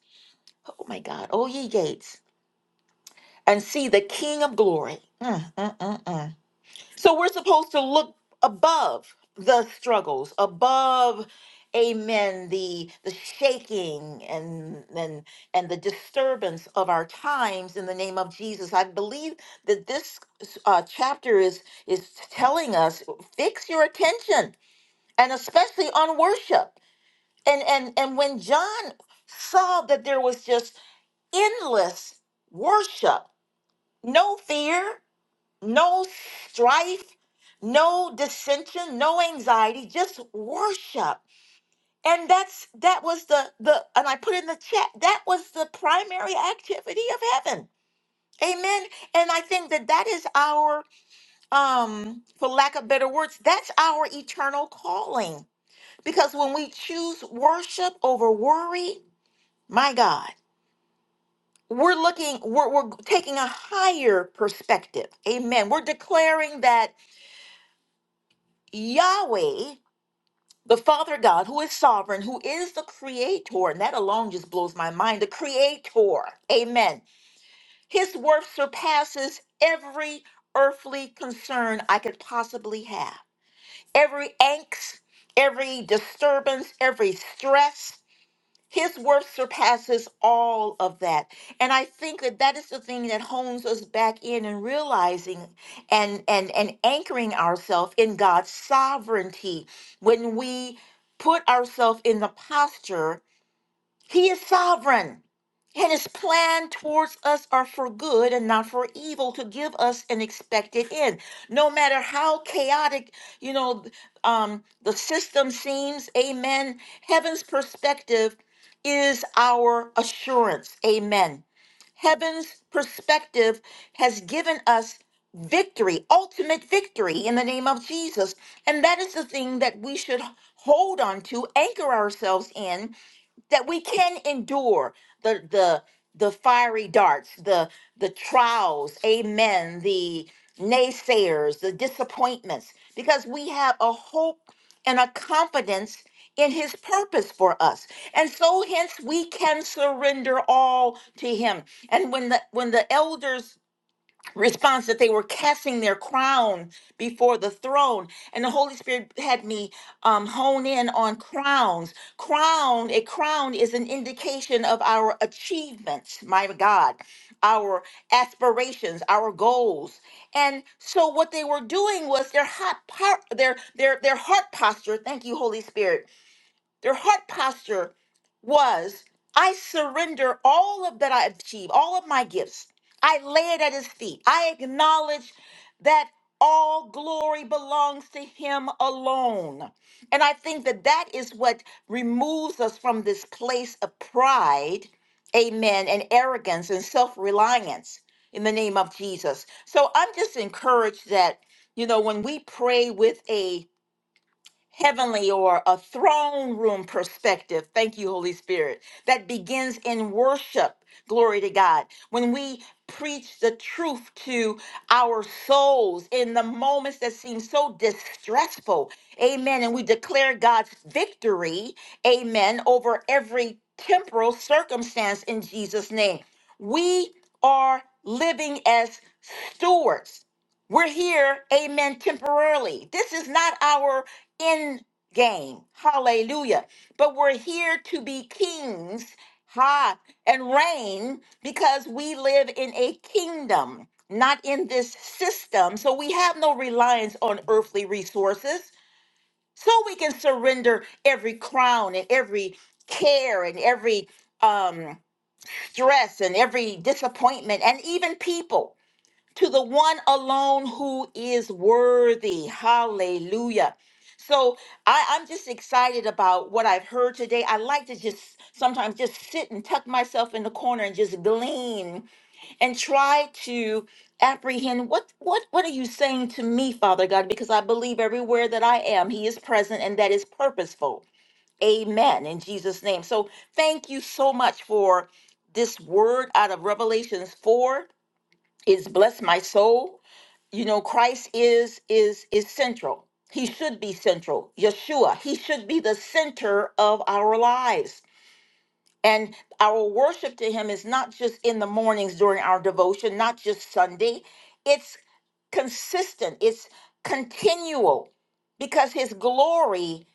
Oh my God. Oh ye gates. And see the King of glory. Mm, mm, mm, mm. So we're supposed to look above the struggles, above amen the the shaking and and and the disturbance of our times in the name of Jesus. I believe that this uh, chapter is is telling us fix your attention and especially on worship. And and and when John saw that there was just endless worship, no fear, no strife, no dissension, no anxiety, just worship. And that's that was the the and I put in the chat that was the primary activity of heaven. Amen. And I think that that is our um for lack of better words, that's our eternal calling. Because when we choose worship over worry, my God, we're looking we're, we're taking a higher perspective. Amen. We're declaring that Yahweh The Father God, who is sovereign, who is the creator, and that alone just blows my mind. The creator, amen. His worth surpasses every earthly concern I could possibly have. Every angst, every disturbance, every stress. His worth surpasses all of that. And I think that that is the thing that hones us back in and realizing and, and, and anchoring ourselves in God's sovereignty when we put ourselves in the posture he is sovereign, and his plan towards us are for good and not for evil to give us an expected end. No matter how chaotic, you know, th- um, the system seems, amen. Heaven's perspective is our assurance, amen. Heaven's perspective has given us victory, ultimate victory in the name of Jesus. And that is the thing that we should hold on to, anchor ourselves in that we can endure the the the fiery darts the the trials amen the naysayers the disappointments because we have a hope and a confidence in his purpose for us and so hence we can surrender all to him and when the when the elders response that they were casting their crown before the throne and the holy spirit had me um, hone in on crowns crown a crown is an indication of our achievements my god our aspirations our goals and so what they were doing was their hot part their their their heart posture thank you holy spirit their heart posture was I surrender all of that I achieve, all of my gifts. I lay it at his feet. I acknowledge that all glory belongs to him alone. And I think that that is what removes us from this place of pride, amen, and arrogance and self reliance in the name of Jesus. So I'm just encouraged that, you know, when we pray with a heavenly or a throne room perspective. Thank you, Holy Spirit. That begins in worship. Glory to God. When we preach the truth to our souls in the moments that seem so distressful. Amen. And we declare God's victory, amen, over every temporal circumstance in Jesus' name. We are living as stewards. We're here, amen, temporarily. This is not our in game. Hallelujah. But we're here to be kings, ha, and reign because we live in a kingdom, not in this system. So we have no reliance on earthly resources. So we can surrender every crown and every care and every um stress and every disappointment and even people to the one alone who is worthy. Hallelujah. So I, I'm just excited about what I've heard today. I like to just sometimes just sit and tuck myself in the corner and just glean and try to apprehend what what what are you saying to me, Father God? Because I believe everywhere that I am, He is present and that is purposeful. Amen. In Jesus' name. So thank you so much for this word out of Revelations 4. It's blessed my soul you know christ is is is central he should be central yeshua he should be the center of our lives and our worship to him is not just in the mornings during our devotion not just sunday it's consistent it's continual because his glory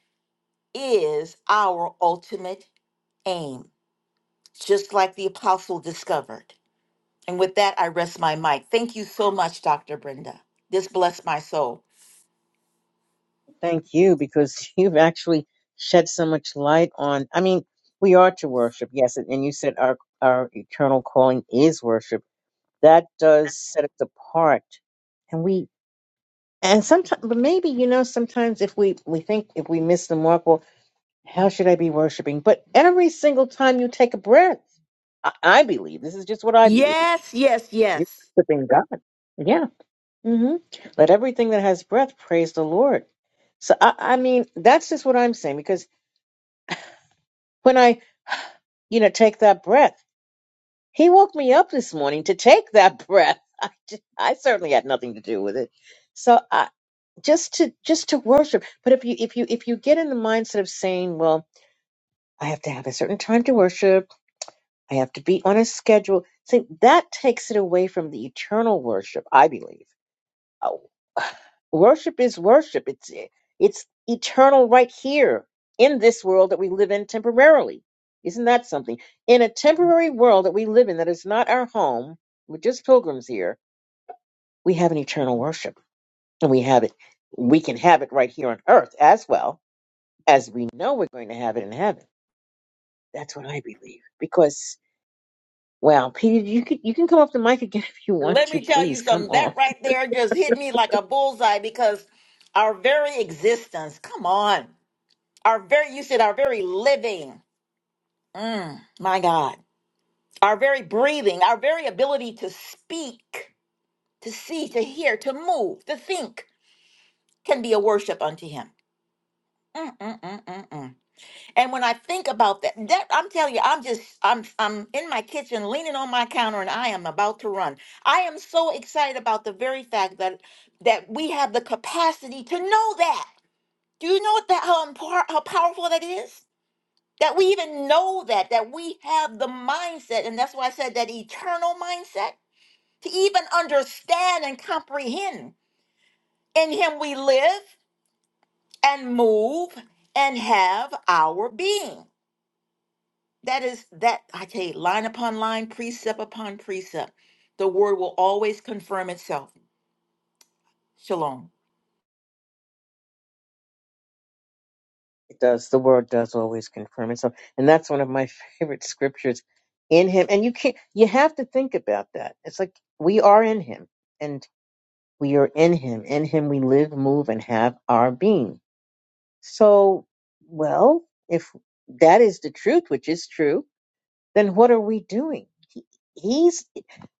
is our ultimate aim just like the apostle discovered and with that i rest my mic thank you so much dr brenda this blessed my soul thank you because you've actually shed so much light on. I mean, we are to worship, yes, and and you said our, our eternal calling is worship. That does set us apart. and we. And sometimes, but maybe you know, sometimes if we we think if we miss the mark, well, how should I be worshiping? But every single time you take a breath, I, I believe this is just what I believe. Yes, yes, You're yes. worshiping God. Yeah. hmm Let everything that has breath praise the Lord. So I, I mean, that's just what I'm saying because when I you know take that breath, He woke me up this morning to take that breath. I, just, I certainly had nothing to do with it. So just to just to worship but if you if you if you get in the mindset of saying well i have to have a certain time to worship i have to be on a schedule see that takes it away from the eternal worship i believe Oh, worship is worship it's it's eternal right here in this world that we live in temporarily isn't that something in a temporary world that we live in that is not our home we're just pilgrims here we have an eternal worship and we have it we can have it right here on earth as well as we know we're going to have it in heaven. That's what I believe. Because, well, Peter, you can you can come off the mic again if you want Let to. me tell you Please come something. That off. right there just hit me like a bullseye because our very existence, come on, our very, you said our very living, mm, my God, our very breathing, our very ability to speak, to see, to hear, to move, to think can be a worship unto Him. Mm-mm-mm-mm-mm. And when I think about that, that I'm telling you, I'm just I'm I'm in my kitchen leaning on my counter and I am about to run. I am so excited about the very fact that that we have the capacity to know that. Do you know what that how impor- how powerful that is? That we even know that that we have the mindset and that's why I said that eternal mindset to even understand and comprehend. In him we live and move and have our being. That is that I tell you, line upon line, precept upon precept, the word will always confirm itself. Shalom. It does. The word does always confirm itself, and that's one of my favorite scriptures. In Him, and you can't. You have to think about that. It's like we are in Him, and we are in Him. In Him, we live, move, and have our being. So, well, if that is the truth, which is true, then what are we doing? He, He's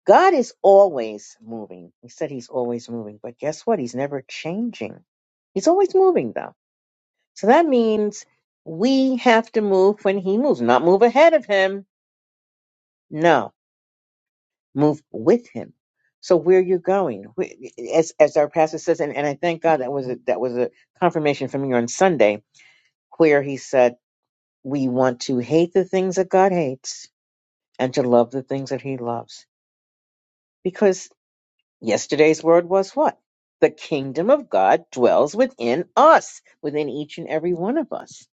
God is always moving. He said he's always moving, but guess what? He's never changing. He's always moving though. So that means we have to move when he moves, not move ahead of him. No, move with him. So where you're going, Wh- as as our pastor says, and, and I thank God that was a, that was a confirmation from you on Sunday, where he said we want to hate the things that God hates and to love the things that He loves, because. Yesterday's word was what? The kingdom of God dwells within us, within each and every one of us.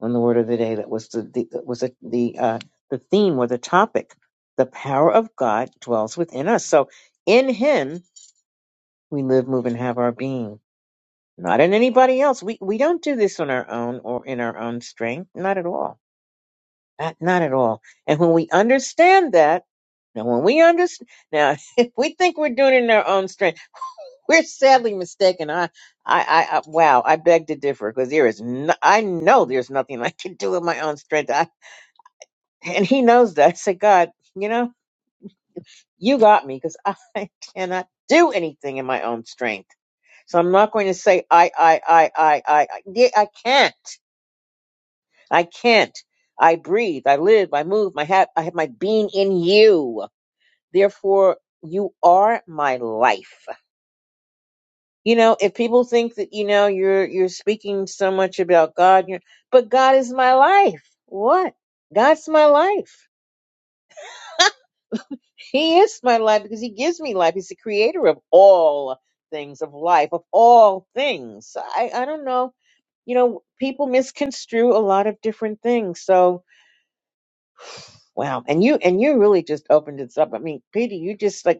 And the word of the day that was the, the that was the the, uh, the theme or the topic, the power of God dwells within us. So in Him we live, move, and have our being. Not in anybody else. We we don't do this on our own or in our own strength. Not at all. Not not at all. And when we understand that, now when we understand, now if we think we're doing it in our own strength. We're sadly mistaken. I, I, I, I wow, I beg to differ because there is, no, I know there's nothing I can do with my own strength. I, and he knows that. I said, God, you know, you got me because I cannot do anything in my own strength. So I'm not going to say I, I, I, I, I, I, yeah, I can't. I can't. I breathe. I live. I move. My hat. I have my being in you. Therefore, you are my life. You know, if people think that you know you're you're speaking so much about God, you're, but God is my life. What? God's my life. He is my life because He gives me life. He's the creator of all things, of life, of all things. So I, I don't know. You know, people misconstrue a lot of different things. So wow, and you and you really just opened this up. I mean, Peter, you just like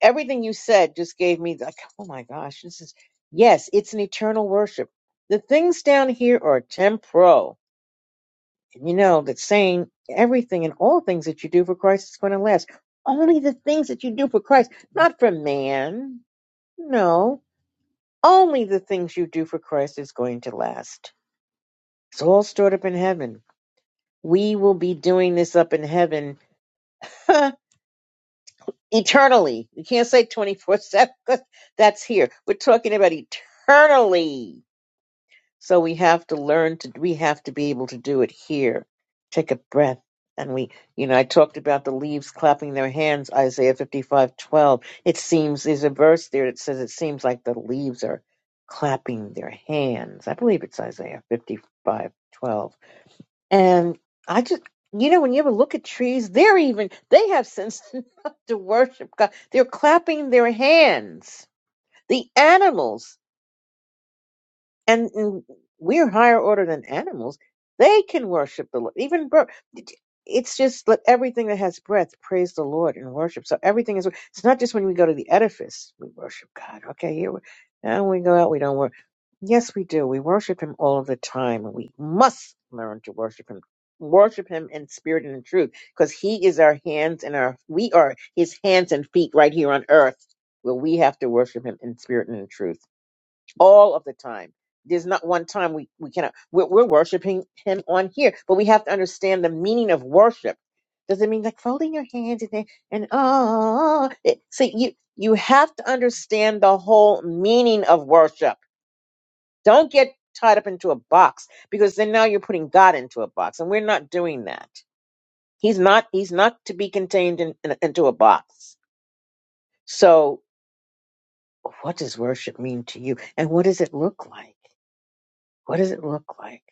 everything you said just gave me like, oh my gosh, this is yes, it's an eternal worship. The things down here are temporal. And you know that saying everything and all things that you do for Christ is going to last. Only the things that you do for Christ, not for man. No. Only the things you do for Christ is going to last. It's all stored up in heaven. We will be doing this up in heaven eternally. You can't say 24 7 because that's here. We're talking about eternally. So we have to learn to, we have to be able to do it here. Take a breath. And we, you know, I talked about the leaves clapping their hands, Isaiah fifty-five twelve. It seems, there's a verse there that says it seems like the leaves are clapping their hands. I believe it's Isaiah fifty-five twelve. And I just, you know, when you ever look at trees, they're even, they have sense enough to worship God. They're clapping their hands. The animals and, and we're higher order than animals. They can worship the Lord. Even bird. It's just let everything that has breath praise the Lord and worship. So everything is. It's not just when we go to the edifice we worship God. Okay, here we, now when we go out we don't worship. Yes, we do. We worship Him all of the time, and we must learn to worship Him. Worship Him in spirit and in truth, because He is our hands and our. We are His hands and feet right here on earth, where we have to worship Him in spirit and in truth all of the time. There's not one time we, we cannot. We're, we're worshiping him on here, but we have to understand the meaning of worship. Does it mean like folding your hands and then- and oh? It, see, you you have to understand the whole meaning of worship. Don't get tied up into a box because then now you're putting God into a box, and we're not doing that. He's not he's not to be contained in, in, into a box. So, what does worship mean to you, and what does it look like? What does it look like?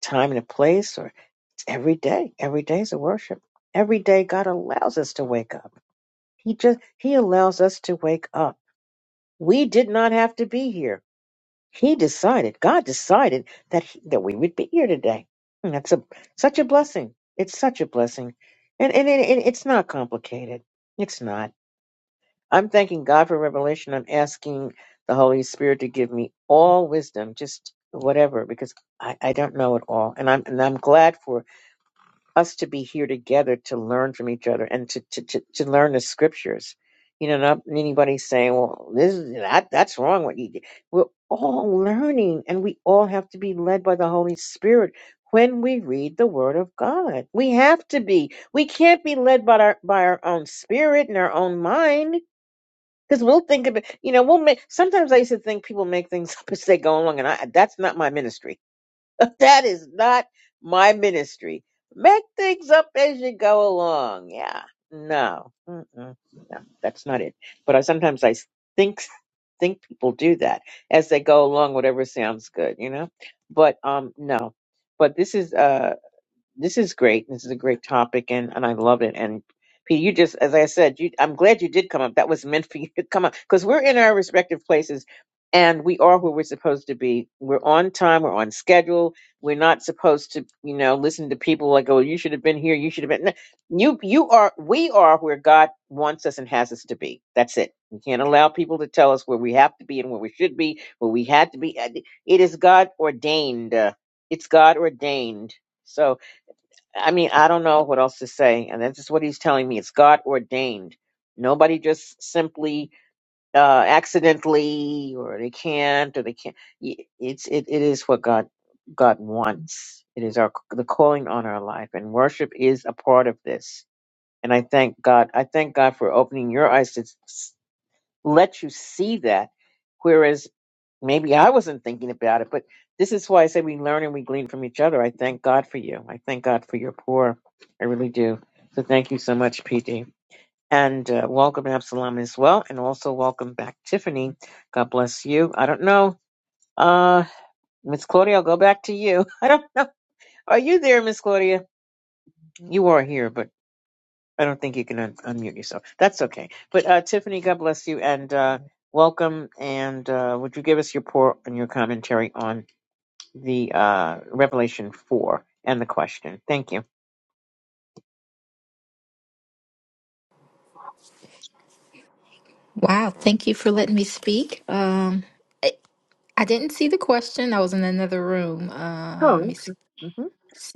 time and a place or it's every day every day is a worship every day god allows us to wake up he just he allows us to wake up we did not have to be here he decided god decided that he, that we would be here today and that's a such a blessing it's such a blessing and and, it, and it's not complicated it's not i'm thanking god for revelation i'm asking the holy spirit to give me all wisdom just whatever because i i don't know it all and i'm and i'm glad for us to be here together to learn from each other and to to, to, to learn the scriptures. You know, not anybody saying, "Well, this is that that's wrong." What you did. We're all learning, and we all have to be led by the Holy Spirit when we read the Word of God. We have to be. We can't be led by our by our own spirit and our own mind. Because we'll think of it, you know. We'll make. Sometimes I used to think people make things up as they go along, and I, that's not my ministry that is not my ministry. Make things up as you go along. Yeah. No. Mm-mm. No, that's not it. But I sometimes I think think people do that as they go along, whatever sounds good, you know. But um, no. But this is uh. This is great. This is a great topic, and, and I love it. And Pete, you just, as I said, you, I'm glad you did come up. That was meant for you to come up because we're in our respective places, and we are where we're supposed to be. We're on time. We're on schedule. We're not supposed to, you know, listen to people like, "Oh, you should have been here. You should have been." No, you, you are. We are where God wants us and has us to be. That's it. We can't allow people to tell us where we have to be and where we should be, where we had to be. It is God ordained. Uh, It's God ordained. So I mean, I don't know what else to say. And that's just what he's telling me. It's God ordained. Nobody just simply uh, accidentally, or they can't, or they can't. Y- It's it, it is what God God wants. It is our the calling on our life, and worship is a part of this. And I thank God. I thank God for opening your eyes to s- let you see that. Maybe I wasn't thinking about it, but this is why I say we learn and we glean from each other. I thank God for you. I thank God for your poor. I really do. So thank you so much, PD. And uh, welcome, Absalom, as well. And also welcome back, Tiffany. God bless you. I don't know. Uh, Miss Claudia, I'll go back to you. I don't know. Are you there, Miss Claudia? You are here, but I don't think you can un- unmute yourself. That's okay. But uh, Tiffany, God bless you. And uh, welcome. And uh, would you give us your pour and your commentary on? the uh, Revelation 4 and the question. Thank you. Wow, thank you for letting me speak. Um, I, I didn't see the question. I was in another room. Uh, let me Oh, s- hmm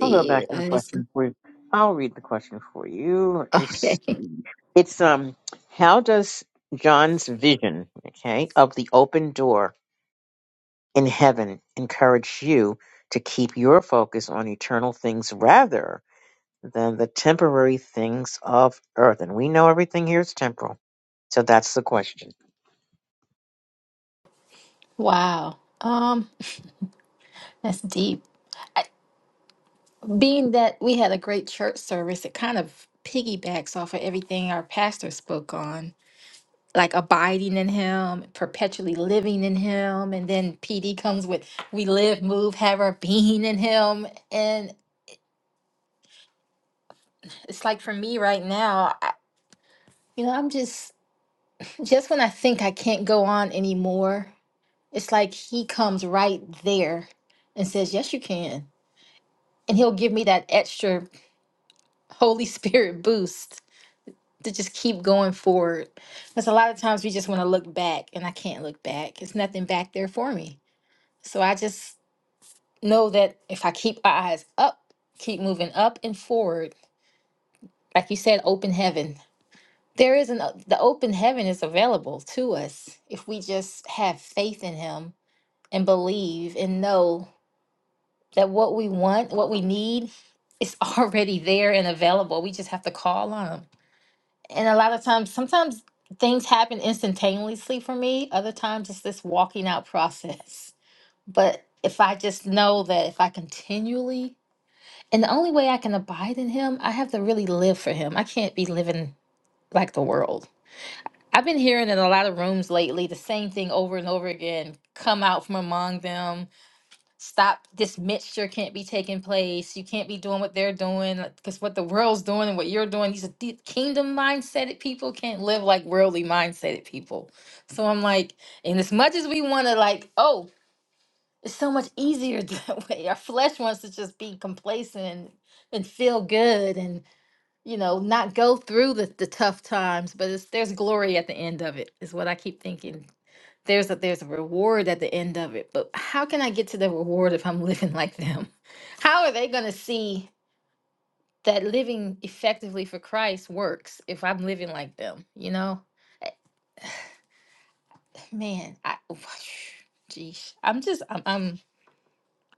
I'll go back to Uh, the it's- question for you. I'll read the question for you. It's, okay. it's um, how does John's vision, okay, of the open door in heaven encourage you to keep your focus on eternal things rather than the temporary things of earth? And we know everything here is temporal, so that's the question. Wow. Um, that's deep. I, being that we had a great church service, it kind of piggybacks off of everything our pastor spoke on, like abiding in Him, perpetually living in Him, and then PD comes with we live, move, have our being in Him, and it's like for me right now, I, you know, I'm just Just when I think I can't go on anymore, it's like he comes right there and says, Yes, you can. And he'll give me that extra Holy Spirit boost to just keep going forward. Because a lot of times we just want to look back, and I can't look back. There's nothing back there for me. So I just know that if I keep my eyes up, keep moving up and forward, like you said, open heaven. There is an the open heaven is available to us if we just have faith in him and believe and know that what we want, what we need is already there and available. We just have to call on them. And a lot of times, sometimes things happen instantaneously for me, other times it's this walking out process. But if I just know that if I continually, and the only way I can abide in Him, I have to really live for Him. I can't be living like the world. I've been hearing in a lot of rooms lately the same thing over and over again come out from among them stop this mixture can't be taking place you can't be doing what they're doing because what the world's doing and what you're doing these are the kingdom mindseted people can't live like worldly mindseted people so i'm like and as much as we want to like oh it's so much easier that way our flesh wants to just be complacent and, and feel good and you know not go through the, the tough times but it's there's glory at the end of it is what i keep thinking there's a there's a reward at the end of it but how can i get to the reward if i'm living like them how are they going to see that living effectively for christ works if i'm living like them you know man i geez i'm just i'm i'm,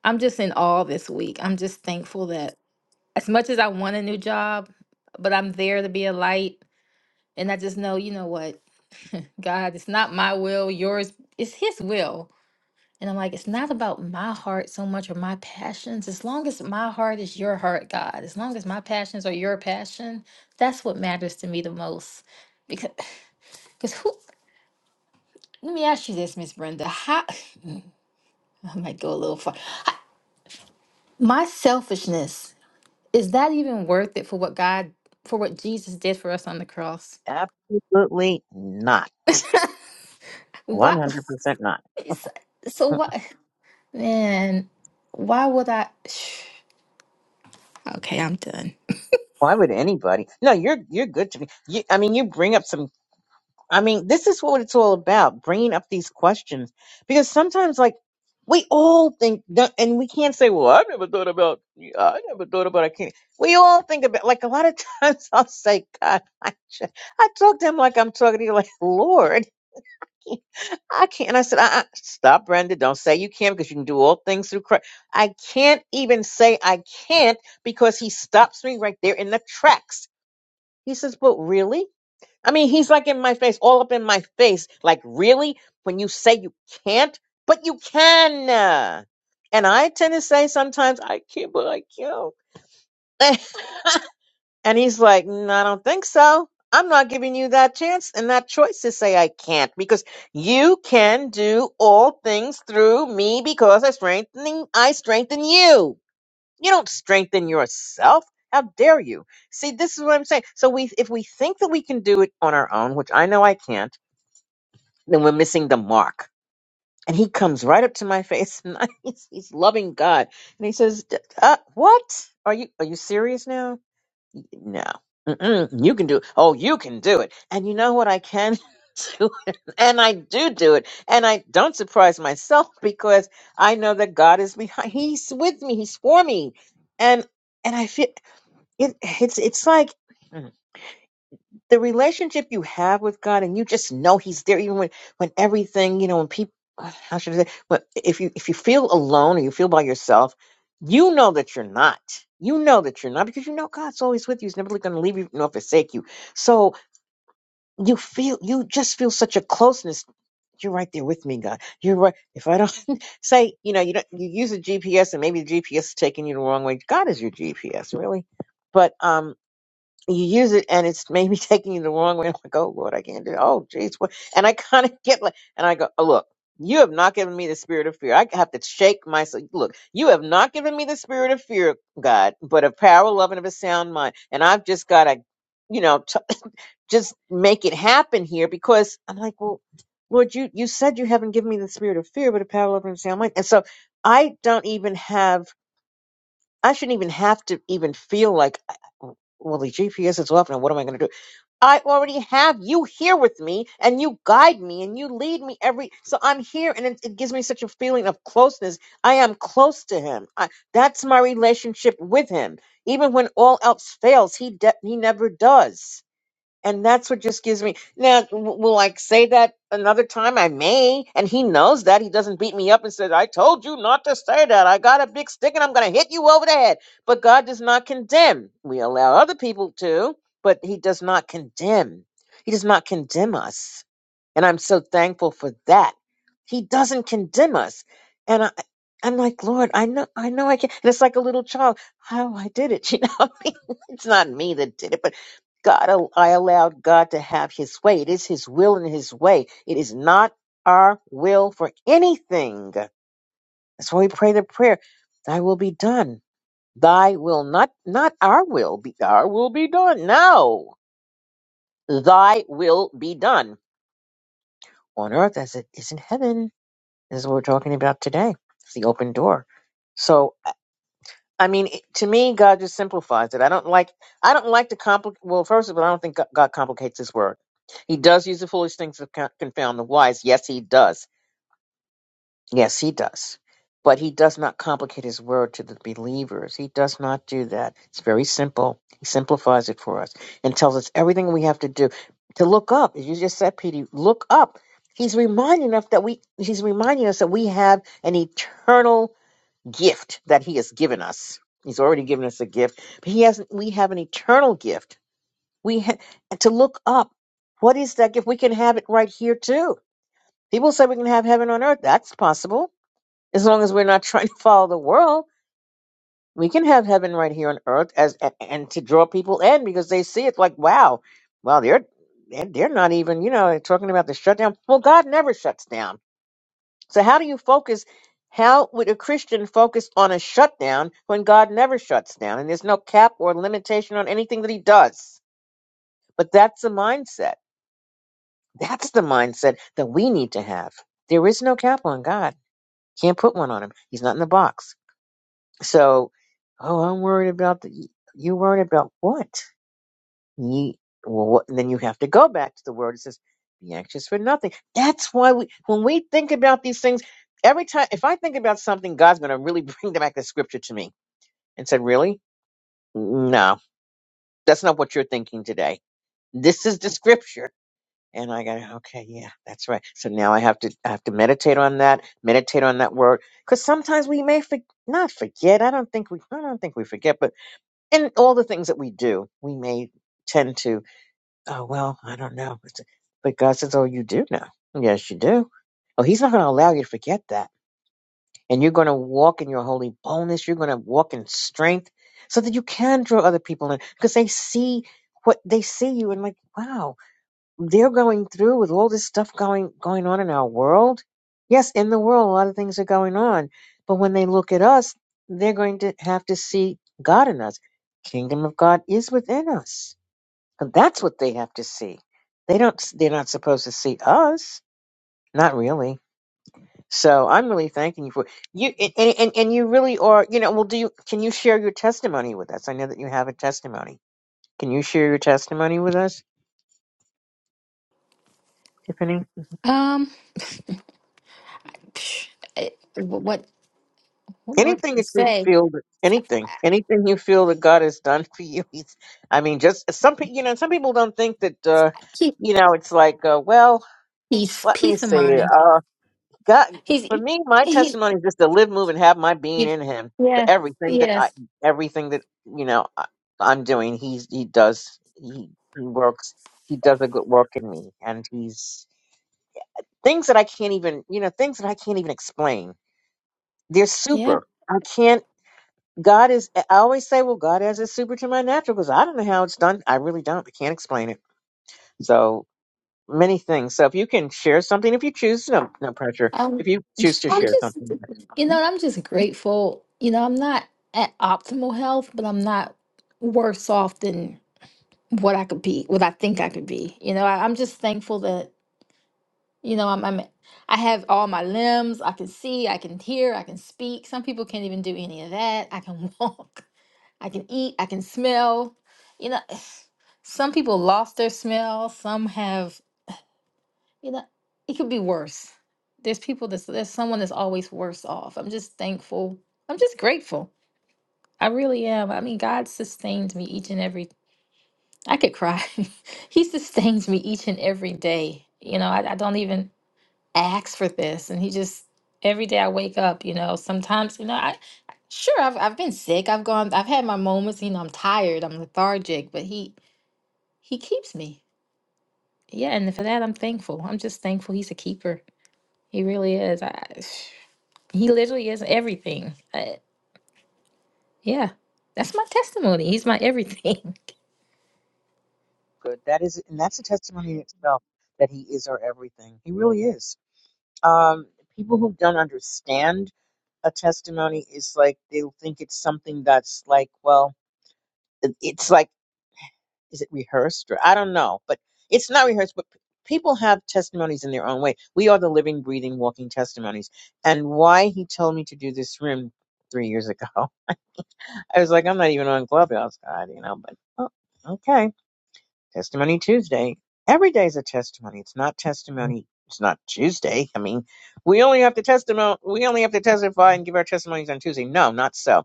I'm just in awe this week i'm just thankful that as much as i want a new job but i'm there to be a light and i just know you know what god it's not my will yours it's his will And I'm like, it's not about my heart so much or my passions. As long as my heart is your heart, God, as long as my passions are your passion, that's what matters to me the most. Because, because who, let me ask you this, Miss Brenda. How, I might go a little far. My selfishness, is that even worth it for what God, for what Jesus did for us on the cross? Absolutely not. What, 100% not. it's- so what, man, why would I, okay, I'm done. Why would anybody? No, you're you're good to me. You, I mean, you bring up some. I mean, this is what it's all about: bringing up these questions because sometimes, like, we all think, that- and we can't say, "Well, I never thought about. yeah, I never thought about." I can't. We all think about. Like a lot of times, I'll say, "God, I, ju- I talk to him like I'm talking to you, like Lord." I can't. And I said, uh-uh. stop, Brenda. Don't say you can't because you can do all things through Christ. I can't even say I can't because he stops me right there in the tracks he says, Well, really? I mean, he's like in my face, all up in my face. Like, really? When you say you can't, but you can. uh." And I tend to say sometimes, I can't, but I can. not and he's like, "Mm, I don't think so. I'm not giving you that chance and that choice to say I can't because you can do all things through me because I strengthen I strengthen you. You don't strengthen yourself. How dare you? See, this is what I'm saying. So we if we think that we can do it on our own, which I know I can't, then we're missing the mark. And he comes right up to my face and I, he's, he's loving God. And he says, "D- uh, what? Are you are you serious now? No. Mm-mm, you can do it. Oh, you can do it. And you know what I can do? It. And I do do it. And I don't surprise myself because I know that God is behind. He's with me. He's for me. And and I feel. It, it's it's like mm, the relationship you have with God, and you just know He's there, even when when everything you know, when people how should I say, but if you if you feel alone or you feel by yourself, you know that you're not. You know that you're not because you know God's always with you. He's never going to leave you nor forsake you. So you feel you just feel such a closeness. You're right there with me, God. You're right. If I don't say, you know, you don't you use a GPS and maybe the GPS is taking you the wrong way. God is your GPS, really. But um you use it and it's maybe taking you the wrong way. I'm like, oh Lord, I can't do it. Oh jeez, what? And I kind of get like, and I go, oh, look, you have not given me the spirit of fear. I have to shake myself. Look, you have not given me the spirit of fear, God, but of power, love, and of a sound mind. And I've just got to, you know, t- just make it happen here because I'm like, well, Lord, you you said you haven't given me the spirit of fear, but of power, love, and a sound mind. And so I don't even have. I shouldn't even have to even feel like well, the GPS is off, and what am I going to do? I already have you here with me and you guide me and you lead me every so I'm here and it, it gives me such a feeling of closeness. I am close to him. I, that's my relationship with him. Even when all else fails, he de- he never does and that's what just gives me now w- will i say that another time i may and he knows that he doesn't beat me up and says i told you not to say that i got a big stick and i'm going to hit you over the head but god does not condemn we allow other people to but he does not condemn he does not condemn us and i'm so thankful for that he doesn't condemn us and i I'm like, Lord, I know, I know, I can. And it's like a little child. How I did it, you know. what I mean? it's not me that did it, but God, I allowed God to have his way. It is his will and his way. It is not our will for anything. That's why we pray the prayer, thy will be done. Thy will not, not our will be, our will be done. No, thy will be done on earth as it is in heaven. This is what we're talking about today. It's the open door. So I mean, it- to me, God just simplifies it. I don't like, I don't like to complicate. Well, first of all, I don't think Go- God complicates His word. He does use the foolish things to con- confound the wise. Yes, He does. Yes, He does. But He does not complicate His word to the believers. He does not do that. It's very simple. He simplifies it for us and tells us everything we have to do to look up. As you just said, Petey, look up. He's reminding us that we. He's reminding us that we have an eternal gift that he has given us. He's already given us a gift, but he hasn't. We have an eternal gift. We ha- to look up what is that gift. We can have it right here too. People say we can have heaven on earth. That's possible as long as we're not trying to follow the world. We can have heaven right here on earth as and, and to draw people in because they see it like wow, well they're they're they're not even you know they're talking about the shutdown. Well, God never shuts down. So how do you focus? How would a Christian focus on a shutdown when God never shuts down and there's no cap or limitation on anything that he does? But that's the mindset. That's the mindset that we need to have. There is no cap on God. Can't put one on him. He's not in the box. So, oh, I'm worried about the, you worried about what? Ye, well, what, then you have to go back to the word. It says, "Be anxious for nothing." That's why we, when we think about these things, every time if I think about something, God's going to really bring back the scripture to me and said, "Really? No, that's not what you're thinking today. This is the scripture." And I go, "Okay, yeah, that's right." So now I have to I have to meditate on that, meditate on that word, because sometimes we may for, not forget. I don't think we I don't think we forget, but in all the things that we do, we may tend to Oh well, I don't know. But but God says, "Oh, you do know. Yes, you do. Oh, He's not going to allow you to forget that, and you're going to walk in your holy boldness. You're going to walk in strength, so that you can draw other people in because they see what they see you and like, wow, they're going through with all this stuff going going on in our world. Yes, in the world, a lot of things are going on, but when they look at us, they're going to have to see God in us. Kingdom of God is within us and that's what they have to see. They don't. They're not supposed to see us. Not really. So I'm really thanking you for you, and, and and you really are. You know, well, do you? Can you share your testimony with us? I know that you have a testimony. Can you share your testimony with us, Tiffany? Um, it, wh- what? What more can Anything you that you say? feel, that- anything, anything you feel that God has done for you. He's, I mean, just some people. You know, some people don't think that. uh He, You know, it's like, uh, well, he's let me peace of see. mind. uh, God, He's for he, me, my he- testimony is just to live, move, and have my being in Him. For yeah, everything that I, yes, everything that you know, I, I'm doing, He's He does. He, he works. He does a good work in me, and He's things that I can't even, you know, things that I can't even explain. They're yeah. super. I can't. God is. I always say, well, God has a super to my natural because I don't know how it's done. I really don't. I can't explain it. So many things. So if you can share something, if you choose, no, no pressure. Um, If you choose to I'm share just, something. you yes. know, I'm just grateful. You know, I'm not at optimal health, but I'm not worse off than what I could be, what I think I could be. You know, I, I'm just thankful that you know I'm, I'm I have all my limbs. I can see, I can hear, I can speak. Some people can't even do any of that. I can walk. I can eat, I can smell. You know, some people lost their smell, some have, you know, it could be worse. There's people that's there's someone that's always worse off. I'm just thankful. I'm just grateful. I really am. I mean, God sustains me each and every I could cry. he sustains me each and every day. You know, I, I don't even ask for this and he just every day i wake up you know sometimes you know i sure i've, I've been sick i've gone i've had my moments you know i'm tired i'm lethargic but he he keeps me yeah and for that i'm thankful i'm just thankful he's a keeper he really is I, he literally is everything I, yeah that's my testimony he's my everything good. That is, and that's a testimony in itself that He is our everything. He really is. Um, people who don't understand a testimony is like they'll think it's something that's like, well, it- it's like, is it rehearsed or I don't know, but it's not rehearsed. But p- people have testimonies in their own way. We are the living, breathing, walking testimonies. And why He told me to do this room three years ago, I was like, I'm not even on Clubhouse, God, you know, but. oh, Okay, Testimony Tuesday. Every day's a testimony. It's not testimony. It's not Tuesday. I mean, we only have to testimony. We only have to testify and give our testimonies on Tuesday. No, not so.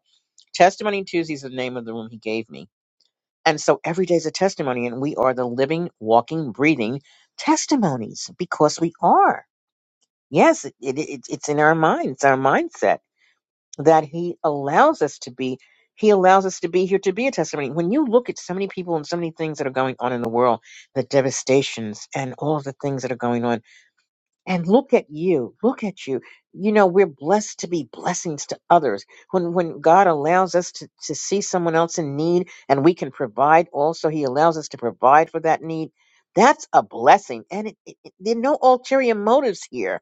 Testimony Tuesday is the name of the room he gave me, and so every day's a testimony, and we are the living, walking, breathing testimonies because we are. Yes, it, it, it, it's in our minds, our mindset that he allows us to be. He allows us to be here to be a testimony. When you look at so many people and so many things that are going on in the world, the devastations and all of the things that are going on, and look at you, look at you. You know, we're blessed to be blessings to others. When when God allows us to, to see someone else in need and we can provide also, He allows us to provide for that need. That's a blessing. And it, it, it- there are no ulterior motives here.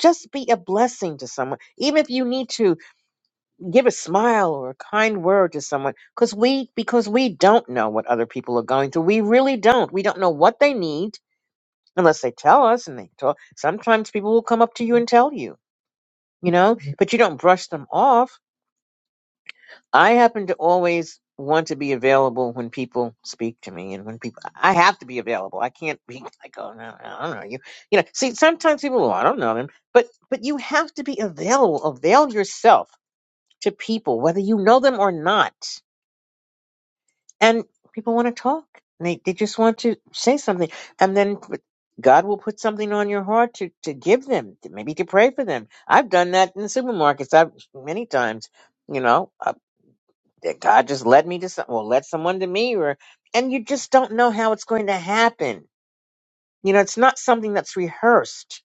Just be a blessing to someone, even if you need to give a smile or a kind word to someone because we because we don't know what other people are going through we really don't we don't know what they need unless they tell us and they talk sometimes people will come up to you and tell you you know Mhm. but you don't brush them off i happen to always want to be available when people speak to me and when people i have to be available i can't be like oh no i don't know you you know see sometimes people well i don't know them but but you have to be available avail yourself to people whether you know them or not and people want to talk. And they they just want to say something, and then God will put something on your heart to to give them, to, maybe to pray for them. I've done that in supermarkets. I've many times, you know, uh, that God just led me to some, well, led someone to me, or and you just don't know how it's going to happen. You know, it's not something that's rehearsed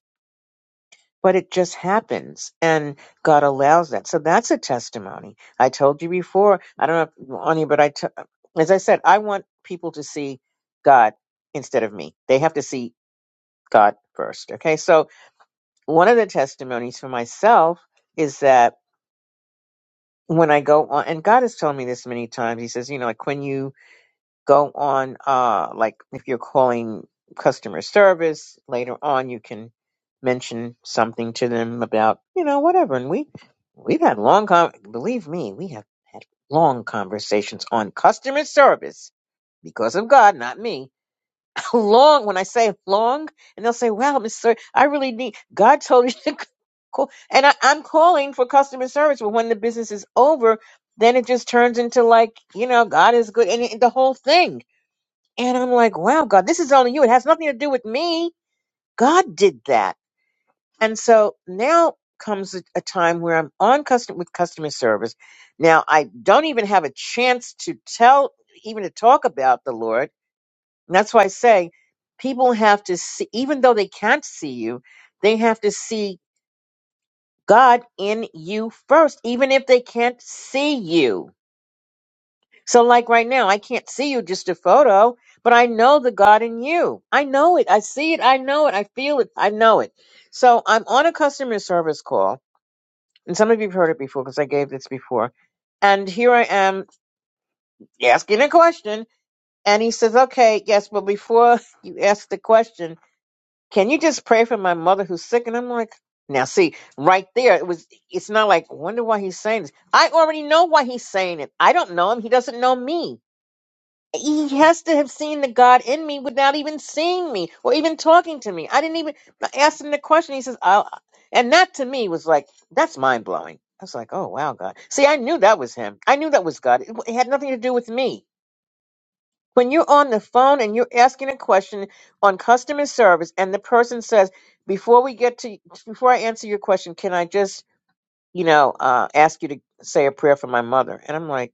but it just happens and God allows that. So that's a testimony. I told you before, I don't know, Ani, but I, t- as I said, I want people to see God instead of me. They have to see God first. Okay. So one of the testimonies for myself is that when I go on, and God has told me this many times, He says, you know, like when you go on uh like if you're calling customer service later on you can mention something to them about you know whatever and we we've had long con- believe me we have had long conversations on customer service because of God, not me. Long when I say long, and they'll say, "Wow, Miss Sir, I really need." God told you to call, and I, I'm calling for customer service. But when the business is over, then it just turns into like you know, God is good, and it, the whole thing and I'm like, wow, God, this is only you. It has nothing to do with me. God did that. And so now comes a, a time where I'm on custom with customer service. Now I don't even have a chance to tell, even to talk about the Lord. And that's why I say people have to see, even though they can't see you, they have to see God in you first, even if they can't see you So, like right now, I can't see you just a photo, but I know the God in you. I know it. I see it. I know it. I feel it. I know it. So, I'm on a customer service call, and some of you have heard it before because I gave this before. And here I am asking a question, and he says, Okay, yes, but before you ask the question, can you just pray for my mother who's sick? And I'm like, now see, right there, it was it's not like wonder why he's saying this. I already know why he's saying it. I don't know him. He doesn't know me he has to have seen the God in me without even seeing me or even talking to me. I didn't even ask him the question. He says, oh, and that to me was like, that's mind blowing. I was like, oh, wow, God. See, I knew that was him. I knew that was God. It, it had nothing to do with me. When you're on the phone and you're asking a question on customer service and the person says, before we get to, before I answer your question, can I just, you know, uh, ask you to say a prayer for my mother? And I'm like,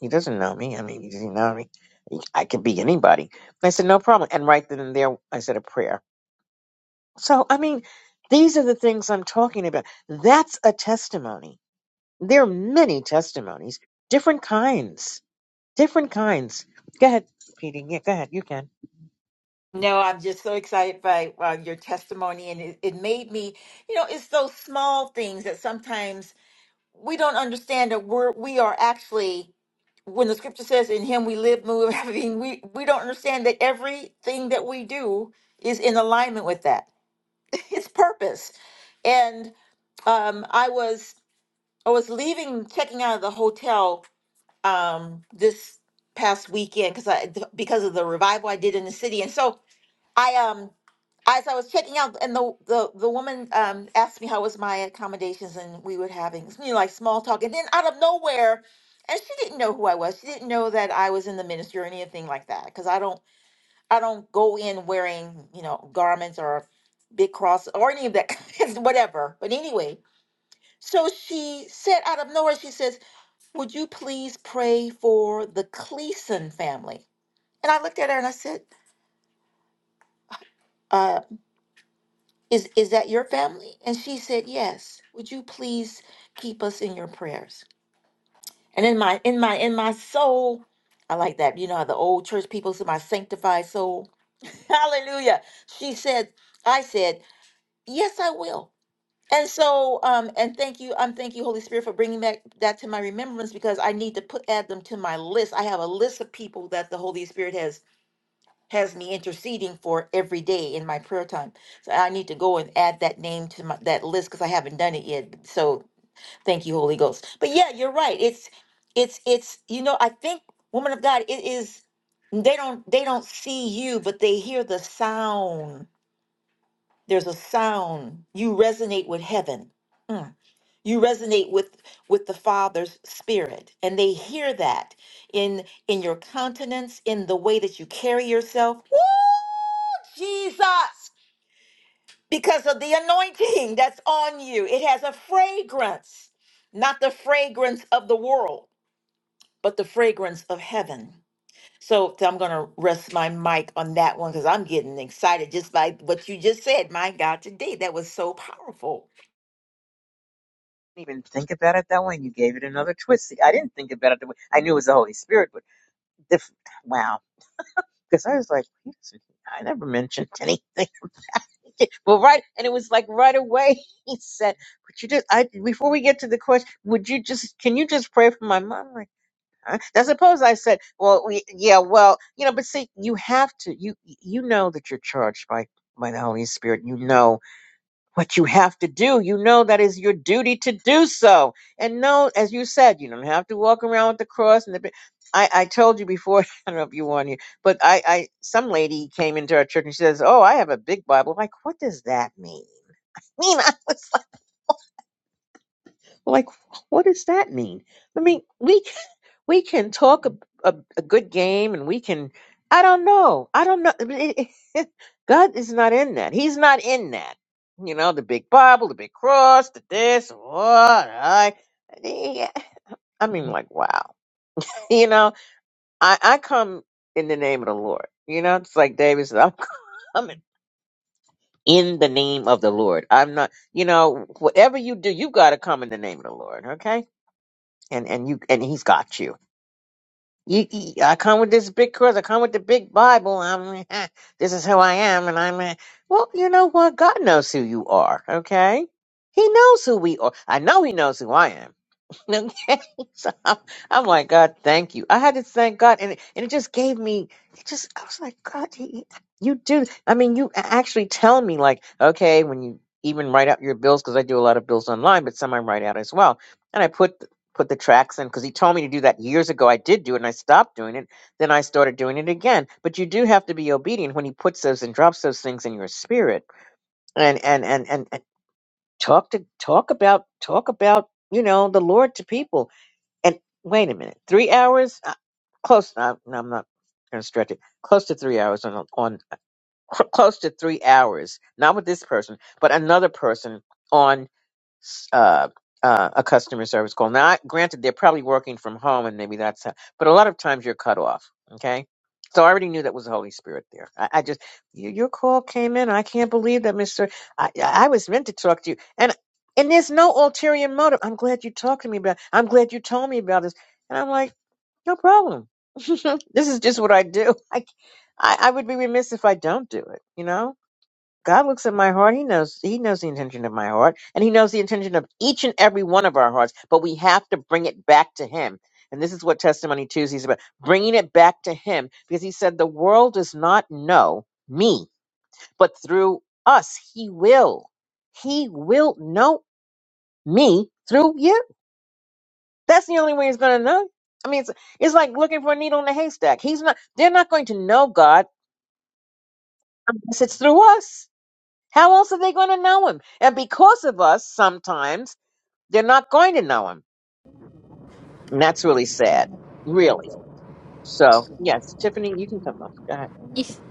he doesn't know me. I mean, he doesn't know me. He- I could be anybody. And I said, no problem. And right then and there, I said a prayer. So, I mean, these are the things I'm talking about. That's a testimony. There are many testimonies, different kinds, different kinds. Go ahead, Petey. Yeah, go ahead. You can. No, I'm just so excited by uh, your testimony, and it, it made me, you know, it's those small things that sometimes we don't understand that we're we are actually when the scripture says in Him we live, move, and have being," we we don't understand that everything that we do is in alignment with that, its purpose. And um, I was I was leaving, checking out of the hotel um this past weekend because I th- because of the revival I did in the city. And so I um as I was checking out and the the, the woman um asked me how was my accommodations and we were having you know like small talk and then out of nowhere and she didn't know who I was. She didn't know that I was in the ministry or anything like that because I don't I don't go in wearing, you know, garments or big cross or any of that whatever. But anyway, so she said out of nowhere she says would you please pray for the Cleason family? And I looked at her and I said, uh, is, is that your family? And she said, Yes. Would you please keep us in your prayers? And in my in my in my soul, I like that. You know how the old church people say my sanctified soul. Hallelujah. She said, I said, Yes, I will. And so, um, and thank you, um, thank you, Holy Spirit, for bringing that that to my remembrance because I need to put add them to my list. I have a list of people that the Holy Spirit has has me interceding for every day in my prayer time. So I need to go and add that name to my, that list because I haven't done it yet. So thank you, Holy Ghost. But yeah, you're right. It's it's it's you know I think woman of God it is they don't they don't see you but they hear the sound. There's a sound. You resonate with heaven. Mm you resonate with with the father's spirit and they hear that in in your countenance in the way that you carry yourself Woo, jesus because of the anointing that's on you it has a fragrance not the fragrance of the world but the fragrance of heaven so so i'm going to rest my mic on that one because i'm getting excited just by what you just said my god today that was so powerful I didn't even think about it that way. And you gave it another twist. See, I didn't think about it the way I knew it was the Holy Spirit, but diff- wow. Because I was like, he doesn't- I never mentioned anything. Well, right, and it was like right away he said, "But you just, I before we get to the question, would you just, can you just pray for my mom?" I'm Like, huh? I suppose I said, "Well, we, yeah, well, you know, but see, you have to, you you know that you're charged by by the Holy Spirit, you know what you have to do. You know that is your duty to do so. And no, as you said, you don't have to walk around with the cross and the. bi- I, I told you before, I don't know if you were on here, but I, I some lady came into our church and she says, "Oh, I have a big Bible." like, what does that mean? I Mean I was like, like, what does that mean? I mean, we we can talk a, a, a good game and we can i don't know i don't know I mean, it- it- god is not in that he's not in that you know the big bible the big cross the this what i yeah. i mean like wow you know i i come in the name of the lord you know it's like david said i'm coming in the name of the lord i'm not you know whatever you do you got to come in the name of the lord okay and and you and he's got you You, you- I come with this big cross. I come with the big Bible. I'm this is who I am, and I'm eh, well. You know what? God knows who you are. Okay, He knows who we are. I know He knows who I am. Okay, so I'm, I'm like, God, thank you. I had to thank God, and it, and it just gave me, it just, I was like, God, you, you do. I mean, you a- actually tell me, like, okay, when you even write out your bills, because I do a lot of bills online, but some I write out as well, and I put th- put the tracks in because he told me to do that years ago. I did do it, and I stopped doing it. Then I started doing it again. But you do have to be obedient when he puts those and drops those things in your spirit, and and and and, and talk to talk about talk about you know the Lord to people and wait a minute, three hours? Uh, Close. Uh, no, I'm not going to stretch it. Close to three hours on on cl- close to three hours. Not with this person, but another person on uh, uh, a customer service call. Now, I, granted, they're probably working from home, and maybe that's, how, but a lot of times you're cut off. Okay, so I already knew that was the Holy Spirit there. I, I just you, your call came in. I can't believe that, Mister. I, I was meant to talk to you, and and there's no ulterior motive. I'm glad you talked to me about. I'm glad you told me about this, and I'm like, no problem. this is just what I do. I, I I would be remiss if I don't do it. You know God looks at my heart. He knows he knows the intention of my heart and he knows the intention of each and every one of our hearts, but we have to bring it back to him. And this is what testimony Tuesday is about, bringing it back to him because he said the world does not know me, but through us he will. He will know me through you. That's the only way he's going to know. I mean, it's, it's like looking for a needle in a haystack. He's not they're not going to know God unless it's through us. How else are they going to know him? And because of us, sometimes they're not going to know him. And that's really sad, really. So, yes, Tiffany, you can come up. Go ahead. He's-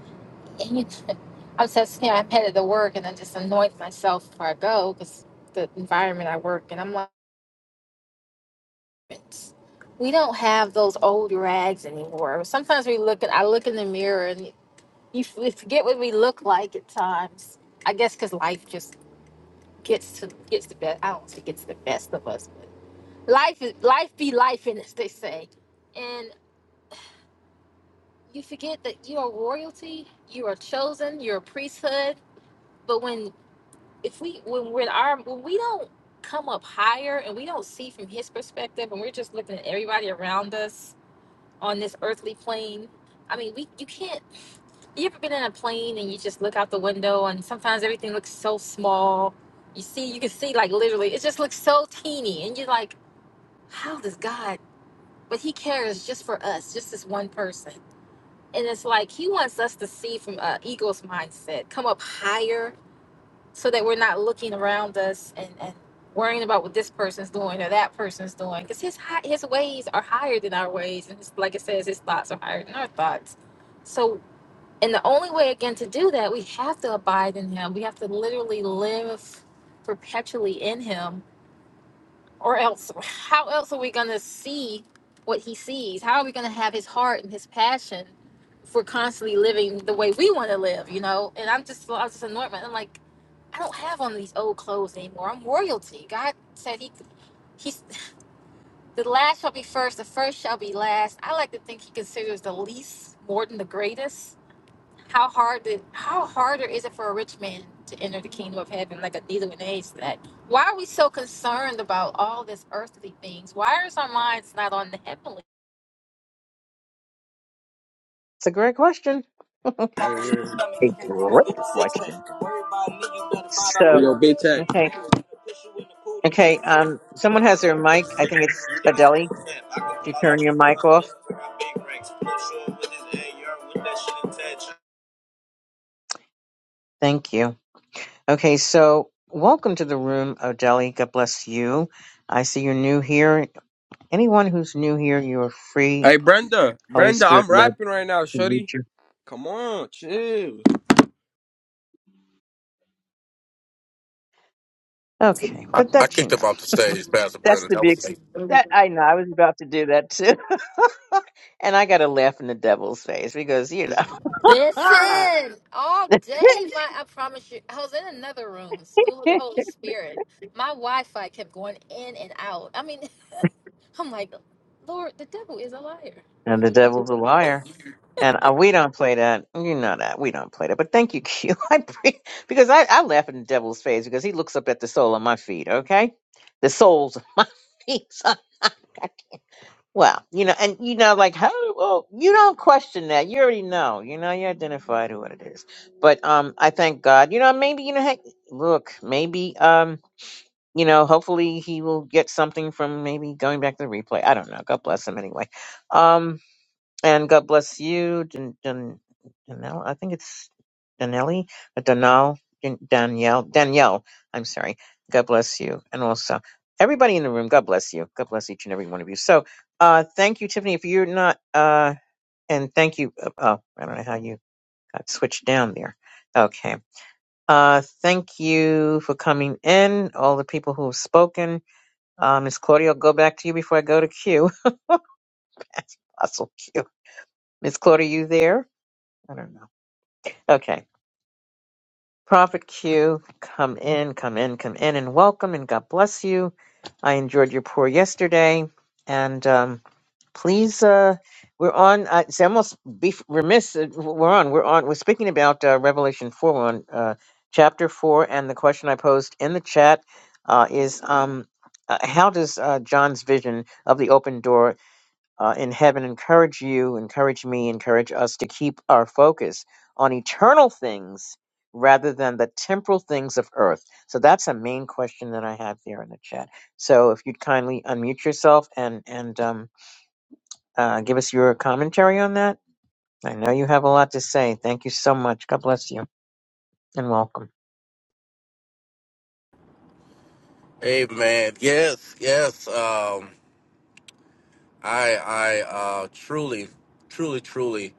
i was just you know i'm headed to work and i just anoint myself before i go because the environment i work in i'm like garments. We don't have those old rags anymore. Sometimes we look at, I look in the mirror and you f- we forget what we look like at times. I guess because life just gets to, gets the best. I don't think it's the best of us, but life is, life be life in as they say. And you forget that you are royalty, you are chosen, you're a priesthood. But when, if we, when we're in our, when we don't come up higher and we don't see from his perspective and we're just looking at everybody around us, on this earthly plane. I mean, we you can't. You ever been in a plane and you just look out the window and sometimes everything looks so small. You see, you can see like literally, it just looks so teeny, and you're like, how does God? But He cares just for us, just this one person. And it's like He wants us to see from an ego's mindset, come up higher so that we're not looking around us and, and worrying about what this person's doing or that person's doing because his hi- his ways are higher than our ways and his, like it says his thoughts are higher than our thoughts so and the only way again to do that we have to abide in him we have to literally live perpetually in him or else how else are we going to see what he sees how are we going to have his heart and his passion if we're constantly living the way we want to live you know and i'm just i was just anointed i'm like I don't have on these old clothes anymore. I'm royalty. God said he, he's the last shall be first, the first shall be last. I like to think he considers the least more than the greatest. How hard did how harder is it for a rich man to enter the kingdom of heaven? Like a needle in a haystack. Why are we so concerned about all this earthly things? Why is our minds not on the heavenly? It's a great question. a Hey, great question. So, yo, big tech. okay. Okay. Um, someone has their mic. I think it's Adeli. Did you turn your mic off? Thank you. Okay. So, welcome to the room, Adeli. God bless you. I see you're new here. Anyone who's new here, you are free. Hey, Brenda. Holy Brenda, I'm Spirit led. rapping right now, shorty. Come on, chill. Okay, but I that's kicked him off enough. the stage, Pastor That's Brennan. the That big. was me. That I know. I was about to do that too, and I got to laugh in the devil's face because you know, Listen, all day, my I promise you, I was in another room, school of the Holy Spirit. My Wi-Fi kept going in and out. I mean, I'm like, Lord, the devil is a liar. and the Really? devil's a liar, and uh, we don't play that. You know that we don't play that. But thank you, Q. I pre- because I, I laugh in the devil's face because he looks up at the sole of my feet. Okay, the soles of my feet. okay? Well, you know, and you know, like how well, you don't question that. You already know, you know, you identified what it is. But um I thank God. You know, maybe you know, heck, look, maybe um, you know, hopefully he will get something from maybe going back to the replay. I don't know. God bless him anyway. Um. And God bless you, Dan, Dan, Danelle. I think it's Danelli, uh, Danelle, Dan- Danielle, Danielle. I'm sorry. God bless you, and also everybody in the room. God bless you. God bless each and every one of you. So, uh, thank you, Tiffany. If you're not, uh, and thank you. Uh, oh, I don't know how you got switched down there. Okay. Uh, thank you for coming in, all the people who have spoken. Uh, Miss Claudia, I'll go back to you before I go to Q. Hustle Q. Miss Claudia, you there? I don't know. Okay. Prophet Q, come in, come in, come in, and welcome, and God bless you. I enjoyed your pour yesterday, and um, please, uh, we're on. Uh, it's almost be remiss. uh, We're on. We're on. We're speaking about uh, Revelation four, we're on uh, chapter four, and the question I posed in the chat uh, is, um, uh, how does uh, John's vision of the open door? uh, in heaven encourage you, encourage me, encourage us to keep our focus on eternal things rather than the temporal things of earth. So that's a main question that I have there in the chat. So if you'd kindly unmute yourself and and um, uh, give us your commentary on that. I know you have a lot to say. Thank you so much. God bless you and welcome. Amen. Yes, yes. Um, I, I uh, truly, truly, truly,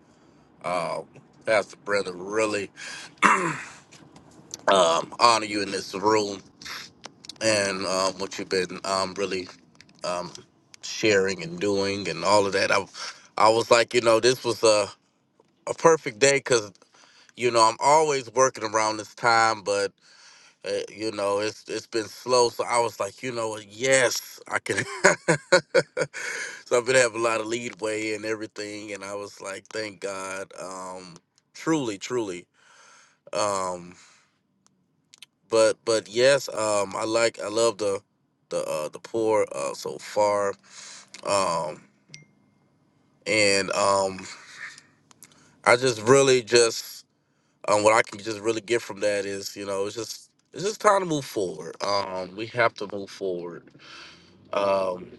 um, Pastor Brennan, really um, honor you in this room and um, what you've been um, really um, sharing and doing and all of that. I, I was like, you know, this was a, a perfect day because, you know, I'm always working around this time, but Uh, you know, it's it's been slow, so I was like, you know, what, yes, I can. so I've been having a lot of leadway and everything, and I was like, thank God, um, truly, truly. Um, but but yes, um, I like I love the the uh, the poor uh, so far, um, and um, I just really just um, what I can just really get from that is, you know, it's just it's just time to move forward. Um, we have to move forward Um,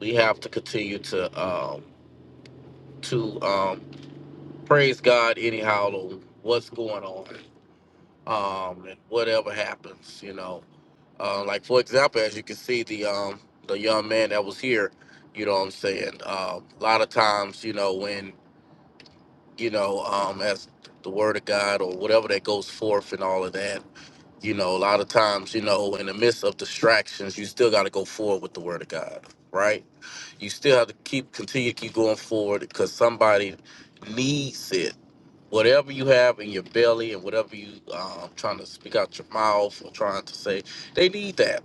we have to continue to um, to um, praise God anyhow on what's going on um, and whatever happens. You know, uh, like for example, as you can see, the um, the young man that was here. You know what I'm saying? Uh, a lot of times, you know, when you know, um, as the word of God or whatever that goes forth and all of that, you know, a lot of times, you know, in the midst of distractions, you still got to go forward with the word of God, right? you still have to keep continue to keep going forward because somebody needs it. Whatever you have in your belly and whatever you um, trying to speak out your mouth or trying to say, they need that,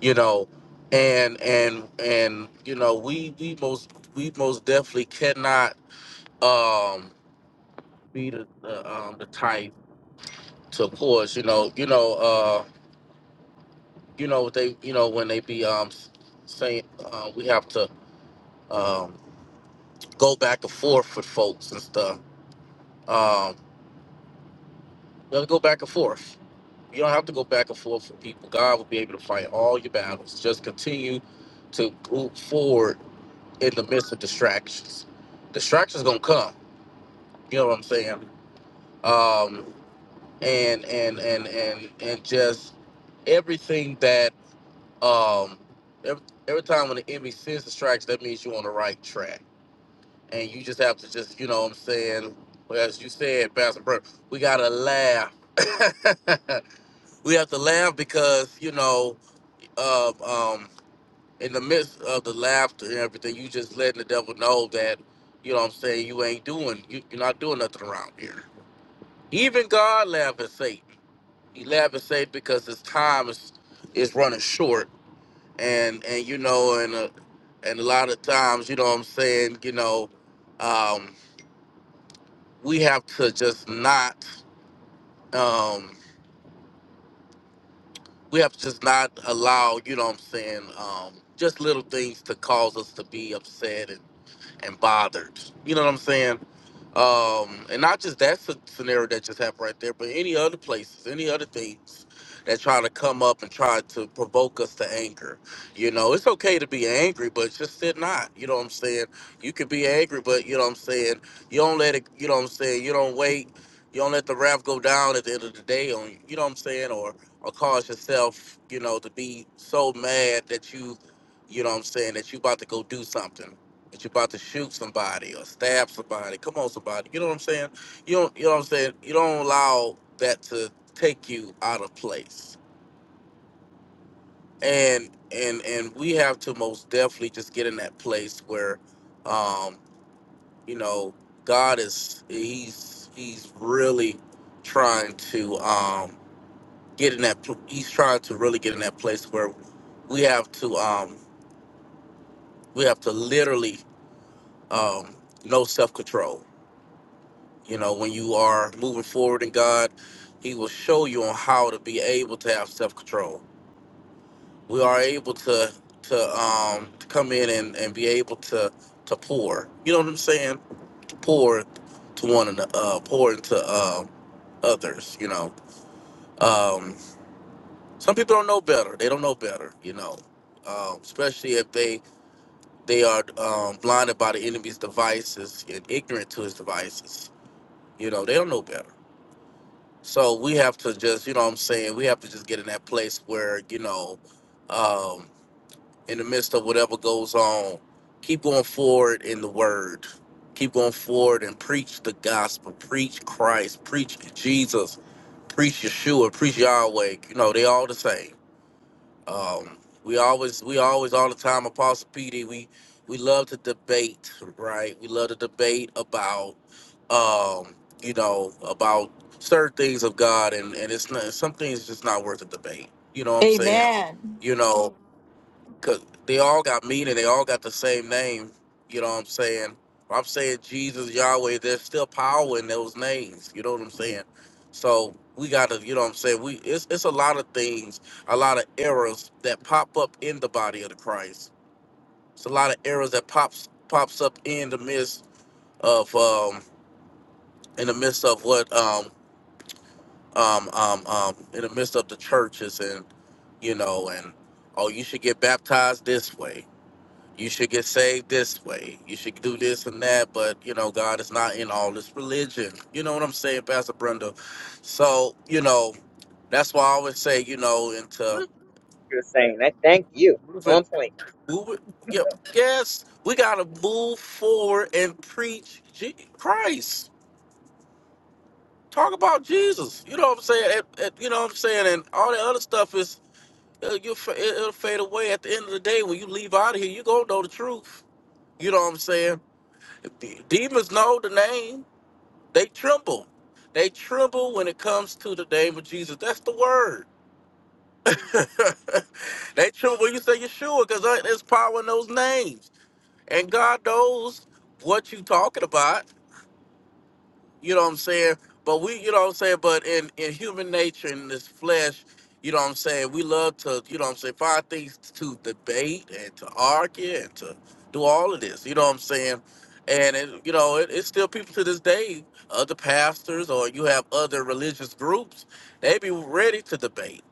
you know. And and and you know we we most we most definitely cannot um, be the the, um, the type to, of course, you know, you know, uh, you know what they you know when they be um s- saying uh, we have to um, go back and forth with folks and stuff Um, you do go back and forth. You don't have to go back and forth with people. God will be able to fight all your battles. Just continue to move forward in the midst of distractions. Distractions gonna come. You know what I'm saying? Um, and and and and and just everything that um every, every time when the enemy sends distractions, that means you're on the right track. And you just have to just you know what I'm saying. Well, as you said, Pastor Burke, we gotta laugh. we have to laugh because you know uh, um, in the midst of the laughter and everything you just letting the devil know that you know what i'm saying you ain't doing you, you're not doing nothing around here even god laughed at satan he laughed at satan because his time is is running short and and you know and uh, and a lot of times you know what i'm saying you know um we have to just not um, we have to just not allow, you know what I'm saying, um, just little things to cause us to be upset and and bothered. You know what I'm saying? Um, and not just that sce- scenario that just happened right there, but any other places, any other things that try to come up and try to provoke us to anger. You know, it's okay to be angry, but just sit not. You know what I'm saying? You could be angry, but you know what I'm saying. You don't let it. You know what I'm saying. You don't wait. You don't let the wrath go down at the end of the day on you. You know what I'm saying? Or or cause yourself, you know, to be so mad that you, you know what I'm saying, that you about to go do something that you're about to shoot somebody or stab somebody. Come on, somebody. You know what I'm saying? You don't. You know what I'm saying? You don't allow that to take you out of place. And and and we have to most definitely just get in that place where, um, you know, God is he's he's really trying to um get in that. pl- He's trying to really get in that place where we have to um we have to literally um no self control You know, when you are moving forward in God, He will show you on how to be able to have self control. We are able to to um to come in and, and be able to to pour. You know what I'm saying? To pour to one and uh pour into um others, you know. Um some people don't know better. They don't know better, you know. Um, especially if they they are um, blinded by the enemy's devices and ignorant to his devices. You know, they don't know better So we have to just, you know what I'm saying, we have to just get in that place where, you know, um, in the midst of whatever goes on, keep going forward in the word. Keep going forward and preach the gospel. Preach Christ. Preach Jesus. Preach Yeshua. Preach Yahweh. You know, they all the same. Um, we always, we always, all the time, Apostle PD. We we love to debate, right? We love to debate about, um, you know, about certain things of God, and and it's not some things just not worth a debate. You know what I'm saying? amen You know, Cause they all got meaning. They all got the same name. You know what I'm saying? I'm saying Jesus, Yahweh. There's still power in those names. You know what I'm saying? So we gotta, you know what I'm saying? We it's it's a lot of things, a lot of errors that pop up in the body of the Christ. It's a lot of errors that pops pops up in the midst of um in the midst of what um um um um in the midst of the churches and you know and oh you should get baptized this way you should get saved this way. You should do this and that, but you know, God is not in all this religion. You know what I'm saying, Pastor Brenda? So, you know, that's why I always say, you know, into Look, you're saying that. Thank you. moving, On point. moving yep, yes, we gotta move forward and preach Je- Christ. Talk about Jesus. You know what I'm saying? It- it- you know what I'm saying? And all that other stuff is it'll, you'll fa- it'll fade away at the end of the day when you leave out of here. You gonna know the truth. You know what I'm saying? De- Demons know the name They tremble. They tremble when it comes to the name of Jesus. That's the word. they tremble when you say Yeshua because there's power in those names. And God knows what you're talking about. You know what I'm saying? But we, you know what I'm saying? But in, in human nature, in this flesh, you know what I'm saying? We love to, you know what I'm saying, find things to debate and to argue and to do all of this. You know what I'm saying? And, it, you know, it, it's still people to this day, other pastors or you have other religious groups, they be ready to debate.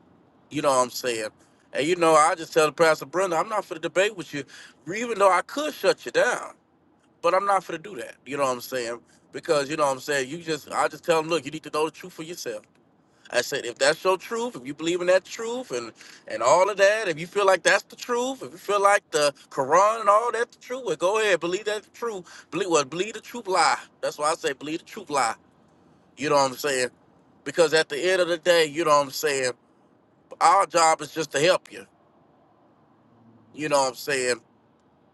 You know what I'm saying? And, you know, I just tell the pastor, Brenda, I'm not for the debate with you, even though I could shut you down. But I'm not gonna do that. You know what I'm saying? Because you know what I'm saying. You just, I just tell them, look, you need to know the truth for yourself. I said, if that's your truth, if you believe in that truth, and and all of that, if you feel like that's the truth, if you feel like the Quran and all that's the truth, well, go ahead, believe that's the truth. Believe what? believe the truth lie. That's why I say believe the truth lie. You know what I'm saying? Because at the end of the day, you know what I'm saying. Our job is just to help you. You know what I'm saying?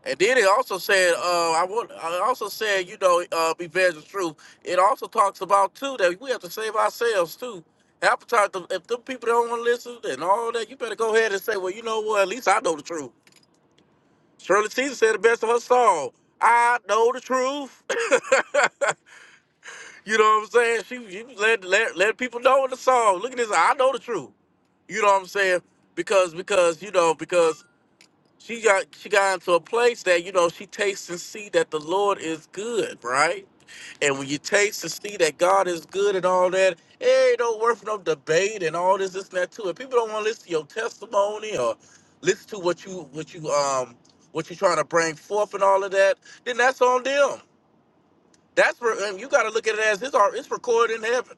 And then it also said, uh, I want, I also said, you know, uh, be veterans true. It also talks about too that we have to save ourselves too. Half the time, the- if the people don't want to listen and all that, you better go ahead and say, well, you know what? At least I know the truth. Shirley Caesar said the best of her song. I know the truth. you know what I'm saying? She, she let, let let people know in the song. Look at this. I know the truth. You know what I'm saying? Because because you know because she got she got into a place that you know she tastes and see that the Lord is good, right? And when you taste and see that God is good and all that, it ain't no worth no debate and all this, this, and that too. And people don't want to listen to your testimony or listen to what you what you um what you're trying to bring forth and all of that, then that's on them. That's where and you got to look at it as it's all it's recorded in heaven.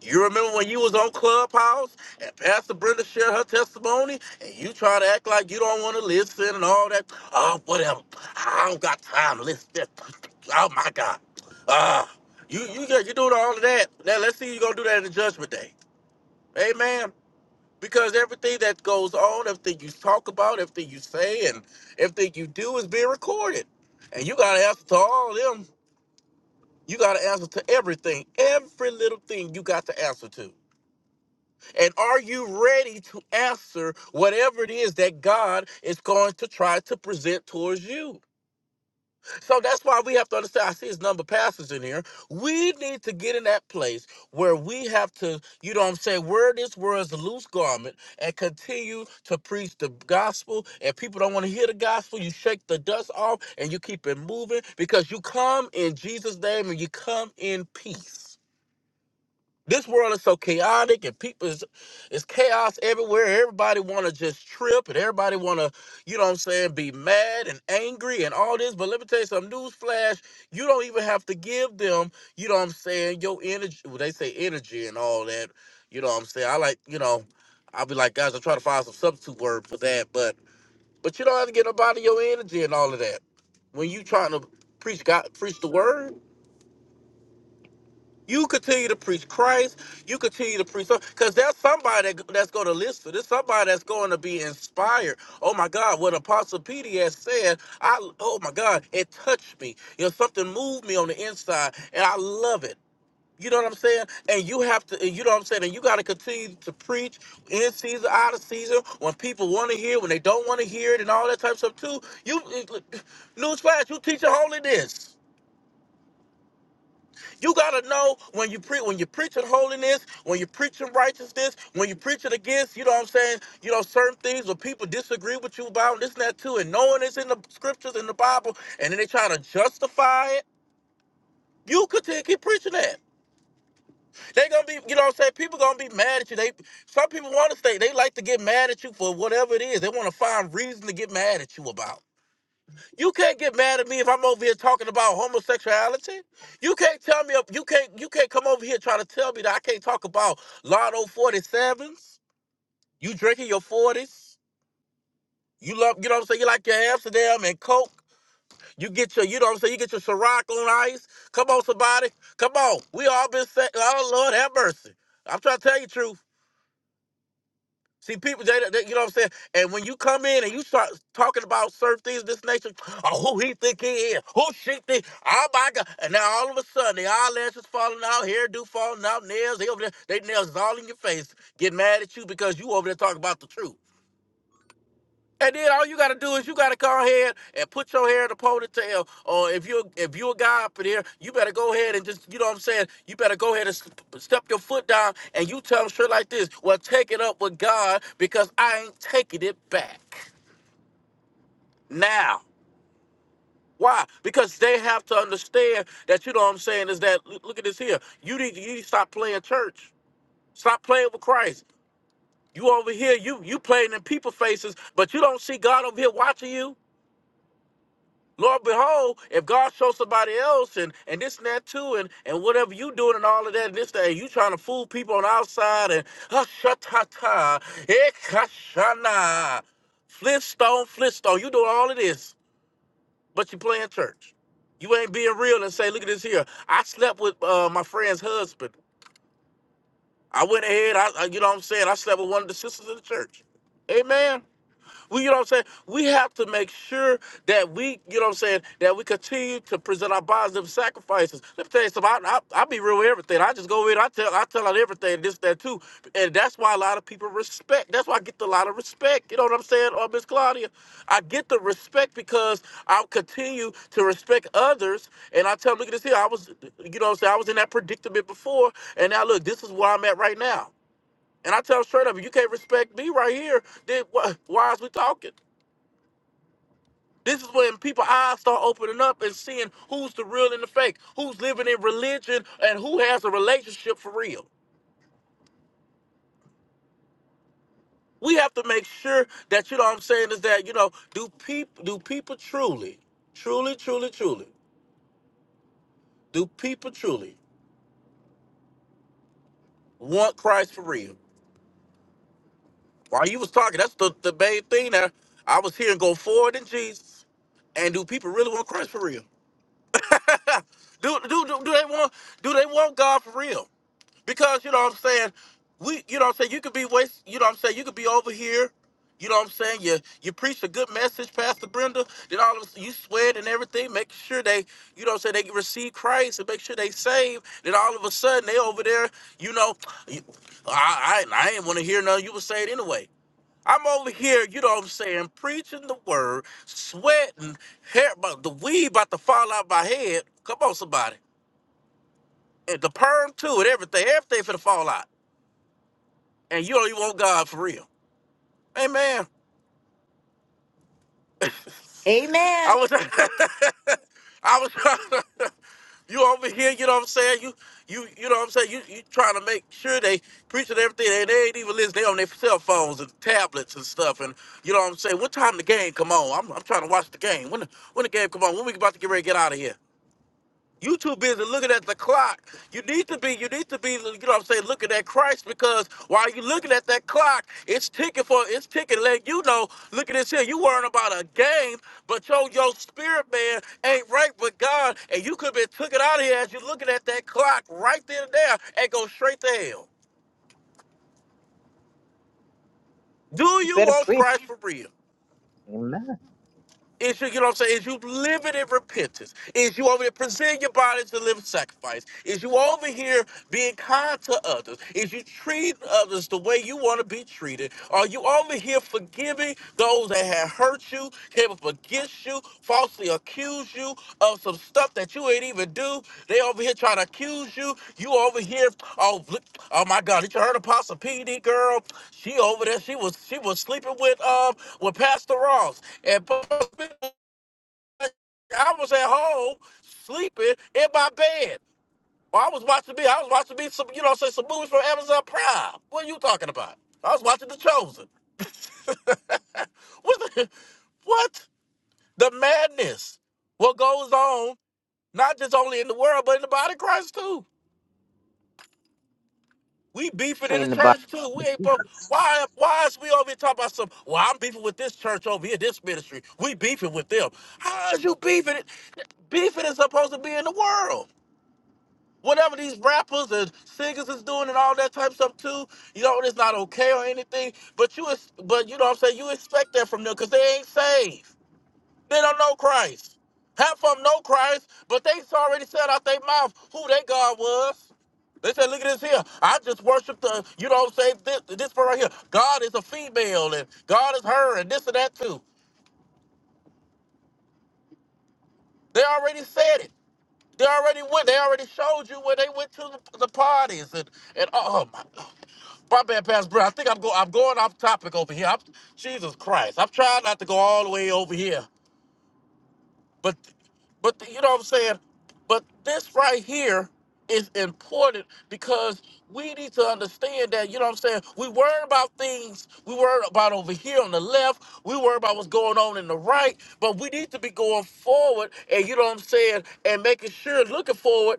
You remember when you was on Clubhouse and Pastor Brenda shared her testimony and you try to act like you don't want to listen and all that? Oh, whatever. I don't got time to listen. to that. Oh my God. Ah, you you got you doing all of that. Now let's see you gonna do that in the judgment day. Amen. Because everything that goes on, everything you talk about, everything you say, and everything you do is being recorded. And you gotta answer to all of them. You gotta answer to everything. Every little thing you got to answer to. And are you ready to answer whatever it is that God is going to try to present towards you? So that's why we have to understand. I see his number of pastors in here. We need to get in that place where we have to, you know what I'm saying, wear this world's loose garment and continue to preach the gospel. And people don't want to hear the gospel. You shake the dust off and you keep it moving because you come in Jesus' name and you come in peace. This world is so chaotic and people is it's chaos everywhere. Everybody wanna just trip and everybody wanna, you know what I'm saying, be mad and angry and all this. But let me tell you something, newsflash, you don't even have to give them, you know what I'm saying, your energy well, they say energy and all that. You know what I'm saying? I like, you know, I'll be like, guys, I'm trying to find some substitute word for that, but but you don't have to get nobody your energy and all of that. When you trying to preach God preach the word, you continue to preach Christ. You continue to preach, because there's somebody that- that's going to listen. There's somebody that's going to be inspired. Oh my God, what Apostle P.D. has said, I oh my God, it touched me. You know, something moved me on the inside, and I love it. You know what I'm saying? And you have to, and you know what I'm saying? And you got to continue to preach in season, out of season, when people want to hear, when they don't want to hear it, and all that type of stuff too. You, newsflash, you teach holiness. You gotta know when you pre- when you're preaching holiness, when you're preaching righteousness, when you're preaching against, you know what I'm saying, you know, certain things where people disagree with you about this and that too, and knowing it's in the scriptures in the Bible, and then they try to justify it. You continue keep preaching that. They gonna be, you know what I'm saying? People gonna be mad at you. They some people wanna stay, they like to get mad at you for whatever it is. They wanna find reason to get mad at you about. You can't get mad at me if I'm over here talking about homosexuality. You can't tell me you can't you can't come over here trying to tell me that I can't talk about Lotto 47s. You drinking your 40s. You love you know what I'm saying? You like your Amsterdam and Coke. You get your, you know what I'm saying, you get your Ciroc on ice. Come on, somebody. Come on. We all been saying, oh Lord have mercy. I'm trying to tell you the truth. See, people, they, they- you know what I'm saying? And when you come in and you start talking about certain things, of this nation, oh, who he think he is, who she think, oh my God. And now all of a sudden, the eyelashes falling out, hairdo falling out, nails, they over there, they nails is all in your face, get mad at you because you over there talking about the truth. And then all you gotta do is you gotta go ahead and put your hair in a ponytail. Or if you're if you're a guy up in here, you better go ahead and just you know what I'm saying. You better go ahead and step your foot down, and you tell them straight like this. Well, take it up with God because I ain't taking it back now. Why? Because they have to understand that you know what I'm saying is that look at this here. You need you need to stop playing church. Stop playing with Christ. You over here, you you playing in people faces, but you don't see God over here watching you. Lord behold, if God shows somebody else and, and this and that too, and, and whatever you doing and all of that and this that, and you trying to fool people on the outside and hashatata, ekashana, flintstone, flintstone, you doing all of this, but you playing church. You ain't being real and say, look at this here. I slept with uh, my friend's husband. I went ahead, I, I you know what I'm saying, I slept with one of the sisters of the church. Amen. We, you know what I'm saying? We have to make sure that we, you know what I'm saying, that we continue to present our bodies and sacrifices. Let me tell you something. I, I, I be real with everything. I just go in, I tell, I tell out everything, this, that, too. And that's why a lot of people respect. That's why I get a lot of respect. You know what I'm saying, uh, Miss Claudia? I get the respect because I continue to respect others. And I tell them, look at this here. I was, you know what I'm saying, I was in that predicament before. And now, look, this is where I'm at right now. And I tell them straight up, if you can't respect me right here, then wh- why is we talking? This is when people eyes start opening up and seeing who's the real and the fake, who's living in religion and who has a relationship for real. We have to make sure that you know what I'm saying is that, you know, do people do people truly, truly, truly, truly, do people truly want Christ for real? While you was talking, that's the, the main thing that I was hearing go forward in Jesus. And do people really want Christ for real? do, do do do they want do they want God for real? Because you know what I'm saying, we you know what I'm saying, you could be waste, you know what I'm saying, you could be over here, you know what I'm saying, you you preach a good message, Pastor Brenda, then all of a sudden you sweat and everything, make sure they, you know what I'm saying, they receive Christ and make sure they saved, then all of a sudden they over there, you know, you- I I, I ain't wanna hear nothing you would say it anyway. I'm over here, you know what I'm saying, preaching the word, sweating, hair about the weed about to fall out my head. Come on, somebody. And the perm too, and everything, everything for the fall out and you don't even want God for real. Amen. I amen was, I was, you over here. You know what I'm saying? You, you, you know what I'm saying? You, you trying to make sure they preaching everything, and they ain't even listening. They on their cell phones and tablets and stuff. And you know what I'm saying? What time the game come on? I'm, I'm trying to watch the game. When, the, when the game come on? When we about to get ready to get out of here? You too busy looking at the clock. You need to be, you need to be, you know what I'm saying, looking at Christ because while you looking at that clock, it's ticking for, it's ticking, letting you know, look at this here, you worrying about a game, but yo, your spirit man ain't right with God, and you could be took it out of here as you looking at that clock right there and there and go straight to hell. Do You you better want preach. Christ for real? Amen. Is you, you know what I'm saying? Is you living in repentance? Is you over here presenting your body to live sacrifice? Is you over here being kind to others? Is you treating others the way you want to be treated? Are you over here forgiving those that have hurt you? Can you forgive? you, falsely accuse you of some stuff that you ain't even do. They over here trying to accuse you. You over here, oh, look- oh my God, did you heard Apostle PD girl? She over there, she was she was sleeping with um with Pastor Ross. And I was at home sleeping in my bed. Or I was watching me, I was watching me some, you know, say some movies from Amazon Prime. What are you talking about? I was watching The Chosen. What the, what? The madness. What goes on Not just only in the world, but in the body of Christ too. We beefing in the In the body church too. We ain't supposed, why why is we over here talking about some well, I'm beefing with this church over here, this ministry. We beefing with them. How is you beefing it? Beefing is supposed to be in the world. Whatever these rappers and singers is doing and all that type of stuff too, you know, it's not okay or anything. But you ex- but you know what I'm saying, you expect that from them because they ain't saved. They don't know Christ. Half of them know Christ, but they already said out their mouth who their God was. They said, look at this here. I just worship the, you know, say this, this part right here. God is a female and God is her and this and that too. They already said it. They already went. They already showed you where they went to the, the parties and, and oh oh my, God. my bad, Pastor Brown. I think I'm go, I'm going off topic over here. I'm, Jesus Christ. I'm trying not to go all the way over here. But but you know what I'm saying? But this right here is important because we need to understand that, you know what I'm saying? We worry about things we worry about over here on the left, we worry about what's going on in the right, but we need to be going forward and you know what I'm saying, and making sure looking forward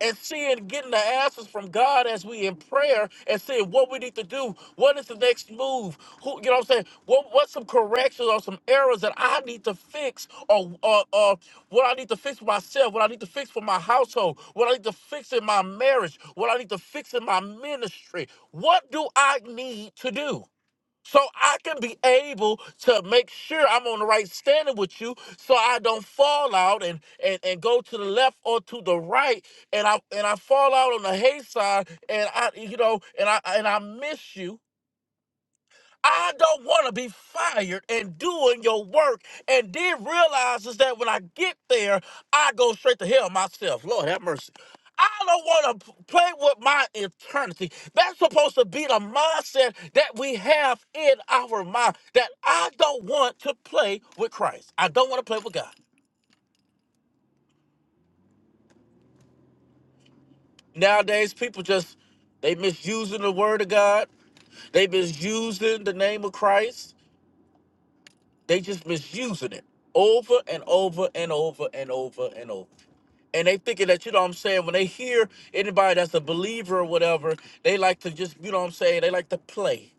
and seeing getting the answers from God as we in prayer and seeing what we need to do. What is the next move? Who you know what I'm saying? What what's some corrections or some errors that I need to fix or or, or what I need to fix for myself, what I need to fix for my household, what I need to fix in my marriage, what I need to fix in my ministry. What do I need to do? so I can be able to make sure I'm on the right standing with you, so I don't fall out and and, and go to the left or to the right, and I and I fall out on the hay side, and I you know, and I and I miss you, I don't want to be fired and doing your work and then realizes that when I get there, I go straight to hell myself. Lord have mercy. I don't want to play with my eternity. That's supposed to be the mindset that we have in our mind that I don't want to play with Christ. I don't want to play with God. Nowadays, people just, they misusing the word of God. They misusing the name of Christ They just misusing it over and over and over and over and over. And they thinking that, you know what I'm saying, when they hear anybody that's a believer or whatever, they like to just, you know what I'm saying, they like to play.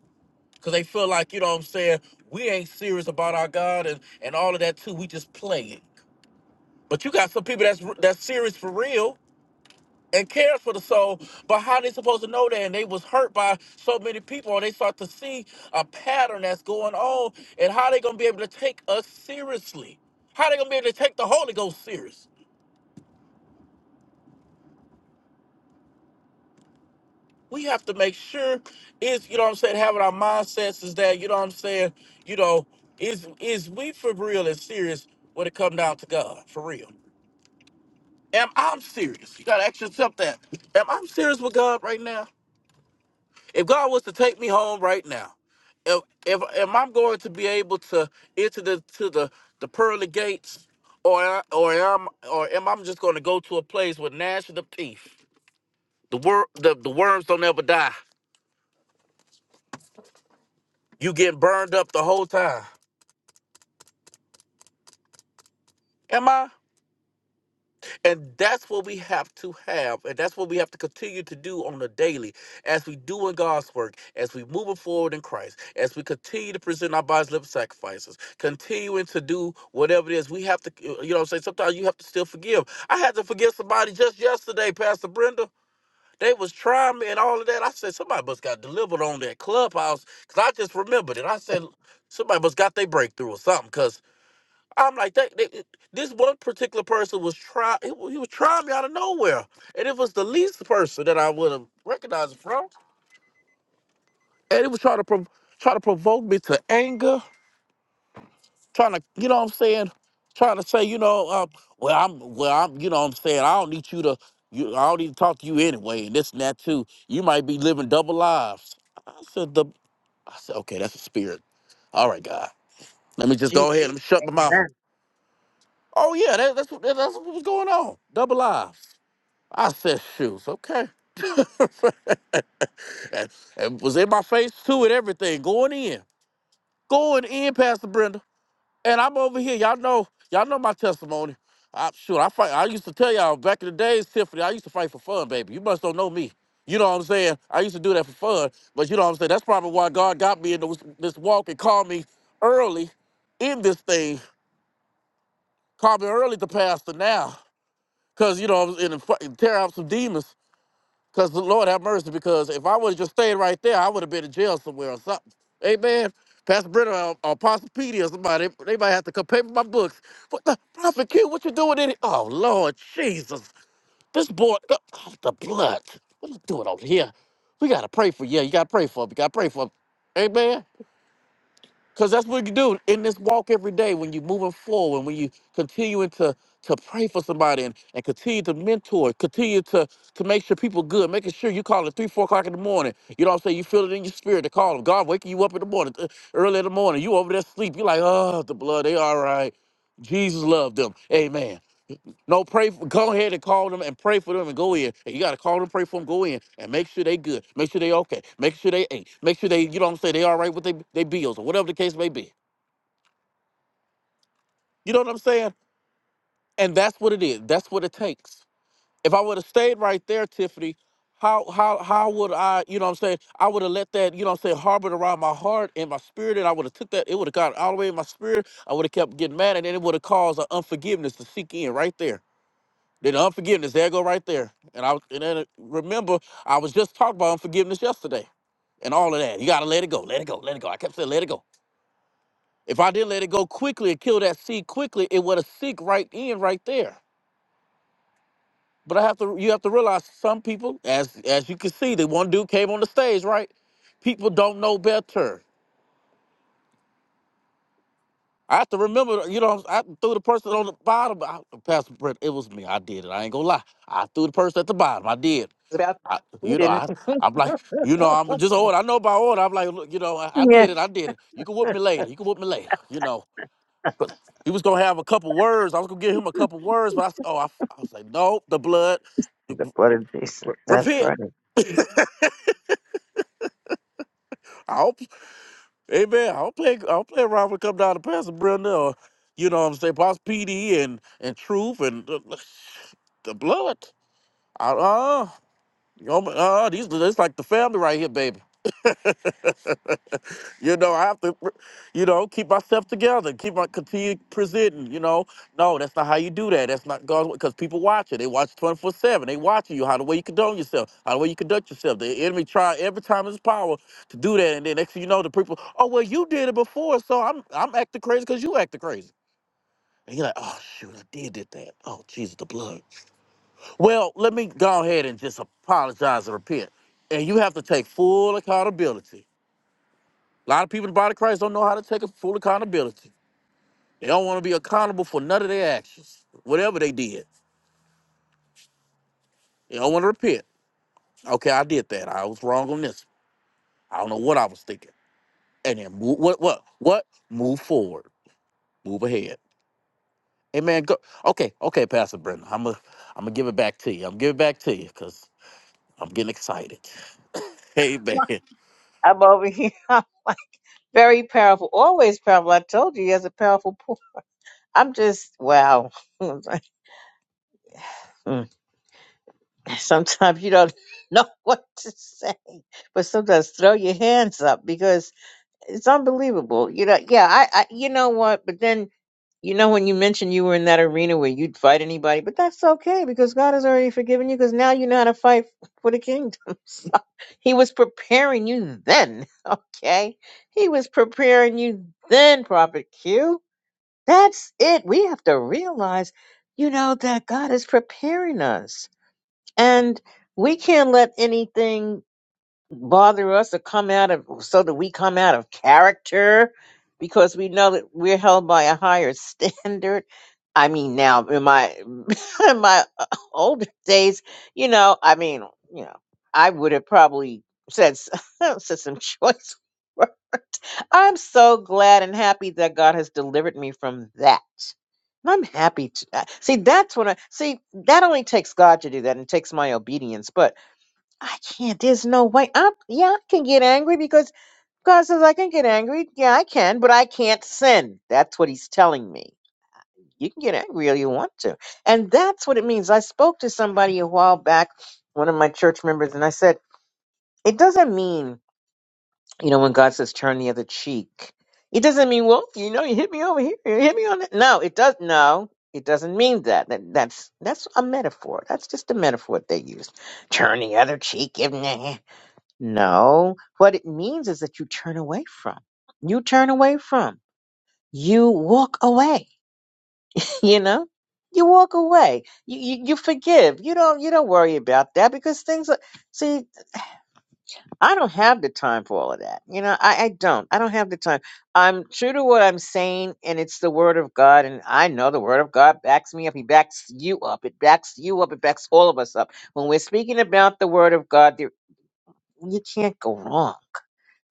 Because they feel like, you know what I'm saying, we ain't serious about our God and, and all of that too. We just playing. But you got some people that's that's serious for real and cares for the soul, but how they supposed to know that? And they was hurt by so many people, and they start to see a pattern that's going on, and how they gonna be able to take us seriously? How they gonna be able to take the Holy Ghost serious? We have to make sure is you know what I'm saying, having our mindsets is that you know what I'm saying, you know, is is we for real and serious when it come down to God for real? Am I serious? You gotta ask yourself that. Am I serious with God right now? If God was to take me home right now, if if am I going to be able to enter the to the the pearly gates, or or am or am I just going to go to a place with gnashing of teeth? The wor- the the worms don't ever die. You get burned up the whole time. Am I? And that's what we have to have, and that's what we have to continue to do on a daily as we do in God's work, as we move forward in Christ, as we continue to present our bodies living sacrifices, continuing to do whatever it is. We have to, you know what I'm saying? Sometimes you have to still forgive. I had to forgive somebody just yesterday, Pastor Brenda. They was trying me and all of that. I said, somebody must got delivered on that clubhouse. Cause I just remembered it. I said, somebody must got their breakthrough or something. cause. I'm like, they, they, this one particular person was try he, wa- he was trying me out of nowhere, and it was the least person that I would have recognized it from, and it was trying to prov- try to provoke me to anger, trying to, you know what I'm saying, trying to say, you know, um, well I'm, well I'm, you know what I'm saying, I don't need you to, you, I don't need to talk to you anyway, and this and that too. You might be living double lives. I said the, I said, okay, that's a spirit. All right, God, let me of just Jesus. go ahead, and shut my mouth. Amen. Oh yeah, that, that's what that's what was going on, double lives. I said, shoes, okay. and, and was in my face too and everything, going in, going in, Pastor Brenda. And I'm over here, y'all know, y'all know my testimony. I, shoot, I fight. I used to tell y'all back in the days, Tiffany. I used to fight for fun, baby. You must don't know me. You know what I'm saying? I used to do that for fun, but you know what I'm saying. That's probably why God got me in those, this walk and called me early in this thing. Called me early to pastor now, cause you know I was in tear out some demons. Because the Lord have mercy, because if I would have just stayed right there, I would have been in jail somewhere or something. Amen. Pastor Brenner or, or Pastor Petey or somebody, they might have to come pay for my books. What the Prophet Q, what you doing in it? Oh Lord Jesus. This boy the, oh, the blood. What you doing over here? We gotta pray for you. You gotta pray for him. You gotta pray for him. Amen. Because that's what you do in this walk every day when you're moving forward, when you continuing to to pray for somebody and, and continue to mentor, continue to to make sure people good, making sure you call at three, four o'clock in the morning. You know what I'm saying? You feel it in your spirit to call them. God waking you up in the morning, uh, early in the morning. You over there sleep. You're like, oh, the blood, they all right. Jesus loved them. Amen. No, pray. For, go ahead and call them and pray for them and go in. And you gotta call them, pray for them, go in, and make sure they good. Make sure they okay. Make sure they ate. Make sure they, you know what I'm saying, they all right with their they bills or whatever the case may be. You know what I'm saying? And that's what it is. That's what it takes. If I would have stayed right there, Tiffany, how how how would I, you know what I'm saying? I would have let that, you know what I'm saying, harbor it around my heart and my spirit, and I would have took that, it would have got all the way in my spirit. I would have kept getting mad, and then it would have caused an unforgiveness to seek in right there. Then unforgiveness, there go right there. And I and then uh, remember, I was just talking about unforgiveness yesterday and all of that. You gotta let it go, let it go, let it go. I kept saying let it go. If I didn't let it go quickly and kill that seed quickly, it would have seek right in right there. But I have to you have to realize some people, as as you can see, the one dude came on the stage, right? People don't know better. I have to remember, you know, I threw the person on the bottom. I, Pastor Brett, it was me. I did it. I ain't gonna lie. I threw the person at the bottom. I did. It's about I, who you know, didn't. I, I'm like, you know, I'm just old. I know by old. I'm like, look, you know, I, I did it. I did it. You can whoop me later. You can whoop me later. You know, but he was gonna have a couple words. I was gonna give him a couple words, but I, s- oh, I, I was like, no, the blood. The blood of Jesus. That's Repent. right. I hope, amen. I don't play. I don't play around when it come down to Pastor Brenda or, you know, what I'm saying, Boss PD and and Truth and the, the blood. Uh, uh, you know, uh, these, it's like the family right here, baby. You know, I have to, you know, keep myself together, keep my continue presenting. You know, no, that's not how you do that. That's not God's way. because people watch it. They watch twenty four seven. They watching you how the way you condone yourself, how the way you conduct yourself. The enemy try every time in his power to do that, and then next thing you know, the people, oh well, you did it before, so I'm I'm acting crazy because you acted crazy. And you're like, oh shoot, I did did that. Oh Jesus, the blood. Well, let me go ahead and just apologize and repent, and you have to take full accountability a lot of people in the body of Christ don't know how to take full accountability. They don't want to be accountable for none of their actions, whatever they did. They don't want to repent. Okay, I did that. I was wrong on this. I don't know what I was thinking. And then move what what what? Move forward. Move ahead. Amen. Go. Okay, okay, Pastor Brendan. I'm going I'm gonna give it back to you. I'm giving it back to you because I'm getting excited. Amen. I'm over here. I'm like very powerful. Always powerful. I told you he has a powerful pool. I'm just wow. Mm. sometimes you don't know what to say. But sometimes throw your hands up because it's unbelievable. You know, yeah, I, I you know what? But then You know, when you mentioned you were in that arena where you'd fight anybody, but that's okay because God has already forgiven you because now you know how to fight for the kingdom. So, he was preparing you then, okay? He was preparing you then, Prophet Q. That's it. We have to realize, you know, that God is preparing us. And we can't let anything bother us or come out of so that we come out of character because we know that we're held by a higher standard. I mean, now in my in my uh, older days, you know, I mean, you know, I would have probably said s- said some choice. wor- I'm so glad and happy that God has delivered me from that. And I'm happy to uh, see. That's when I see that only takes God to do that, and it takes my obedience. But I can't. There's no way. i yeah, I can get angry because God says I can get angry. Yeah, I can, but I can't sin. That's what he's telling me. You can get angry all you want to. And that's what it means. I spoke to somebody a while back, one of my church members, and I said, It doesn't mean, you know, when God says turn the other cheek, it doesn't mean, well, you know, you hit me over here, you hit me on that. No, it does no. It doesn't mean that. that. That's that's a metaphor. That's just a metaphor they use. Turn the other cheek. No, what it means is that you turn away from. You turn away from. You walk away. You know, you walk away. You, you you forgive. You don't you don't worry about that because things. Are, see, I don't have the time for all of that. You know, I I don't. I don't have the time. I'm true to what I'm saying, and it's the word of God, and I know the word of God backs me up. He backs you up. It backs you up. It backs all of us up. When we're speaking about the word of God, there you can't go wrong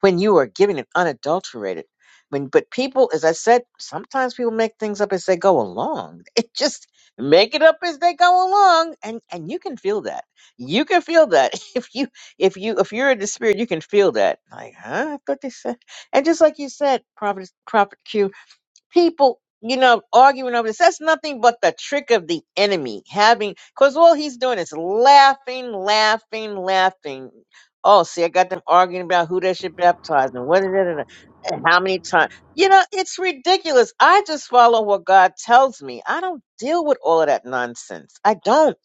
when you are giving it unadulterated. When but people, as I said, sometimes people make things up as they go along. It just make it up as they go along, and and you can feel that. You can feel that if you if you if you're in the spirit, you can feel that. Like, huh? I thought they said, and just like you said, prophet prophet Q people, you know, arguing over this. That's nothing but the trick of the enemy. Having, because all he's doing is laughing, laughing, laughing. Oh, see, I got them arguing about who they should baptize and what, and how many times. You know, it's ridiculous. I just follow what God tells me. I don't deal with all of that nonsense. I don't.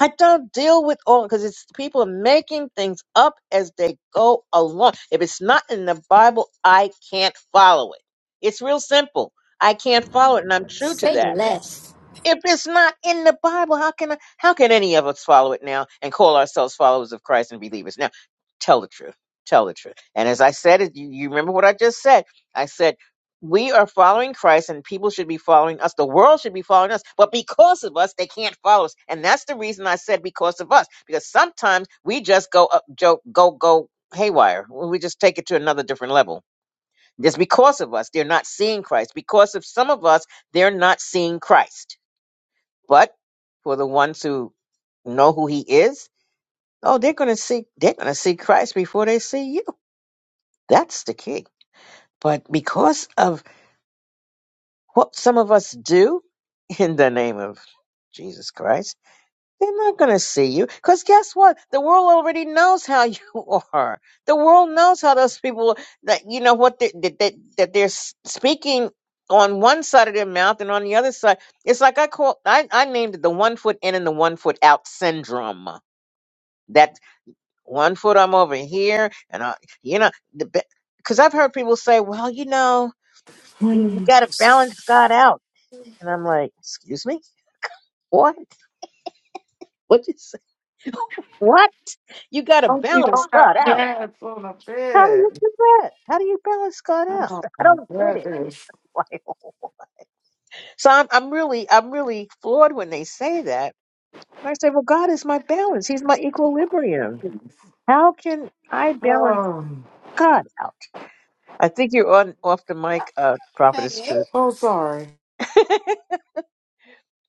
I don't deal with all because it's people are making things up as they go along. If it's not in the Bible, I can't follow it. It's real simple. I can't follow it, and I'm true to Say that. less. If it's not in the Bible, how can how can any of us follow it now and call ourselves followers of Christ and believers? Now, tell the truth. Tell the truth. And as I said it, you, you remember what I just said. I said we are following Christ, and people should be following us. The world should be following us, but because of us, they can't follow us. And that's the reason I said because of us, because sometimes we just go up, go, go, go haywire. We just take it to another different level. Just because of us, they're not seeing Christ. Because of some of us, they're not seeing Christ but for the ones who know who he is, oh, they're going to see they're going to see Christ before they see you. That's the key. But because of what some of us do in the name of Jesus Christ, they're not going to see you. Because guess what? The world already knows how you are. The world knows how those people that you know what they, that that that they're s- speaking on one side of their mouth and on the other side. It's like I call I I named it the one foot in and the one foot out syndrome that one foot I'm over here, and I, you know, the because I've heard people say, well, you know, you, you Hmm. got to balance God out, and I'm like, excuse me, what? What you say? What? You got to Oh, you balance don't God have out. pants on the How do you bed. do that? How do you balance God out? Oh, I don't get that it. is. Like, so I'm, I'm really, I'm really floored when they say that. And I say, well, God is my balance. He's my equilibrium. How can I balance Oh, God out? I think you're on off the mic, uh, Prophetess Truth. oh, sorry.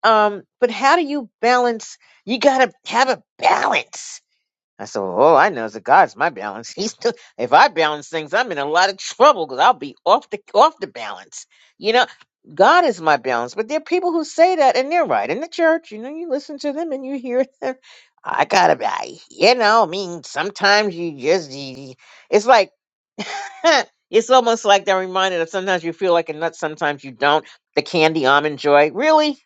um, but how do you balance? You gotta have a balance. I said, well, all I know is that God's my balance. He's still, if I balance things, I'm in a lot of trouble because I'll be off the off the balance. You know, God is my balance. But there are people who say that, and they're right in the church. You know, you listen to them and you hear them. I gotta, be- I, you know, I mean, sometimes you just, you, you- it's like, it's almost like they're reminded of sometimes you feel like a nut, sometimes you don't. The candy almond joy, really?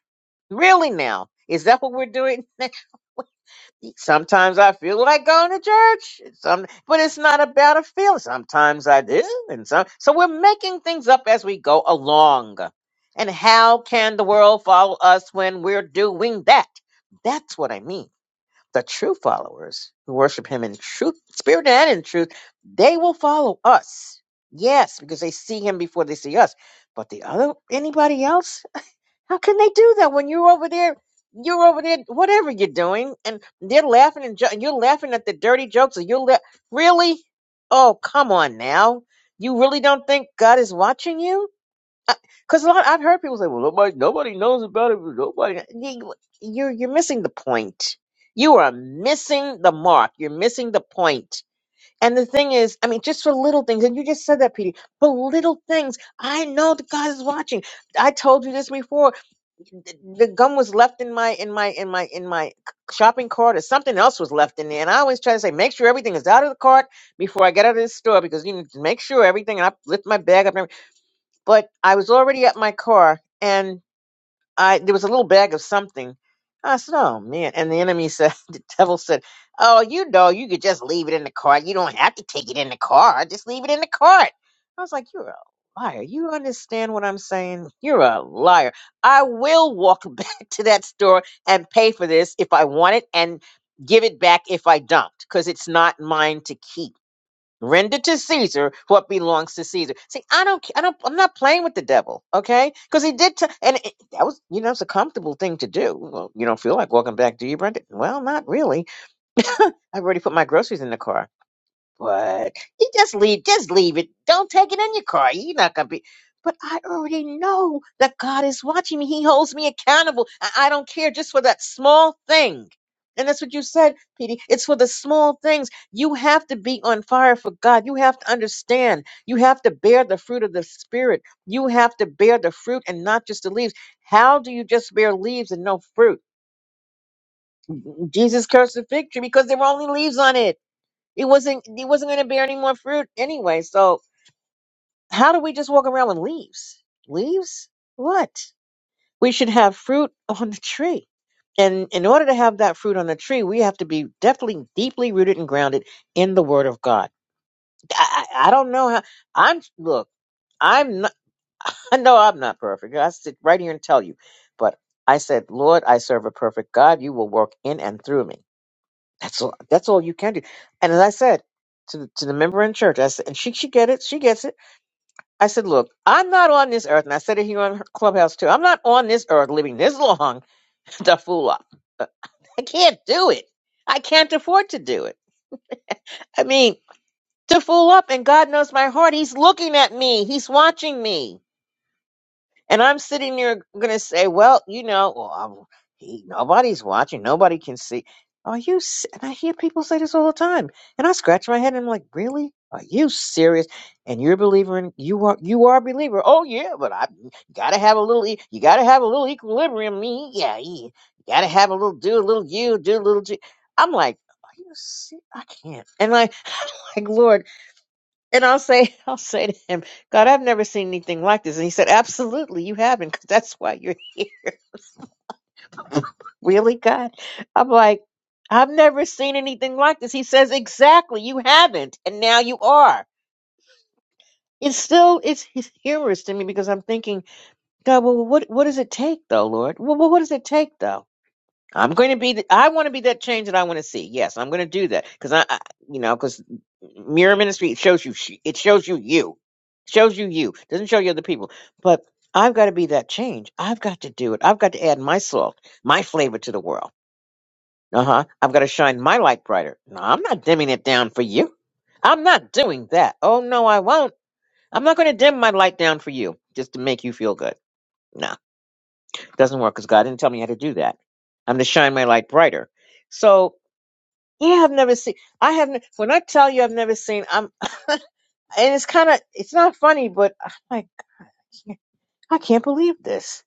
Really now? Is that what we're doing? Sometimes I feel like going to church. Some, but it's not about a feeling. Sometimes I do, and some. So we're making things up as we go along. And how can the world follow us when we're doing that? That's what I mean. The true followers who worship Him in truth, spirit, and in truth, they will follow us. Yes, because they see Him before they see us. But the other, anybody else? How can they do that when you're over there? You're over there, whatever you're doing, and they're laughing and jo- you're laughing at the dirty jokes. And you're la- really, oh come on now, you really don't think God is watching you? Because a lot I've heard people say, "Well, nobody, nobody knows about it. Nobody." You- You're you're missing the point. You are missing the mark. You're missing the point. And the thing is, I mean, just for little things, and you just said that, Petey, for little things, I know that God is watching. I told you this before the gum was left in my in my in my in my shopping cart or something else was left in there and i always try to say make sure everything is out of the cart before i get out of the store because you need to make sure everything and i lift my bag up and every- but i was already at my car and I there was a little bag of something. I said, "Oh man!" And the enemy said, "The devil said, oh, you know, you could just leave it in the cart. You don't have to take it in the cart. Just leave it in the cart." I was like, "You're a liar. You understand what I'm saying? You're a liar. I will walk back to that store and pay for this if I want it, and give it back if I don't, because it's not mine to keep." Render to Caesar what belongs to Caesar. See, I don't, I don't, I'm not playing with the devil, okay? Because he did, t- and it, that was, you know, it's a comfortable thing to do. Well, you don't feel like walking back, do you, Brenda? Well, not really. I've already put my groceries in the car. But you just leave, just leave it. Don't take it in your car. You're not gonna be. But I already know that God is watching me. He holds me accountable. I, I don't care just for that small thing. And that's what you said, Petey. It's for the small things. You have to be on fire for God. You have to understand. You have to bear the fruit of the Spirit. You have to bear the fruit and not just the leaves. How do you just bear leaves and no fruit? Jesus cursed the fig tree because there were only leaves on it. It wasn't it wasn't gonna bear any more fruit anyway. So how do we just walk around with leaves? Leaves? What? We should have fruit on the tree. And in order to have that fruit on the tree, we have to be definitely deeply rooted and grounded in the Word of God. I, I I don't know how. I'm look. I'm not. I know I'm not perfect. I sit right here and tell you, but I said, Lord, I serve a perfect God. You will work in and through me. That's all. That's all you can do. And as I said to the, to the member in church, I said, and she she get it. She gets it. I said, look, I'm not on this earth, and I said it here on her Clubhouse too. I'm not on this earth living this long to fool up. Uh, I can't do it. I can't afford to do it. I mean, to fool up, and God knows my heart. He's looking at me. He's watching me. And I'm sitting there going to say, well, you know, well, I'm, he, nobody's watching. Nobody can see. Are you? se- And I hear people say this all the time. And I scratch my head and I'm like, really? Are you serious? And you're a believer in you are you are a believer. Oh yeah, but I gotta have a little e- you gotta have a little equilibrium. Me, yeah, yeah. You gotta have a little do a little you do a little. G. I'm like, are you? se- I can't. And I, like, Lord. And I'll say, I'll say to him, God, I've never seen anything like this. And he said, Absolutely, you haven't, because that's why you're here. really, God? I'm like, I've never seen anything like this. He says, Exactly, you haven't, and now you are. It's still it's, it's humorous to me because I'm thinking, God, well, what what does it take though, Lord? Well, well, what does it take though? I'm going to be. th- I want to be that change that I want to see. Yes, I'm going to do that because I, I, you know, because mirror ministry it shows you. sh- It shows you you, shows you you. Doesn't show you other people. But I've got to be that change. I've got to do it. I've got to add my salt, my flavor to the world. Uh huh. I've got to shine my light brighter. No, I'm not dimming it down for you. I'm not doing that. Oh no, I won't. I'm not going to dim my light down for you just to make you feel good. No, doesn't work because God didn't tell me how to do that. I'm to shine my light brighter. So yeah, I've never seen. I haven't. When I tell you I've never seen, I'm. and it's kind of. It's not funny, but I'm like, I can't believe this.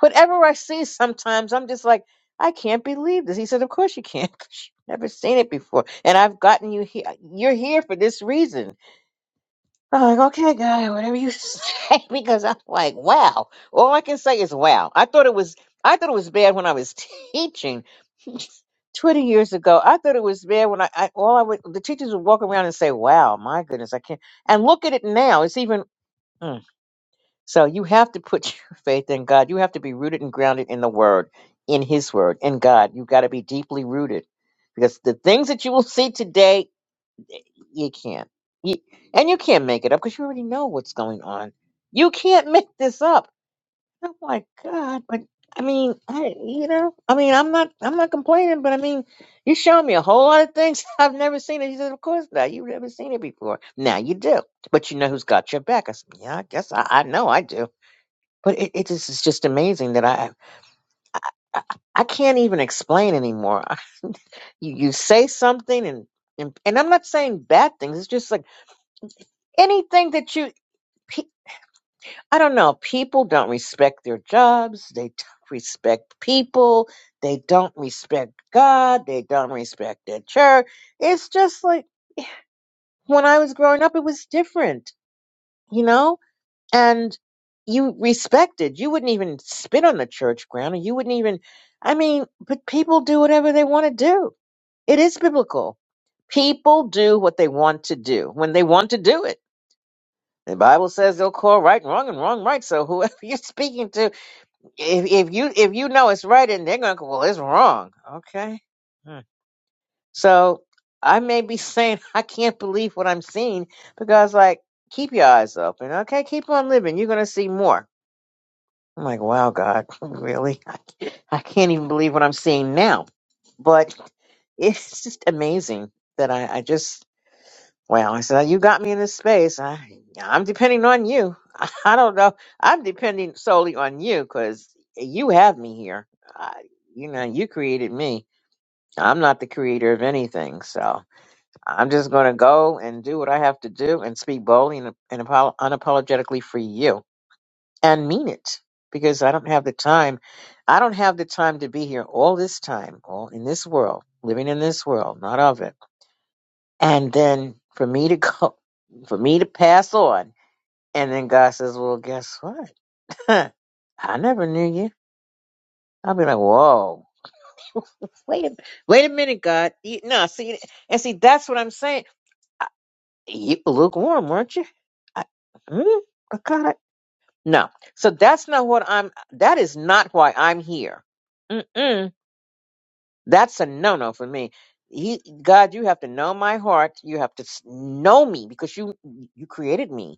Whatever I see, sometimes I'm just like, I can't believe this. He said, Of course you can't. 'cause You've never seen it before, and I've gotten you here. You're here for this reason. I'm like, okay, guy, whatever you say, because I'm like, wow. All I can say is wow. I thought it was, I thought it was bad when I was teaching twenty years ago. I thought it was bad when I, I all I would, the teachers would walk around and say, wow, my goodness, I can't. And look at it now; it's even. mm. So you have to put your faith in God. You have to be rooted and grounded in the Word, in His Word, in God. You've got to be deeply rooted, because the things that you will see today you can't. You, and you can't make it up because you already know what's going on. You can't make this up. Oh my God! But I mean, I you know, I mean, I'm not, I'm not complaining, but I mean, you show me a whole lot of things I've never seen. And he said, "Of course not. You've never seen it before. Now you do, but you know who's got your back." I said, "Yeah, I guess I, I know I do." But it, it just is just amazing that I, I I can't even explain anymore. I- You you say something and and and I'm not saying bad things. It's just like anything that you pe- I don't know. People don't respect their jobs. They don't respect people. They don't respect God. They don't respect their church. It's just like when I was growing up, it was different, you know? And you respected. You wouldn't even spit on the church ground. And you wouldn't even, I mean, but people do whatever they want to do. It is biblical. People do what they want to do when they want to do it. The Bible says they'll call right wrong and wrong right. So whoever you're speaking to if if you if you know it's right and they're gonna go, well, it's wrong. Okay. Hmm. So I may be saying I can't believe what I'm seeing because like keep your eyes open. Okay, keep on living. You're gonna see more. I'm like, wow, God, really? I, I can't even believe what I'm seeing now. But it's just amazing that I, I just well, I said, you got me in this space. I, I'm depending on you. I don't know. I'm depending solely on you because you have me here. I, you know, you created me. I'm not the creator of anything. So I'm just going to go and do what I have to do and speak boldly and, and apo- unapologetically for you and mean it because I don't have the time. I don't have the time to be here all this time, all in this world, living in this world, not of it and then for me to go for me to pass on and then god says well guess what Huh, i never knew you i'll be like whoa wait a, wait a minute god you, no see and see that's what i'm saying I, you were lukewarm weren't you i, mm, I got it no so that's not what i'm that is not why i'm here Mm-mm. that's a no-no for me he, god you have to know my heart you have to s- know me because you you created me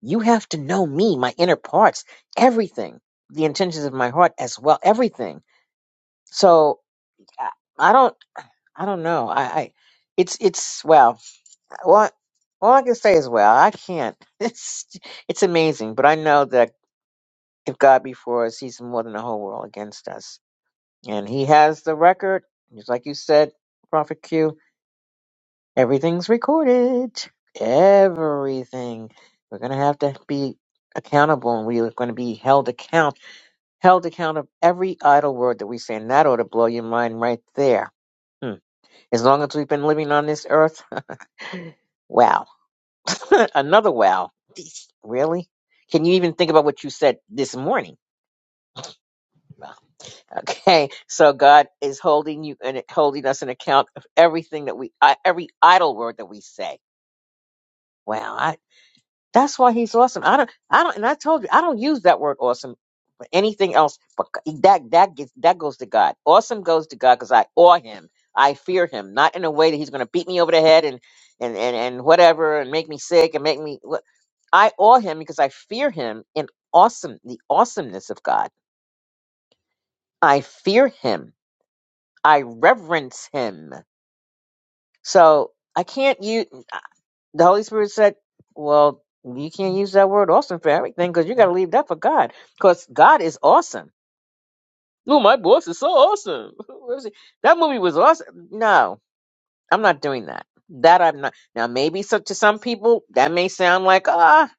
You have to know me, my inner parts, everything, the intentions of my heart as well, everything. So I I don't, I don't know. I, I it's, it's well, well, All I can say is, well, I can't. It's it's amazing, but I know that if God be for us, He's more than the whole world against us, and He has the record. Just like you said, Prophet Q, everything's recorded. Everything. We're gonna have to be accountable, and we are going to be held accountable held account of every idle word that we say, and that ought to blow your mind right there. Hmm. As long as we've been living on this earth, wow. Another wow. Jeez, Really? Can you even think about what you said this morning? Wow. Okay, so God is holding you and holding us an account of everything that we, I- every idle word that we say. Wow, I, that's why He's awesome. I don't, I don't, and I told you I don't use that word awesome anything else but g- that that gets that goes to God. Awesome goes to God because I awe Him. I fear Him, not in a way that He's going to beat me over the head and and and and whatever and make me sick and make me. wha- I awe Him because I fear Him in awesome the awesomeness of God. I fear Him. I reverence Him. So I can't use the Holy Spirit said, "Well." You can't use that word awesome for everything because you got to leave that for God because God is awesome. Oh, my boss is so awesome. Was it- that movie was awesome. No, I'm not doing that. That I'm not. Now, maybe so, to some people that may sound like ah,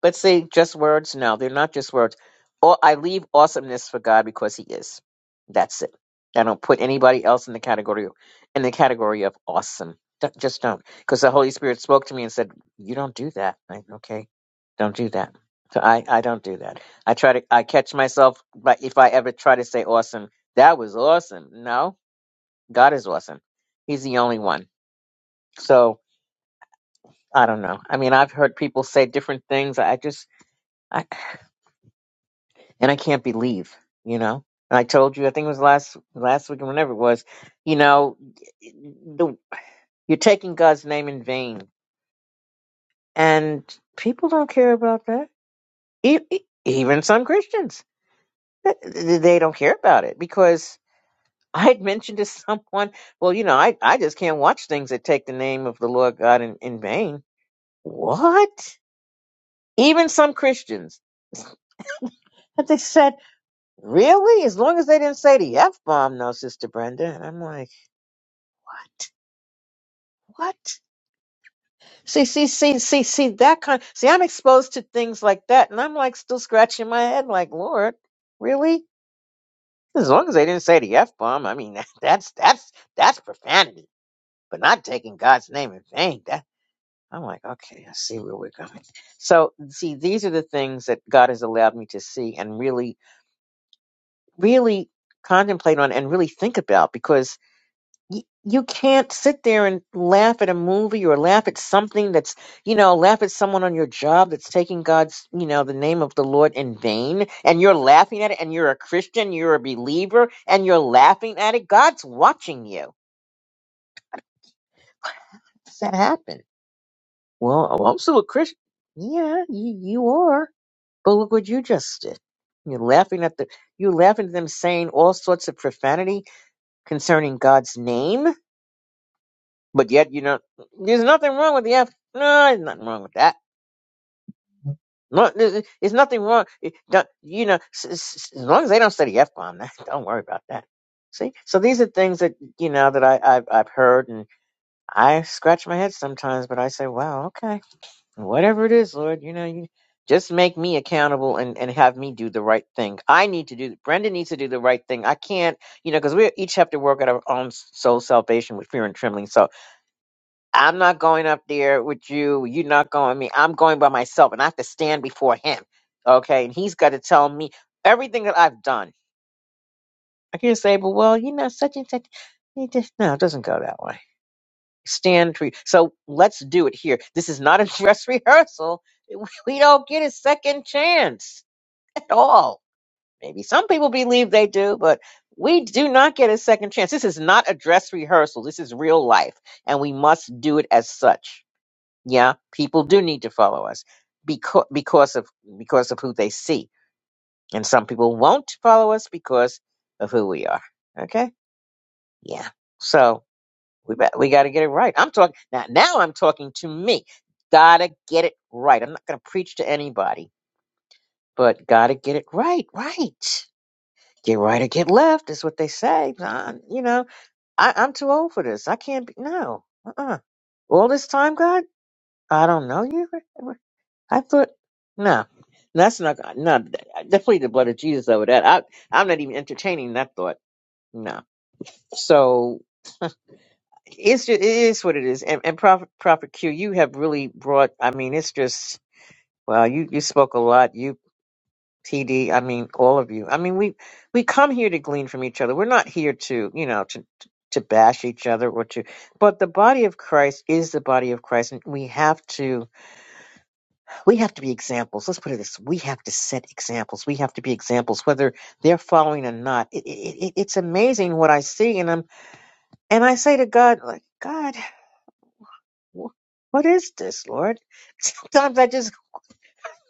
but see, just words. No, they're not just words. Or I leave awesomeness for God because He is. That's it. I don't put anybody else in the category of, in the category of awesome. D- just don't, because the Holy Spirit spoke to me and said, "You don't do that." I, okay, don't do that. So I, I don't do that. I try to I catch myself but if I ever try to say awesome, that was awesome. No, God is awesome. He's the only one. So I don't know. I mean I've heard people say different things. I just I and I can't believe, you know. And I told you, I think it was last last week or whenever it was, you know, the, you're taking God's name in vain. And people don't care about that. E- e- Even some Christians, they they don't care about it because I had mentioned to someone, well, you know, I, I just can't watch things that take the name of the Lord God in, in vain. What? Even some Christians. And they said, really? As long as they didn't say the F bomb, no, Sister Brenda. And I'm like, what? What? See, see, see, see, see, that kind. See, I'm exposed to things like that. And I'm like still scratching my head like, Lord, really? As long as they didn't say the F bomb, I mean, that's, that's, that's profanity. But not taking God's name in vain. I'm like, okay, I see where we're going. So, see, these are the things that God has allowed me to see and really, really contemplate on and really think about because y- you can't sit there and laugh at a movie or laugh at something that's, you know, laugh at someone on your job that's taking God's, you know, the name of the Lord in vain and you're laughing at it and you're a Christian, you're a believer and you're laughing at it. God's watching you. How Does that happen? Well, I'm still a Christian. Yeah, you, you are But look what you just did. You're laughing at the you're laughing at them saying all sorts of profanity concerning God's name, but yet you don't. There's nothing wrong with the F. No, there's nothing wrong with that. No, there's, there's nothing wrong. It don't- You know, s- s- as long as they don't say the F bomb, don't worry about that. See, so these are things that you know that I I've, I've heard, and I scratch my head sometimes, but I say, wow, okay whatever it is, Lord, you know, you just make me accountable and, and have me do the right thing. I need to do, Brenda needs to do the right thing. I can't, you know, because we each have to work at our own soul salvation with fear and trembling. So I'm not going up there with you. You're not going with me. I'm going by myself and I have to stand before him. Okay. And he's got to tell me everything that I've done. I can't say, but well, you know, such and such. It just, no, it doesn't go that way stand for you. So let's do it here. This is not a dress rehearsal. We we don't get a second chance at all. Maybe some people believe they do, but we do not get a second chance. This is not a dress rehearsal. This is real life, and we must do it as such. Yeah, people do need to follow us because because of because of who they see, and some people won't follow us because of who we are. Okay, yeah. So we bet- we got to get it right. I'm talking now. Now I'm talking to me. Gotta get it right. I'm not gonna preach to anybody, but gotta get it right. Right. Get right or get left is what they say. Nah, you know, I, I'm too old for this. I can't be. No. Uh-uh. All this time, God, I don't know you. I thought no. That's not no. Definitely the blood of Jesus over that. I I'm not even entertaining that thought. No. So it's just, it is what it is. And, and Prophet, Prophet Q, you have really brought. I mean, it's just well, you you spoke a lot. You TD, I mean, all of you. I mean, we we come here to glean from each other. We're not here to you know to to bash each other or to. But the body of Christ is the body of Christ, and we have to we have to be examples. Let's put it this: we have to set examples. We have to be examples, whether they're following or not. It, it, it, it's amazing what I see, and I'm and I say to God, like God. wh- what is this, Lord? Sometimes I just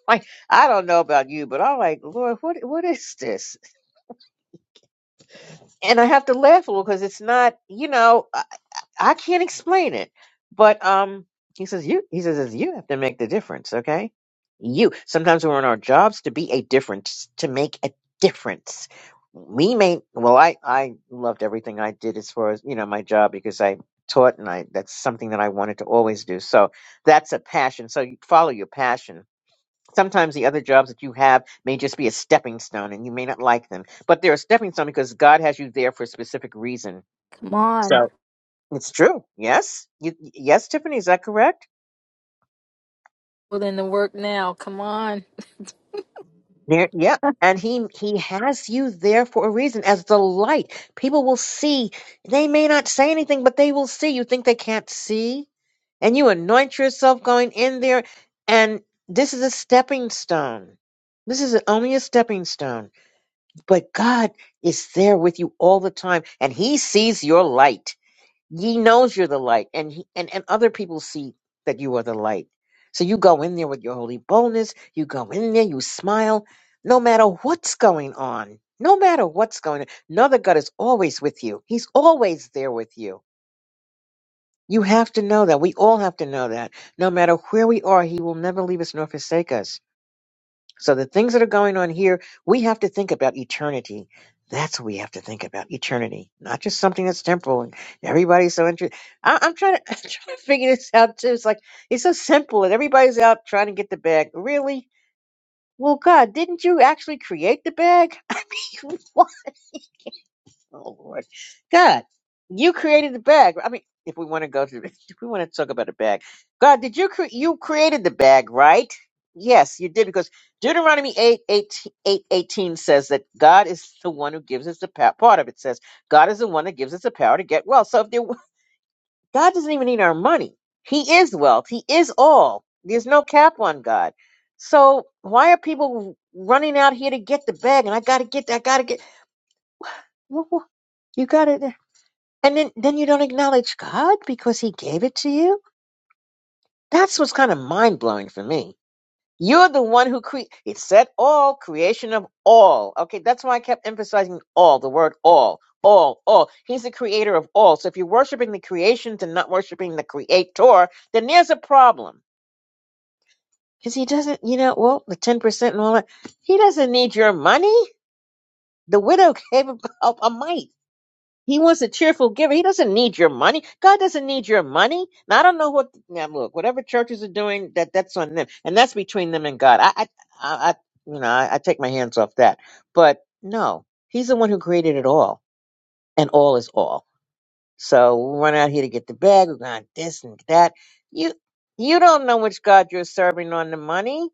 like I don't know about you, but I'm like, Lord, what what is this? And I have to laugh a little because it's not, you know. uh, I can't explain it. But um he says you he says it's you have to make the difference, okay? You. Sometimes we're in our jobs to be a difference, to make a difference. We may well I I loved everything I did as far as, you know, my job because I taught and I that's something that I wanted to always do. So that's a passion. So you follow your passion. Sometimes the other jobs that you have may just be a stepping stone and you may not like them, but they're a stepping stone because God has you there for a specific reason. Come on. So, it's true. Yes. Y yes, Tiffany, is that correct? Put in the work now. Come on. There, yeah. And he he has you there for a reason as the light. People will see. They may not say anything, but they will see. You think they can't see? And you anoint yourself going in there. And this is a stepping stone. This is only a stepping stone. But God is there with you all the time, and He sees your light. He knows you're the light, and he, and and other people see that you are the light. So you go in there with your holy boldness. You go in there, you smile, no matter what's going on. No matter what's going on, another God is always with you. He's always there with you. You have to know that. We all have to know that. No matter where we are, He will never leave us nor forsake us. So the things that are going on here, we have to think about eternity. That's what we have to think about eternity, not just something that's temporal. And everybody's so interested. I'm trying to I'm trying to figure this out too. It's like it's so simple, and everybody's out trying to get the bag. Really? Well, God, didn't you actually create the bag? Oh Lord, God, you created the bag. I mean, if we want to go through, if we want to talk about a bag, God, did you cre- you created the bag, right? Yes, you did, because Deuteronomy 8, eighteen eight eighteen says that God is the one who gives us the power. Part of it says God is the one that gives us the power to get wealth. So if there, God doesn't even need our money, He is wealth. He is all. There's no cap on God. So why are people running out here to get the bag? And I got to get that. I got to get. You got it. And then, then you don't acknowledge God because He gave it to you? That's what's kind of mind blowing for me. You're the one who cre- it said all, creation of all. Okay, that's why I kept emphasizing all, the word all, all, all. He's the creator of all. So if you're worshiping the creations and not worshiping the creator, then there's a problem. Because he doesn't, you know, well, the 10% and all that, he doesn't need your money. The widow gave a, a mite. He wants a cheerful giver. He doesn't need your money. God doesn't need your money. Now I don't know what. Now look, whatever churches are doing, that that's on them, and that's between them and God. I, I, I, I you know, I, I take my hands off that. But no, He's the one who created it all, and all is all. So we run out here to get the bag. We're going this and that. You, you don't know which God you're serving on the money.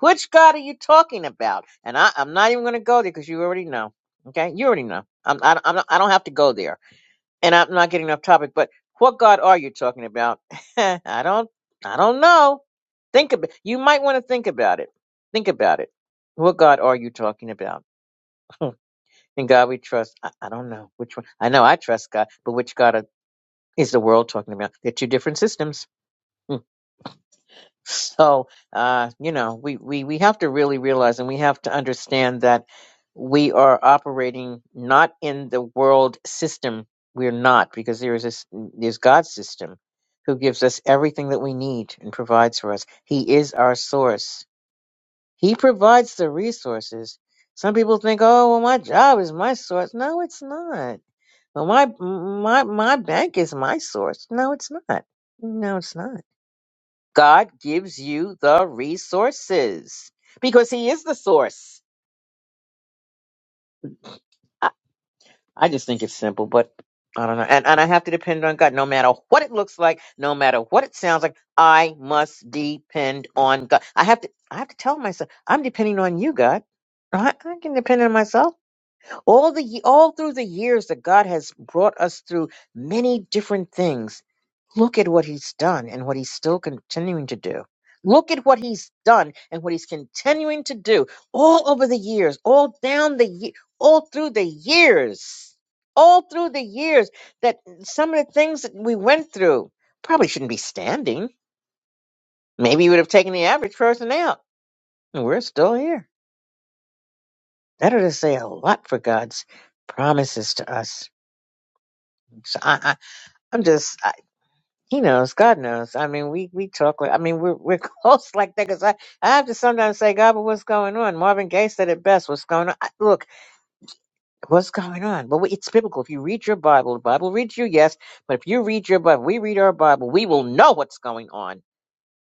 Which God are you talking about? And I, I'm not even going to go there because you already know. Okay, you already know. I'm, I, I'm not, I don't have to go there and I'm not getting off topic, but what God are you talking about? I don't I don't know. Think about you might want to think about it. Think about it. What God are you talking about? In God we trust. I, I don't know which one. I know I trust God, but which God are- is the world talking about? They're two different systems. So, uh, you know, we, we, we have to really realize and we have to understand that we are operating not in the world system. We're not, because there is this, there's God's system who gives us everything that we need and provides for us. He is our source. He provides the resources. Some people think, oh, well, my job is my source. No, it's not. Well, my, my, my bank is my source. No, it's not. No, it's not God gives you the resources because He is the source. I, I just think it's simple, but I don't know. And, and I have to depend on God no matter what it looks like, no matter what it sounds like. I must depend on God. I have to. I have to tell myself I'm depending on you, God. I, I can depend on myself. All the ye- all through the years that God has brought us through many different things Look at what he's done and what he's still continuing to do. Look at what he's done and what he's continuing to do all over the years, all down the ye- all through the years, all through the years that some of the things that we went through probably shouldn't be standing. Maybe you would have taken the average person out, and we're still here. That ought to say a lot for God's promises to us. So I, I, I'm just. He knows. God knows. I mean, we we talk. like- I mean, we're we're close like that because I I have to sometimes say, God, but what's going on? Marvin Gaye said it best. What's going on? I- Look, what's going on? But we- it's biblical. If you read your Bible, the Bible reads you, yes. But if you read your Bible, we read our Bible, we will know what's going on.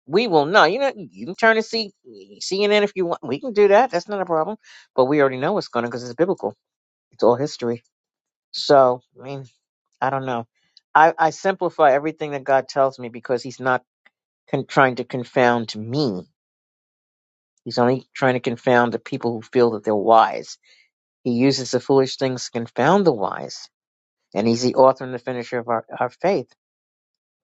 We will know. You know, you can turn to see CNN if you want. We can do that. That's not a problem. But we already know what's going on because it's biblical. It's all history. So I mean, I don't know. I, I simplify everything that God tells me because He's not. con- trying to confound me. He's only trying to confound the people who feel that they're wise. He uses the foolish things to confound the wise, and he's the author and the finisher of our, our faith.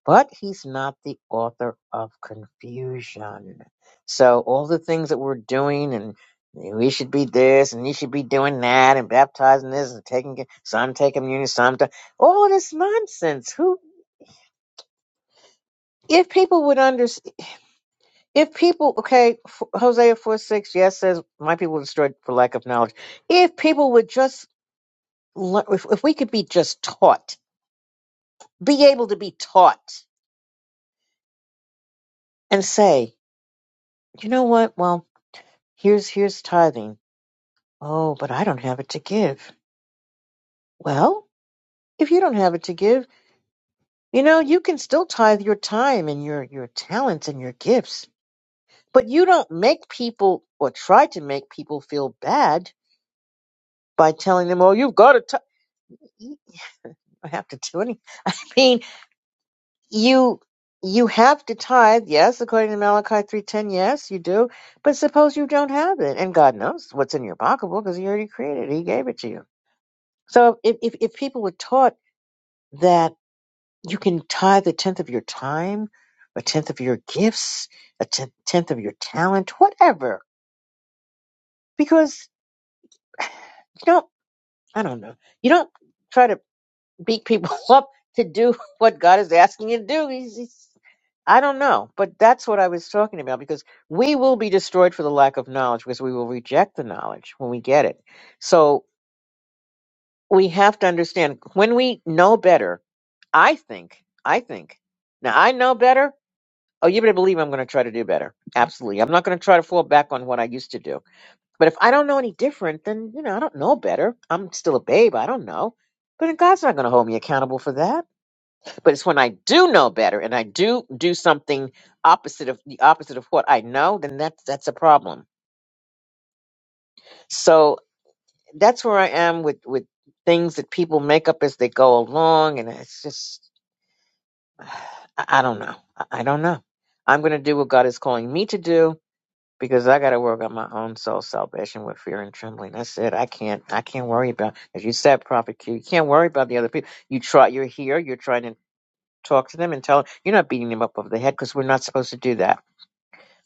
But he's not the author of confusion. So all the things that we're doing and we should be this and you should be doing that and baptizing this and taking some taking communion, some all of this nonsense. Who if people would understand? If people, okay, F- Hosea 4 6, yes, says, My people were destroyed for lack of knowledge. If people would just, learn, if, if we could be just taught, be able to be taught and say, you know what? Well, here's, here's tithing. Oh, but I don't have it to give. Well, if you don't have it to give, you know, you can still tithe your time and your, your talents and your gifts, but you don't make people or try to make people feel bad by telling them, oh, you've got to, t- you don't have to do anything I mean, you you have to tithe yes according to malachi 3.10 yes you do but suppose you don't have it and god knows what's in your pocketbook because he already created it he gave it to you so if, if, if people were taught that you can tithe a tenth of your time a tenth of your gifts a tenth, tenth of your talent whatever because you don't i don't know you don't try to beat people up to do what God is asking you to do. He's, he's, I don't know, but that's what I was talking about because we will be destroyed for the lack of knowledge because we will reject the knowledge when we get it. So we have to understand when we know better. I think, I think, now I know better. Oh, you better believe I'm going to try to do better. Absolutely. I'm not going to try to fall back on what I used to do. But if I don't know any different, then, you know, I don't know better. I'm still a babe. I don't know. But then God's not going to hold me accountable for that but it's when I do know better and I do do something opposite of the opposite of what I know, then that's that's a problem. So that's where I am with with things that people make up as they go along, and it's just I, I don't know. I, I don't know. I'm going to do what God is calling me to do because I got to work on my own soul salvation with fear and trembling. That's it. I can't. I can't worry about as you said, Prophet Q. You can't worry about the other people. You try. You're here. You're trying to talk to them and tell them you're not beating them up over the head because we're not supposed to do that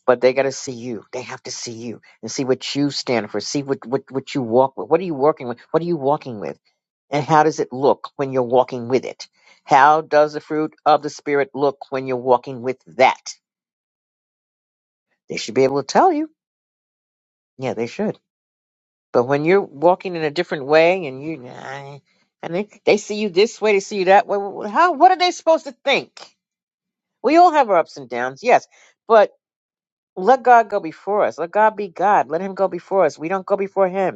but they got to see you. They have to see you and see what you stand for. See what, what, what you walk with. What are you working with? What are you walking with? And how does it look when you're walking with it? How does the fruit of the Spirit look when you're walking with that? They should be able to tell you. Yeah, they should. But when you're walking in a different way and you, nah, and they, they see you this way, they see you that way, wh- wh- how, what are they supposed to think? We all have our ups and downs, yes. But let God go before us. Let God be God. Let Him go before us. We don't go before Him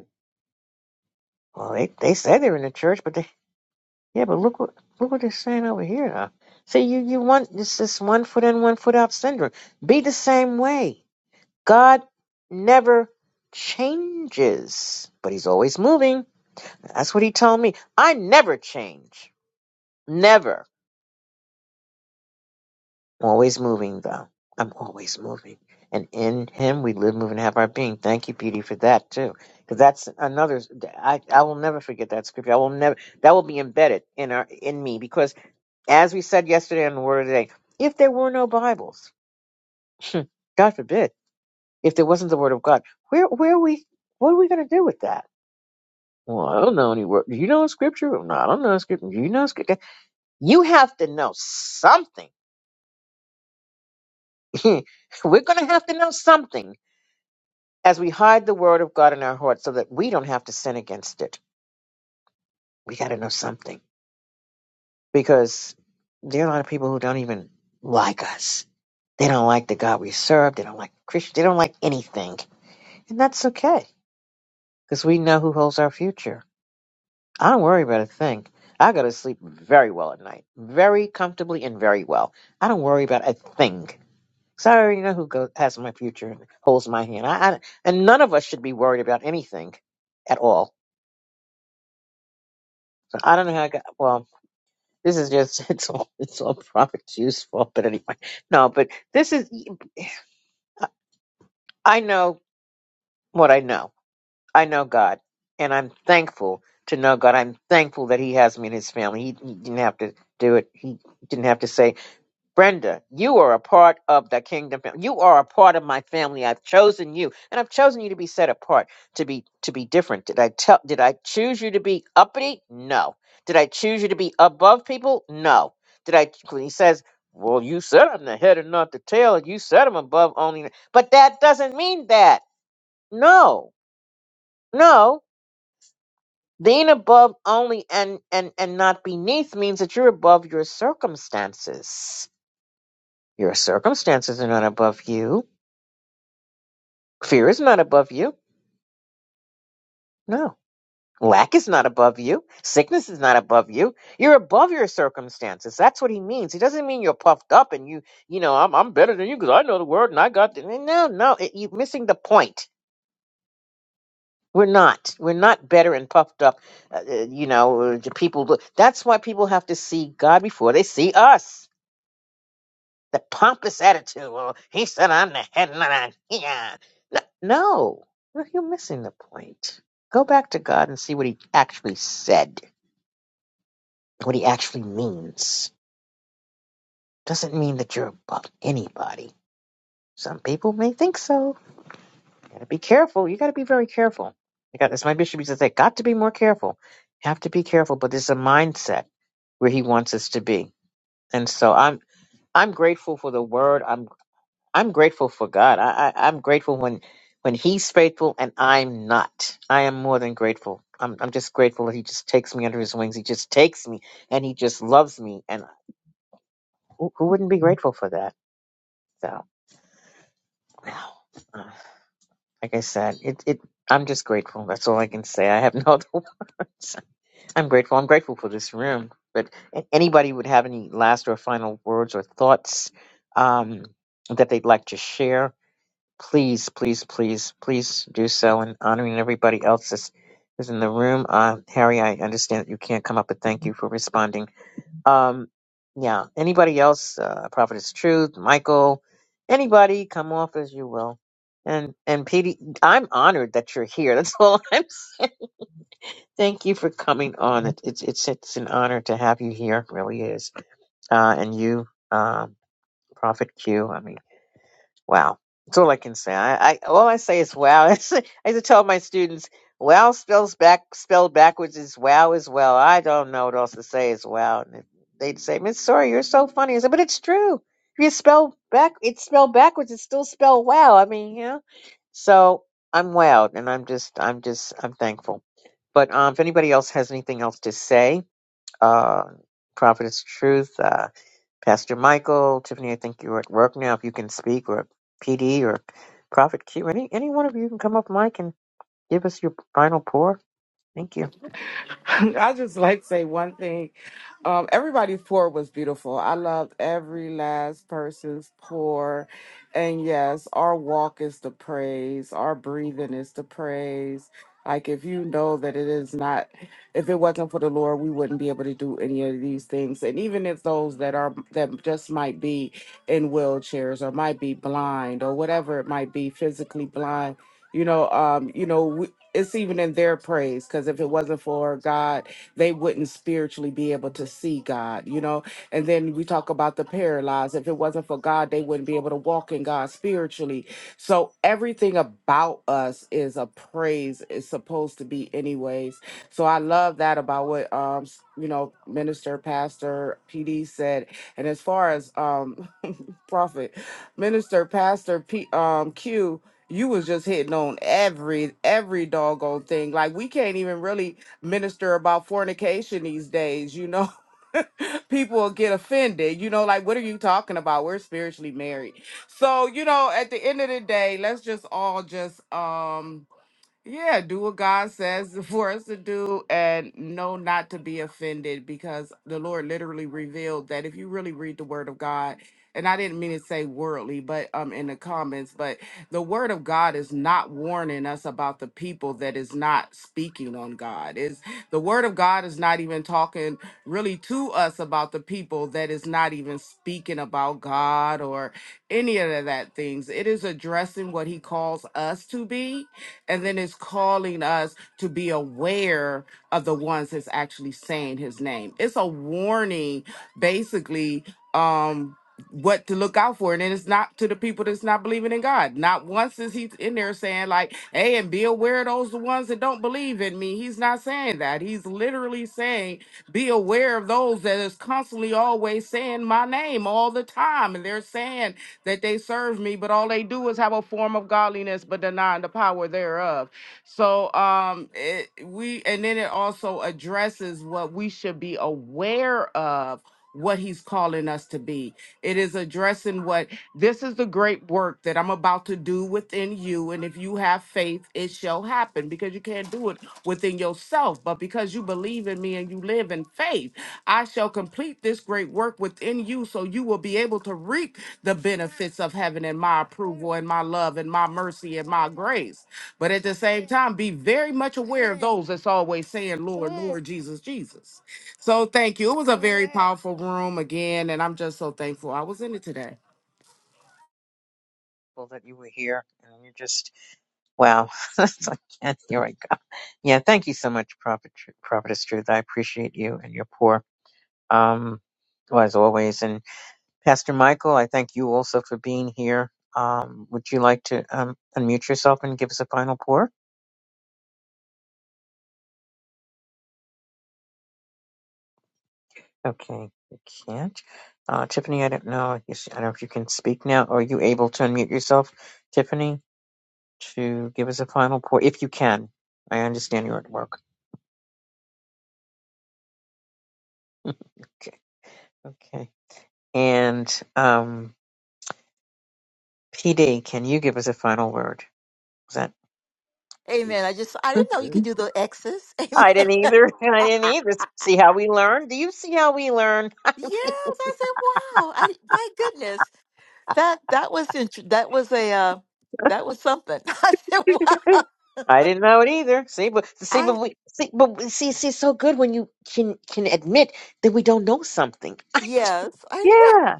Well, they they say they're in the church, but they yeah, but look what look what they're saying over here now. See, you you want this this one foot in, one foot out syndrome. Be the same way. God never changes, but He's always moving. That's what He told me. I never change, never. I'm always moving though. I'm always moving, and in Him we live, move, and have our being. Thank you, Beauty, for that too, because that's another. I I will never forget that scripture. I will never that will be embedded in our in me because As we said yesterday on the Word of the Day, if there were no Bibles, God forbid, if there wasn't the Word of God, where where are we? What are we going to do with that? Well, I don't know any word. Do you know Scripture? No, I don't know Scripture. Do you know Scripture? You have to know something. We're going to have to know something as we hide the Word of God in our hearts, so that we don't have to sin against it. We got to know something because there are a lot of people who don't even like us. They don't like the God we serve. They don't like Christians. They don't like anything And that's okay, because we know who holds our future. I don't worry about a thing. I go to sleep very well at night, very comfortably and very well. I don't worry about a thing, 'cause I already know who goes, has my future and holds my hand. I, I, and none of us should be worried about anything at all. So I don't know how I got, well, this is just, it's all, it's all Prophet Q's fault, but anyway. No, but this is, I know what I know I know God, and I'm thankful to know God. I'm thankful that He has me in His family. He, he didn't have to do it. He didn't have to say, "Brenda, you are a part of the kingdom. family. You are a part of my family. I've chosen you, and I've chosen you to be set apart, to be to be different." Did I tell? Did I choose you to be uppity? No. Did I choose you to be above people? No. Did I? When He says. Well, you said I'm the head and not the tail, and you said I'm above only. But that doesn't mean that. No, no. Being above only and, and, and not beneath means that you're above your circumstances. Your circumstances are not above you. Fear is not above you. No. Lack is not above you. Sickness is not above you. You're above your circumstances. That's what he means. He doesn't mean you're puffed up and you, you know, I'm, I'm better than you because I know the word and I got the. No, no, it, you're missing the point. We're not. We're not better and puffed up. Uh, uh, you know, uh, people. That's why people have to see God before they see us the pompous attitude. Well, he said I'm the head and I'm yeah. No, no, You're you're missing the point. Go back to God and see what He actually said, what He actually means. Doesn't mean that you're above anybody. Some people may think so. You gotta be careful. You gotta be very careful. I got this. My bishop used to say, "Got to be more careful. Have to be careful." But there's a mindset where He wants us to be, and so I'm I'm grateful for the Word. I'm I'm grateful for God. I, I I'm grateful when when He's faithful and I'm not. I am more than grateful. I'm I'm just grateful that He just takes me under His wings. He just takes me and He just loves me. And who, who wouldn't be grateful for that? So, uh, like I said, it it I'm just grateful. That's all I can say. I have no other words. I'm grateful. I'm grateful for this room. But a- anybody would have any last or final words or thoughts um, that they'd like to share? Please, please, please, please do so and honoring everybody else that's, that's in the room. Uh, Harry, I understand that you can't come up, but thank you for responding. Um, yeah, anybody else, uh, Prophet is Truth, Michael, anybody, come off as you will. And and Petey, I'm honored that you're here. That's all I'm saying. Thank you for coming on. It, it's it's it's an honor to have you here. It really is. Uh, and you, um, Prophet Q. I mean. Wow. That's all I can say. I, I all I say is wow. I used to tell my students, wow spells back spelled backwards is wow as well. I don't know what else to say is wow. And they'd say, Miss Sorry, you're so funny. I said, but it's true. If you spell back it's spelled backwards, it's still spelled wow. I mean, yeah. So I'm wowed and I'm just I'm just I'm thankful. But um if anybody else has anything else to say, uh Prophet is truth. uh Pastor Michael, Tiffany, I think you're at work now. If you can speak, or PD, or Prophet Q, any any one of you can come up, Mike, and give us your final pour. Thank you. I just like to say one thing. Um, everybody's pour was beautiful. I loved every last person's pour. And yes, our walk is the praise, our breathing is the praise. Like if you know that it is not, if it wasn't for the Lord, we wouldn't be able to do any of these things. And even if those that are that just might be in wheelchairs or might be blind or whatever it might be, physically blind, you know, um, you know, we it's even in their praise because if it wasn't for God, they wouldn't spiritually be able to see God, you know. And then we talk about the paralyzed. If it wasn't for God, they wouldn't be able to walk in God spiritually. So everything about us is a praise. It's supposed to be, anyways. So I love that about what um s- you know, minister, pastor, PD said. And as far as um prophet, minister, pastor, P, um, Q. You was just hitting on every every doggone thing. Like we can't even really minister about fornication these days. You know, people will get offended. You know, like what are you talking about? We're spiritually married. So you know, at the end of the day, let's just all just um yeah, do what God says for us to do and know not to be offended because the Lord literally revealed that if you really read the word of God, and I didn't mean to say worldly, but um in the comments, but the word of God is not warning us about the people that is not speaking on God. Is the word of God is not even talking really to us about the people that is not even speaking about God or any of that things. It is addressing what he calls us to be and then it's calling us to be aware of the ones that's actually saying his name. It's a warning, basically, um, what to look out for. And then it's not to the people that's not believing in God. Not once is he in there saying, like, hey, and be aware of those the ones that don't believe in me. He's not saying that. He's literally saying, be aware of those that is constantly always saying my name all the time. And they're saying that they serve me, but all they do is have a form of godliness, but denying the power thereof. So um, it, we and then it also addresses what we should be aware of. What he's calling us to be. It is addressing what this is the great work that I'm about to do within you. And if you have faith, it shall happen because you can't do it within yourself. But because you believe in me and you live in faith, I shall complete this great work within you so you will be able to reap the benefits of heaven and my approval and my love and my mercy and my grace. But at the same time, be very much aware of those that's always saying, Lord, Lord, Jesus, Jesus. So thank you. It was a very powerful room again, and I'm just so thankful I was in it today. Well, that you were here, and you're just wow. It's like, yeah, here I go. Yeah, thank you so much, Prophet Tr- Prophetess Truth. I appreciate you and your pour. Um, well, as always, and Pastor Michael, I thank you also for being here. Um, would you like to um, unmute yourself and give us a final pour? Okay, you can't. Uh, Tiffany, I don't know. I guess I don't know if you can speak now. Are you able to unmute yourself, Tiffany, to give us a final point, if you can? I understand you're at work. Okay. Okay. And um, PD, can you give us a final word? Is that? Amen. I just I didn't know you could do the X's. I Amen. didn't either. I didn't either. See how we learn? Do you see how we learn? yes, I said, wow. I my goodness. That that was int- that was a uh, that was something. I said, wow. I didn't know it either. See, but see, but I we see, but we- see, see, so good when you can can admit that we don't know something. yes, I know. Yeah.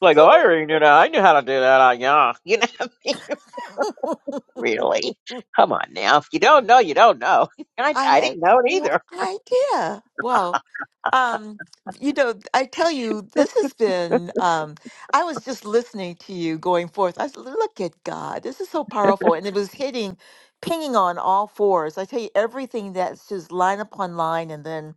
Like, oh, I I, already knew that. I knew how to do that. I, yeah. You know what I mean? said, "Wow." Really? Come on now. If you don't know, you don't know. And I, I I had didn't know it no either. idea. Wow. Um, you know, I tell you, this has been, um, I was just listening to you going forth. I said, look at God. This is so powerful. And it was hitting, pinging on all fours. I tell you, everything that's just line upon line. And then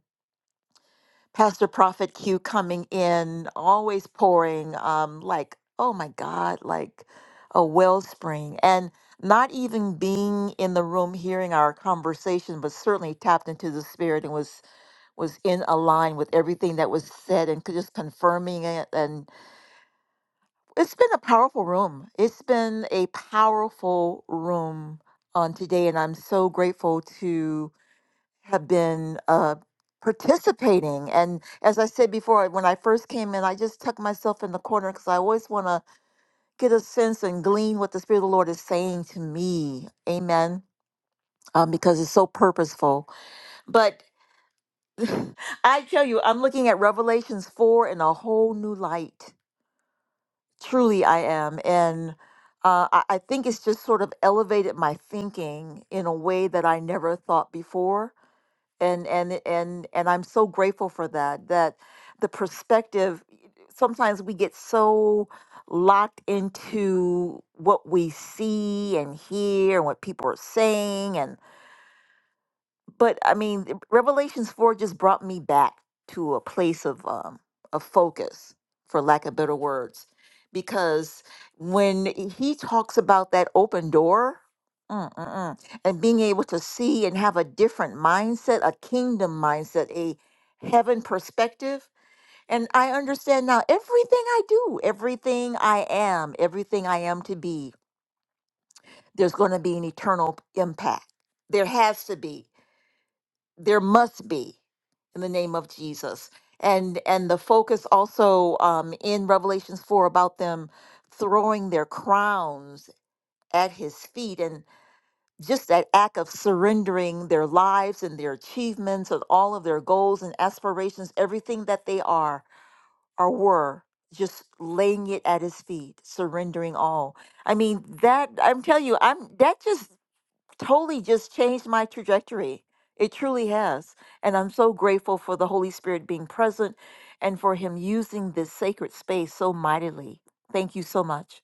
Pastor Prophet Q coming in, always pouring, um, like, oh my God, like a wellspring. And not even being in the room hearing our conversation, but certainly tapped into the spirit and was was in a line with everything that was said and c- just confirming it. And it's been a powerful room. It's been a powerful room on today. And I'm so grateful to have been uh, participating. And as I said before, when I first came in, I just tucked myself in the corner because I always want to get a sense and glean what the Spirit of the Lord is saying to me. Amen. Um, because it's so purposeful. But I tell you, I'm looking at Revelations 4 in a whole new light. Truly, I am. And uh, I, I think it's just sort of elevated my thinking in a way that I never thought before. And, and, and, and I'm so grateful for that, that the perspective, sometimes we get so locked into what we see and hear and what people are saying and but I mean, th- Revelations four just brought me back to a place of um of focus, for lack of better words, because when he talks about that open door. mm, mm, mm, And being able to see and have a different mindset, a kingdom mindset, a heaven perspective. And I understand now everything I do, everything I am, everything I am to be, there's going to be an eternal impact. There has to be there must be in the name of Jesus. And and the focus also um, in Revelations four about them throwing their crowns at his feet and just that act of surrendering their lives and their achievements and all of their goals and aspirations, everything that they are or were, just laying it at his feet, surrendering all. I mean that I'm telling you, I'm that just totally just changed my trajectory. It truly has. And I'm so grateful for the Holy Spirit being present and for Him using this sacred space so mightily. Thank you so much.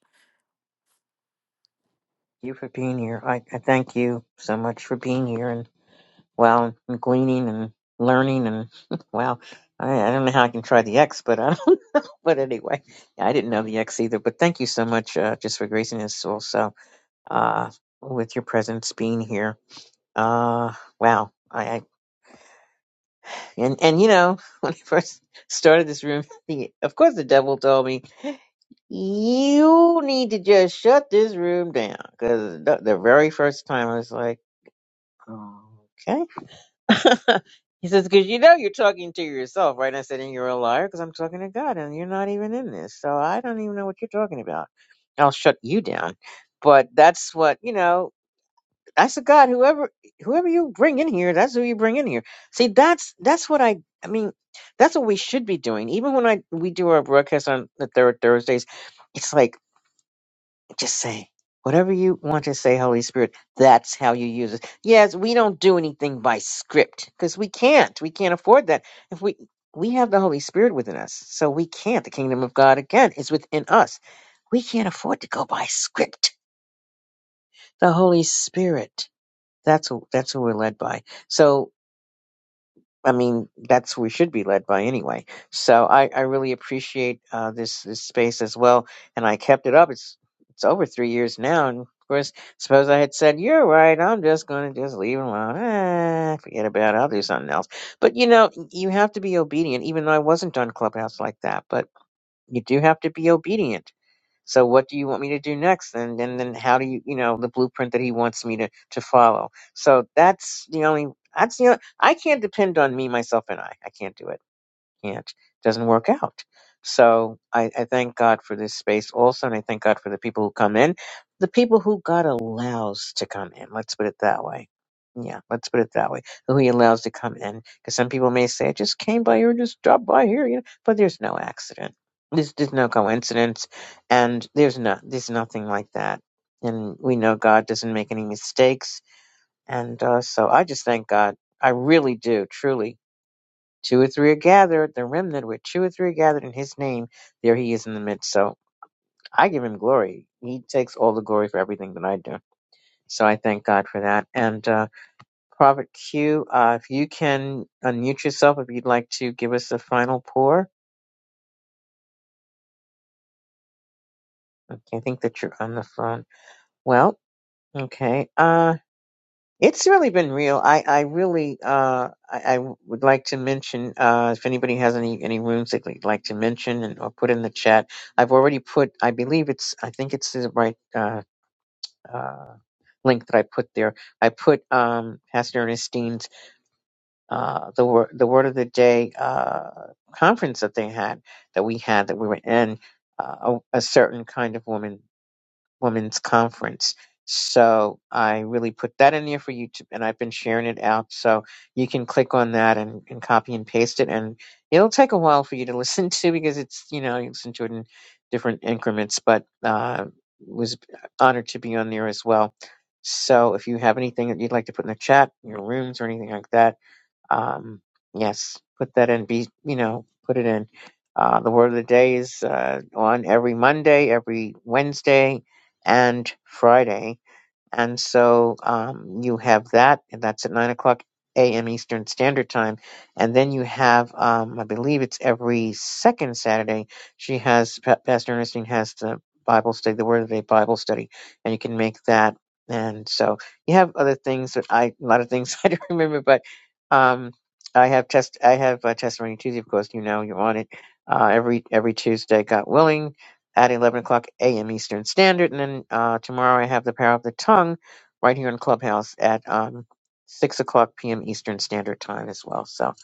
You for being here. I, I thank you so much for being here and, wow and gleaning and learning and, wow I, I don't know how I can try the X, but I don't, but anyway, I didn't know the X either. But thank you so much, uh, just for gracing us also, uh, with your presence being here. Uh, wow. I, I And and you know, when I first started this room, the, of course the devil told me you need to just shut this room down because the, the very first time I was like, okay. he says, because you know you're talking to yourself, right? And I said, and you're a liar because I'm talking to God and you're not even in this, so I don't even know what you're talking about. I'll shut you down. But that's what you know. That's a God. Whoever whoever you bring in here, that's who you bring in here. See, that's that's what I I mean, that's what we should be doing. Even when I we do our broadcast on the third Thursdays, it's like just say whatever you want to say, Holy Spirit. That's how you use it. Yes, we don't do anything by script because we can't. We can't afford that. If we we have the Holy Spirit within us, so we can't. The kingdom of God again is within us. We can't afford to go by script. The Holy Spirit. That's who that's who we're led by. So I mean, that's who we should be led by anyway. So I, I really appreciate uh, this this space as well, and I kept it up. It's it's over three years now, and of course, suppose I had said you're right, I'm just going to just leave it alone. Eh, forget about it. I'll do something else. But you know, you have to be obedient. Even though I wasn't on Clubhouse like that, but you do have to be obedient so what do you want me to do next? And and then how do you you know the blueprint that he wants me to to follow? So that's the only that's the only, I can't depend on me myself and I. I can't do it can't, doesn't work out. So I, I thank God for this space also, and I thank God for the people who come in, the people who God allows to come in. Let's put it that way. Yeah, let's put it that way. Who He allows to come in, because some people may say, "I just came by here, just dropped by here," you know. But there's no accident. There's, there's no coincidence, and there's not there's nothing like that. And we know God doesn't make any mistakes, and uh, so I just thank God. I really do, truly Two or three are gathered, the remnant where two or three are gathered in his name, there he is in the midst. So I give him glory. He takes all the glory for everything that I do. So I thank God for that. And uh, Prophet Q, uh, if you can unmute yourself if you'd like to give us a final pour. Okay, I think that you're on the phone. Well, okay. Uh, It's really been real. I, I really uh I, I would like to mention uh if anybody has any any rooms that they'd li- like to mention and or put in the chat. I've already put I believe it's I think it's the right uh uh link that I put there. I put um Pastor Ernestine's uh the word the word of the day uh conference that they had that we had that we were in uh, a, a certain kind of woman Women's Conference. So I really put that in there for you to, and I've been sharing it out. So you can click on that and, and copy and paste it. And it'll take a while for you to listen to because it's, you know, you listen to it in different increments, but uh, was honored to be on there as well. So if you have anything that you'd like to put in the chat, your rooms or anything like that, um, yes, put that in. Be you know, put it in. Uh, the word of the day is uh, on every Monday, every Wednesday, and Friday and so um, you have that, and that's at 9 o'clock a.m. Eastern Standard Time. And then you have, um, I believe it's every second Saturday, she has, Pa- Pastor Ernestine has the Bible study, the Word of the Day Bible study, and you can make that. And so you have other things that I, a lot of things I don't remember, but um, I have test, I have uh testimony Tuesday, of course, you know, you're on it. Uh, every every Tuesday, God willing, at 11 o'clock a.m. Eastern Standard. And then uh, tomorrow I have The Power of the Tongue right here in Clubhouse at um, 6 o'clock p.m. Eastern Standard Time as well. So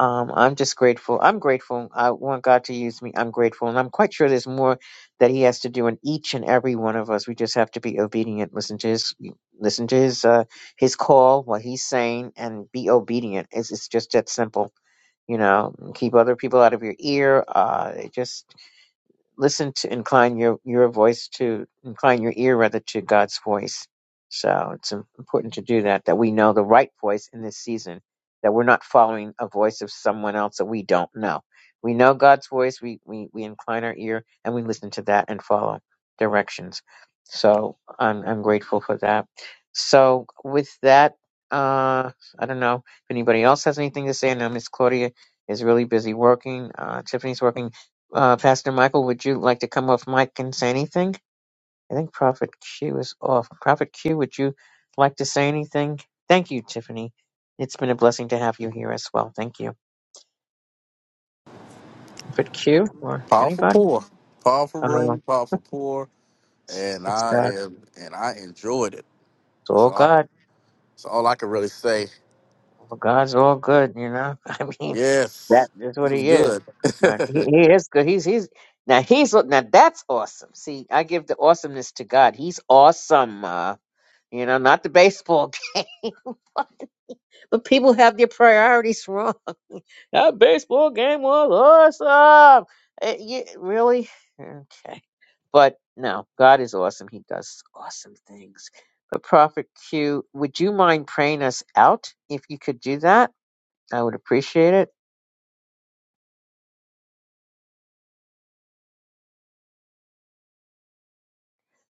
um, I'm just grateful. I'm grateful. I want God to use me. I'm grateful. And I'm quite sure there's more that He has to do in each and every one of us. We just have to be obedient, listen to His. Listen to his uh, his call, what he's saying, and be obedient. It's, it's just that simple, you know. Keep other people out of your ear. Uh, just listen to incline your your voice to incline your ear rather to God's voice. So it's im- important to do that that we know the right voice in this season that we're not following a voice of someone else that we don't know. We know God's voice. We we we incline our ear and we listen to that and follow directions. So I'm I'm grateful for that. So with that, uh, I don't know if anybody else has anything to say. I know Miss Claudia is really busy working. Uh, Tiffany's working. Uh, Pastor Michael, would you like to come off mic and say anything? I think Prophet Q is off. Prophet Q, would you like to say anything? Thank you, Tiffany. It's been a blessing to have you here as well. Thank you. Prophet Q or Powerful anybody? pour. Powerful I room, powerful pour. It's, And it's I God. am and I enjoyed it. It's That's all all I, God. that's all I can really say. All God's all good, you know? I mean, that Yes, is what this was he is. Uh, good. he, he is good. He's, he's, now he's, now that's awesome. See, I give the awesomeness to God. He's awesome. Uh, you know, not the baseball game. But people have their priorities wrong. that baseball game was awesome. Uh, yeah, really? Okay. But no, God is awesome. He does awesome things. But Prophet Q, would you mind praying us out if you could do that? I would appreciate it.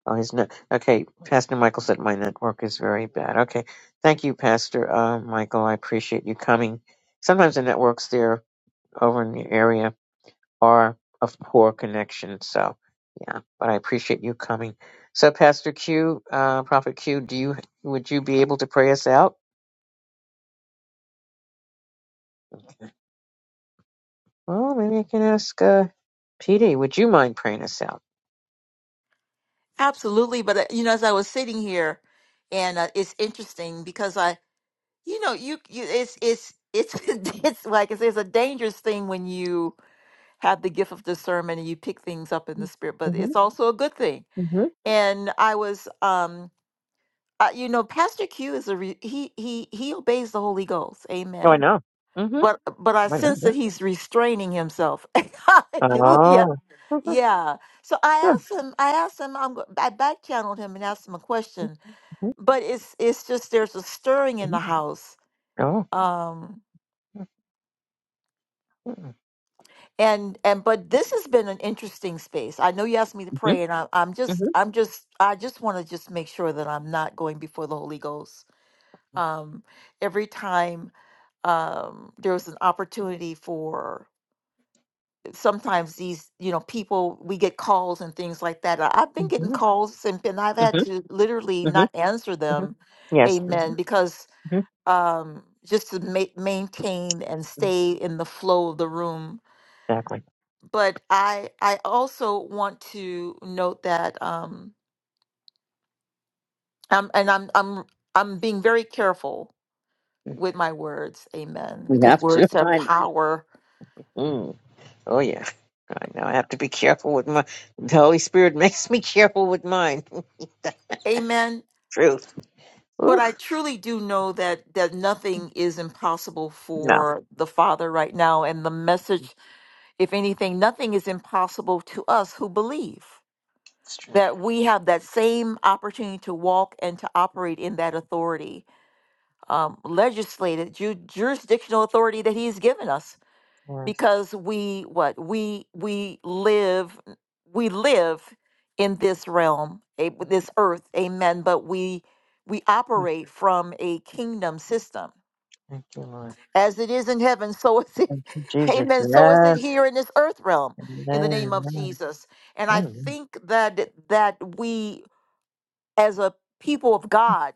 Oh, his not. Okay, Pastor Michael said my network is very bad. Okay, thank you, Pastor uh, Michael. I appreciate you coming. Sometimes the networks there. over in the area are of poor connection. So, yeah, but I appreciate you coming. So, Pastor Q, uh, Prophet Q, do you would you be able to pray us out? Well, maybe I can ask uh, PD. Would you mind praying us out? Absolutely. But, uh, you know, as I was sitting here, and uh, it's interesting because I, you know, you, you it's, it's, it's, it's like I say, it's a dangerous thing when you have the gift of discernment and you pick things up in the spirit, but Mm-hmm. it's also a good thing. Mm-hmm. And I was, um, uh, you know pastor q is a re- he he he obeys the holy ghost Oh, I amen know. Mm-hmm. but but i I know sense that. that he's restraining himself hallelujah Oh. Mm-hmm. yeah so i asked him i asked him i'm go- i back channeled him and asked him a question Mm-hmm. but it's it's just there's a stirring in the house Oh. um Mm-hmm. and and but this has been an interesting space i know you asked me to Mm-hmm. pray and I, i'm just i'm just i just want to just make sure that i'm not going before the holy ghost um every time um, there was an opportunity for eh, sometimes these you know people we get calls and things like that I- i've been getting Mm-hmm. calls and, and i've had Mm-hmm. to literally not answer Mm-hmm. them Yes. amen Mm-hmm. because um just to ma- maintain and stay in the flow of the room Exactly. but i i also want to note that um I'm, and i'm i'm i'm being very careful with my words amen We because have to. words have find. power Oh yeah. I now I have to be careful with my. The Holy Spirit makes me careful with mine. amen Truth. but I Oof. truly do know that that nothing is impossible No. for the Father right now. And the message, if anything, nothing is impossible to us who believe It's true. that we have that same opportunity to walk and to operate in that authority, um, legislated ju- jurisdictional authority that He's given us Yes. because we what we we live we live in this realm a, this earth amen but we we operate from a kingdom system Thank you, Lord. as it is in heaven so is it Thank you, Jesus. amen so is it Yes. here in this earth realm in the Amen. name of Amen. jesus and i Amen. think that that we as a people of god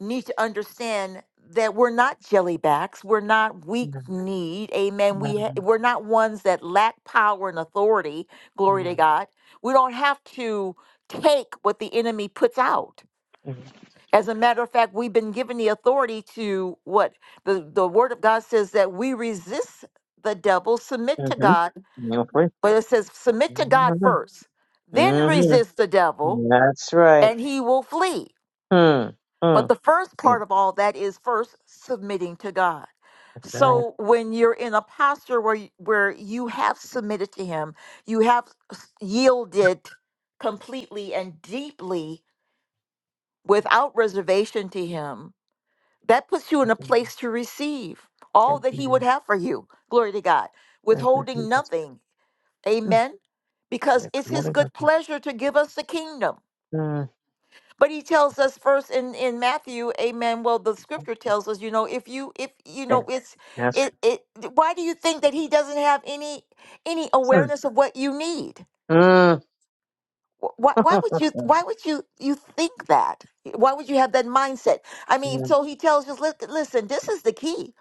need to understand that we're not jellybacks. We're not weak need. Amen. We Amen. ha- we're not ones that lack power and authority. Glory to Amen. God. We don't have to take what the enemy puts out. As a matter of fact, we've been given the authority to what the, the word of God says that we resist the devil, submit to God, Mm-hmm. You're free. but it says submit to God first, then Mm-hmm. resist the devil, That's right. and he will flee. Hmm. Hmm. But the first part of all that is first submitting to God. Right. So when you're in a posture where y- where you have submitted to him, you have s- yielded completely and deeply without reservation to him, that puts you in a place to receive all Thank that you, he would Lord. have for you. Glory to God. Thank you, Withholding Jesus. nothing. Mm. Amen. Because We're it's proud his of good you. pleasure to give us the kingdom. Mm. But he tells us first in, in Matthew, amen. Well, the scripture tells us, you know, if you if you Yeah. know it's Yes. it it why do you think that he doesn't have any any awareness of what you need? Mm. Wh- Why why would you why would you you think that? Why would you have that mindset? I mean, Yeah, so he tells us, "Lis- listen, this is the key.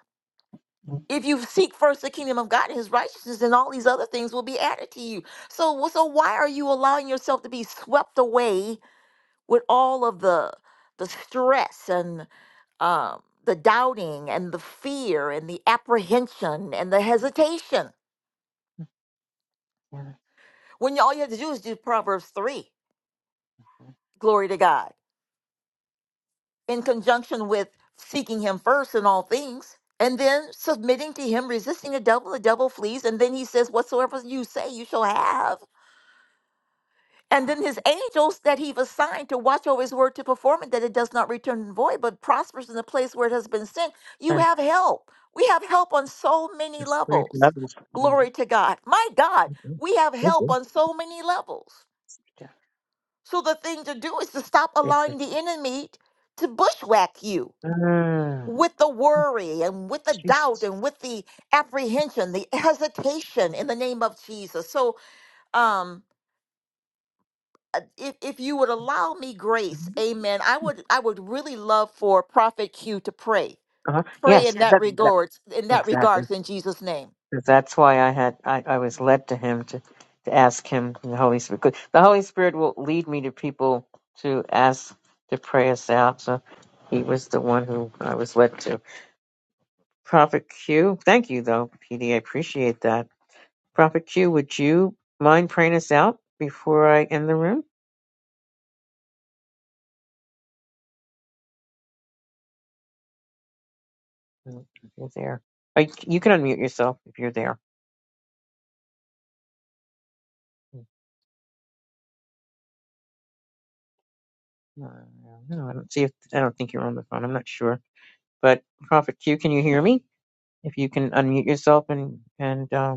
If you seek first the kingdom of God and his righteousness, and all these other things will be added to you. So so why are you allowing yourself to be swept away with all of the the stress and um, the doubting and the fear and the apprehension and the hesitation. When you, all you have to do is do Proverbs 3, glory to God, in conjunction with seeking Him first in all things, and then submitting to Him, resisting the devil, the devil flees, and then He says, Whatsoever you say, you shall have. And then his angels that he've assigned to watch over his word to perform it, that it does not return void, but prospers in the place where it has been sent. You thanks. have help. We have help on so many It's great. levels. Love is Mhm. Glory to God. My God, Mhm. we have help Mhm. on so many levels. So the thing to do is to stop Thank you. allowing the enemy to bushwhack you Mm, with the worry and with the doubt Jesus. and with the apprehension, the hesitation in the name of Jesus. So, um, uh, if, if you would allow me uh grace, amen, I would I would really love for Prophet Q to pray. Uh-huh. Pray in Yes, that that, that, regards, in that exactly. regards, in Jesus' name. 'Cause That's why I had I, I was led to him to, to ask him the Holy Spirit. 'Cause The Holy Spirit will lead me to people to ask to pray us out. So he was the one who I was led to. Prophet Q, thank you though, PD. I appreciate that. Prophet Q, would you mind praying us out before I end the room? Mm, If you're there, Uh, you can unmute yourself if you're there. Mm, No, no, I don't see. If, I don't think you're on the phone. I'm not sure. But Prophet Q, can you hear me? If you can unmute yourself and and uh,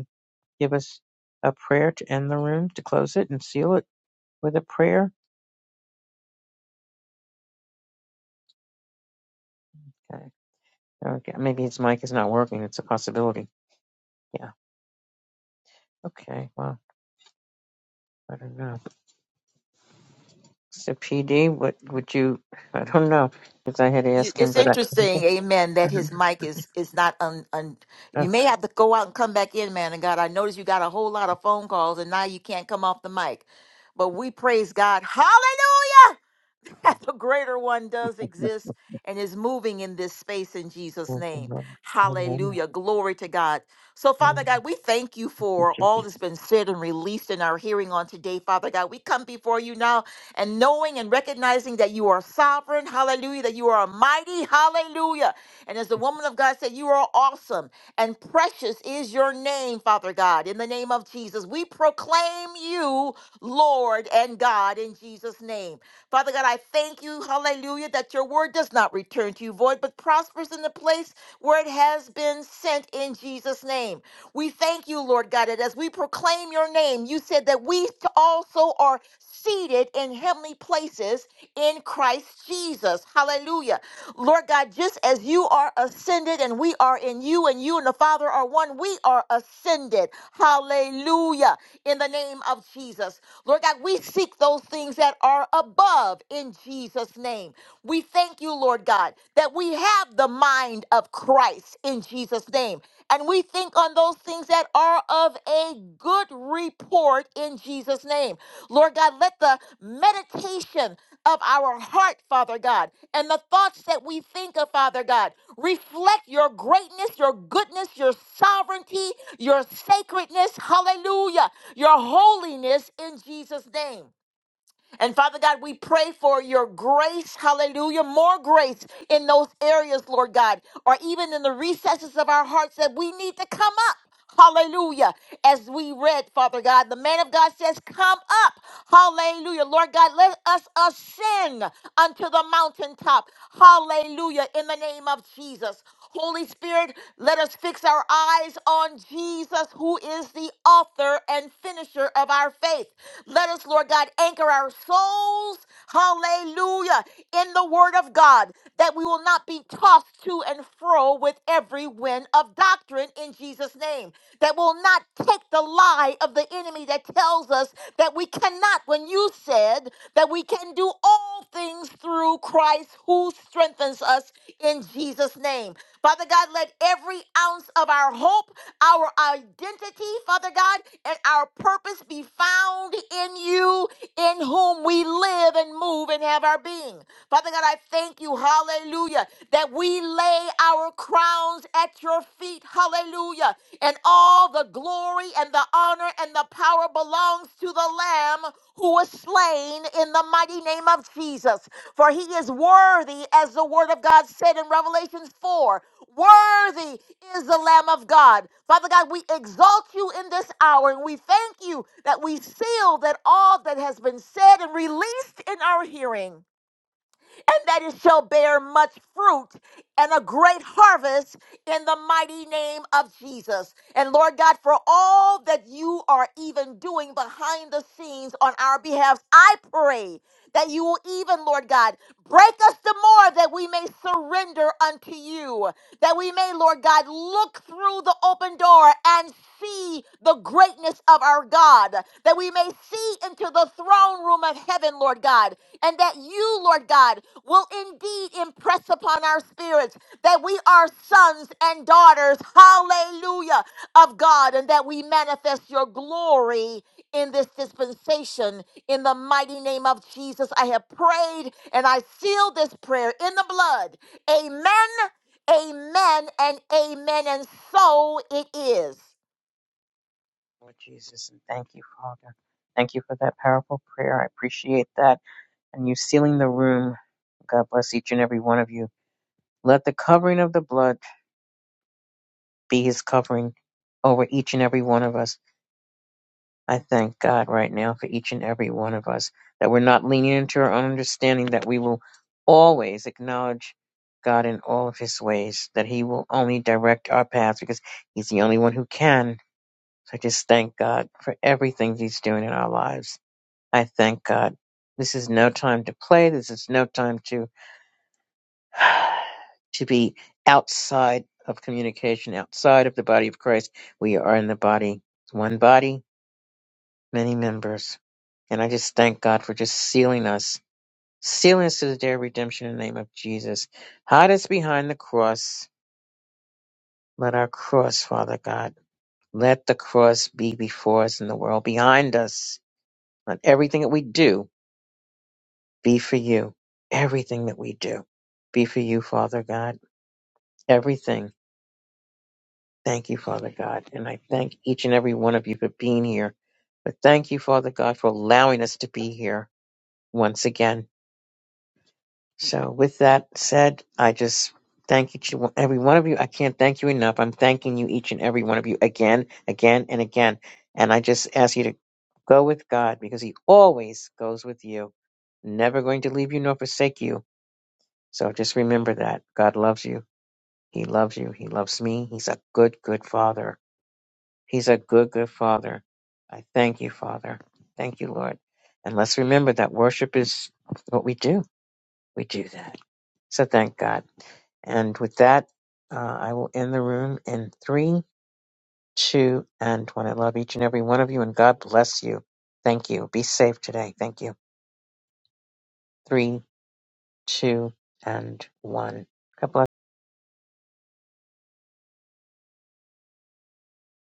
give us a prayer to end the room, to close it and seal it with a prayer. Okay. Okay. Maybe his mic is not working. It's a possibility. Yeah. Okay. Well, I don't know. So PD, what would you? I don't know because I had You- asked him, It's but I. interesting, amen, that his mic is is not un, un you may have to go out and come back in, man and God. I notice you got a whole lot of phone calls and now you can't come off the mic. But we praise God. Hallelujah! the greater one does exist and is moving in this space in Jesus' name. Hallelujah. Glory to God. So, Father God, we thank you for all that's been said and released in our hearing on today, Father God. We come before you now and knowing and recognizing that you are sovereign. Hallelujah. That you are mighty. Hallelujah. And as the woman of God said, you are awesome and precious is your name, Father God. In the name of Jesus, we proclaim you, Lord and God, in Jesus' name. Father God, I thank you, hallelujah, that your word does not return to you void, but prospers in the place where it has been sent in Jesus' name. We thank you, Lord God, that as we proclaim your name, you said that we t- also are seated in heavenly places in Christ Jesus. Hallelujah. Lord God, just as you are ascended and we are in you and you and the Father are one, we are ascended. Hallelujah. In the name of Jesus. Lord God, we seek those things that are above in Jesus' name. We thank you, Lord God, that we have the mind of Christ in Jesus' name and we think on those things that are of a good report in Jesus' name. Lord God, let the meditation of our heart, Father God, and the thoughts that we think of, Father God, reflect your greatness, your goodness, your sovereignty, your sacredness, hallelujah, your holiness in Jesus' name. And Father God, we pray for your grace, hallelujah, more grace in those areas, Lord God, or even in the recesses of our hearts that we need to come up. Hallelujah. As we read, Father God, the man of God says, Come up. Hallelujah. Lord God, let us ascend unto the mountaintop. Hallelujah. In the name of Jesus. Holy Spirit, let us fix our eyes on Jesus, who is the author and finisher of our faith. Let us, Lord God, anchor our souls truth, hallelujah, in the Word of God, that we will not be tossed to and fro with every wind of doctrine in Jesus' name, that will not take the lie of the enemy that tells us that we cannot, when you said that we can do all things through Christ who strengthens us in Jesus' name. Father God, let every every ounce of our hope, our identity, Father God, and our purpose be found in you, in whom we live and move and have our being. Father God, I thank you, hallelujah, that we lay our crowns at your feet, hallelujah, and all the glory and the honor and the power belongs to the Lamb who was slain in the mighty name of Jesus. For he is worthy, as the word of God said in Revelations 4 Worthy is the Lamb of God. Father God, we exalt you in this hour and we thank you that we seal that all that has been said and released in our hearing and that it shall bear much fruit and a great harvest in the mighty name of Jesus. And Lord God, for all that you are even doing behind the scenes on our behalf, I pray that you will even, Lord God, break us the more that we may surrender unto you that we may, Lord God, look through the open door and see the greatness of our God, that we may see into the throne room of heaven, Lord God, and that you, Lord God, will indeed impress upon our spirits that we are sons and daughters, hallelujah, of God, and that we manifest your glory in this dispensation. In the mighty name of Jesus, I have prayed and I seal this prayer in the blood. Amen Amen and amen. And so it is. Lord Jesus, and thank you, Father. Thank you for that powerful prayer. I appreciate that. And you sealing the room. God bless each and every one of you. Let the covering of the blood be his covering over each and every one of us. I thank God right now for each and every one of us that we're not leaning into our own understanding, that we will always acknowledge God in all of his ways, that he will only direct our paths because he's the only one who can. So I just thank God for everything he's doing in our lives. I thank God. This is no time to play. This is no time to, to be outside of communication, outside of the body of Christ. We are in the body, one body, many members. And I just thank God for just sealing us, sealing us to the day of redemption in the name of Jesus. Hide us behind the cross. Let our cross, Father God, let the cross be before us in the world, behind us. Let everything that we do be for you. Everything that we do be for you, Father God. Everything. Thank you, Father God. And I thank each and every one of you for being here. But thank you, Father God, for allowing us to be here once again. So, with that said, I just thank each and every one of you. I can't thank you enough. I'm thanking you, each and every one of you, again, again, and again. And I just ask you to go with God because He always goes with you, never going to leave you nor forsake you. So, just remember that God loves you. He loves you. He loves me. He's a good, good Father. He's a good, good Father. I thank you, Father. Thank you, Lord. And let's remember that worship is what we do. We do that. So, thank God. And with that, uh, I will end the room in three, two, and one. I love each and every one of you, and God bless you. Thank you. Be safe today. Thank you. Three, two, and one. God bless.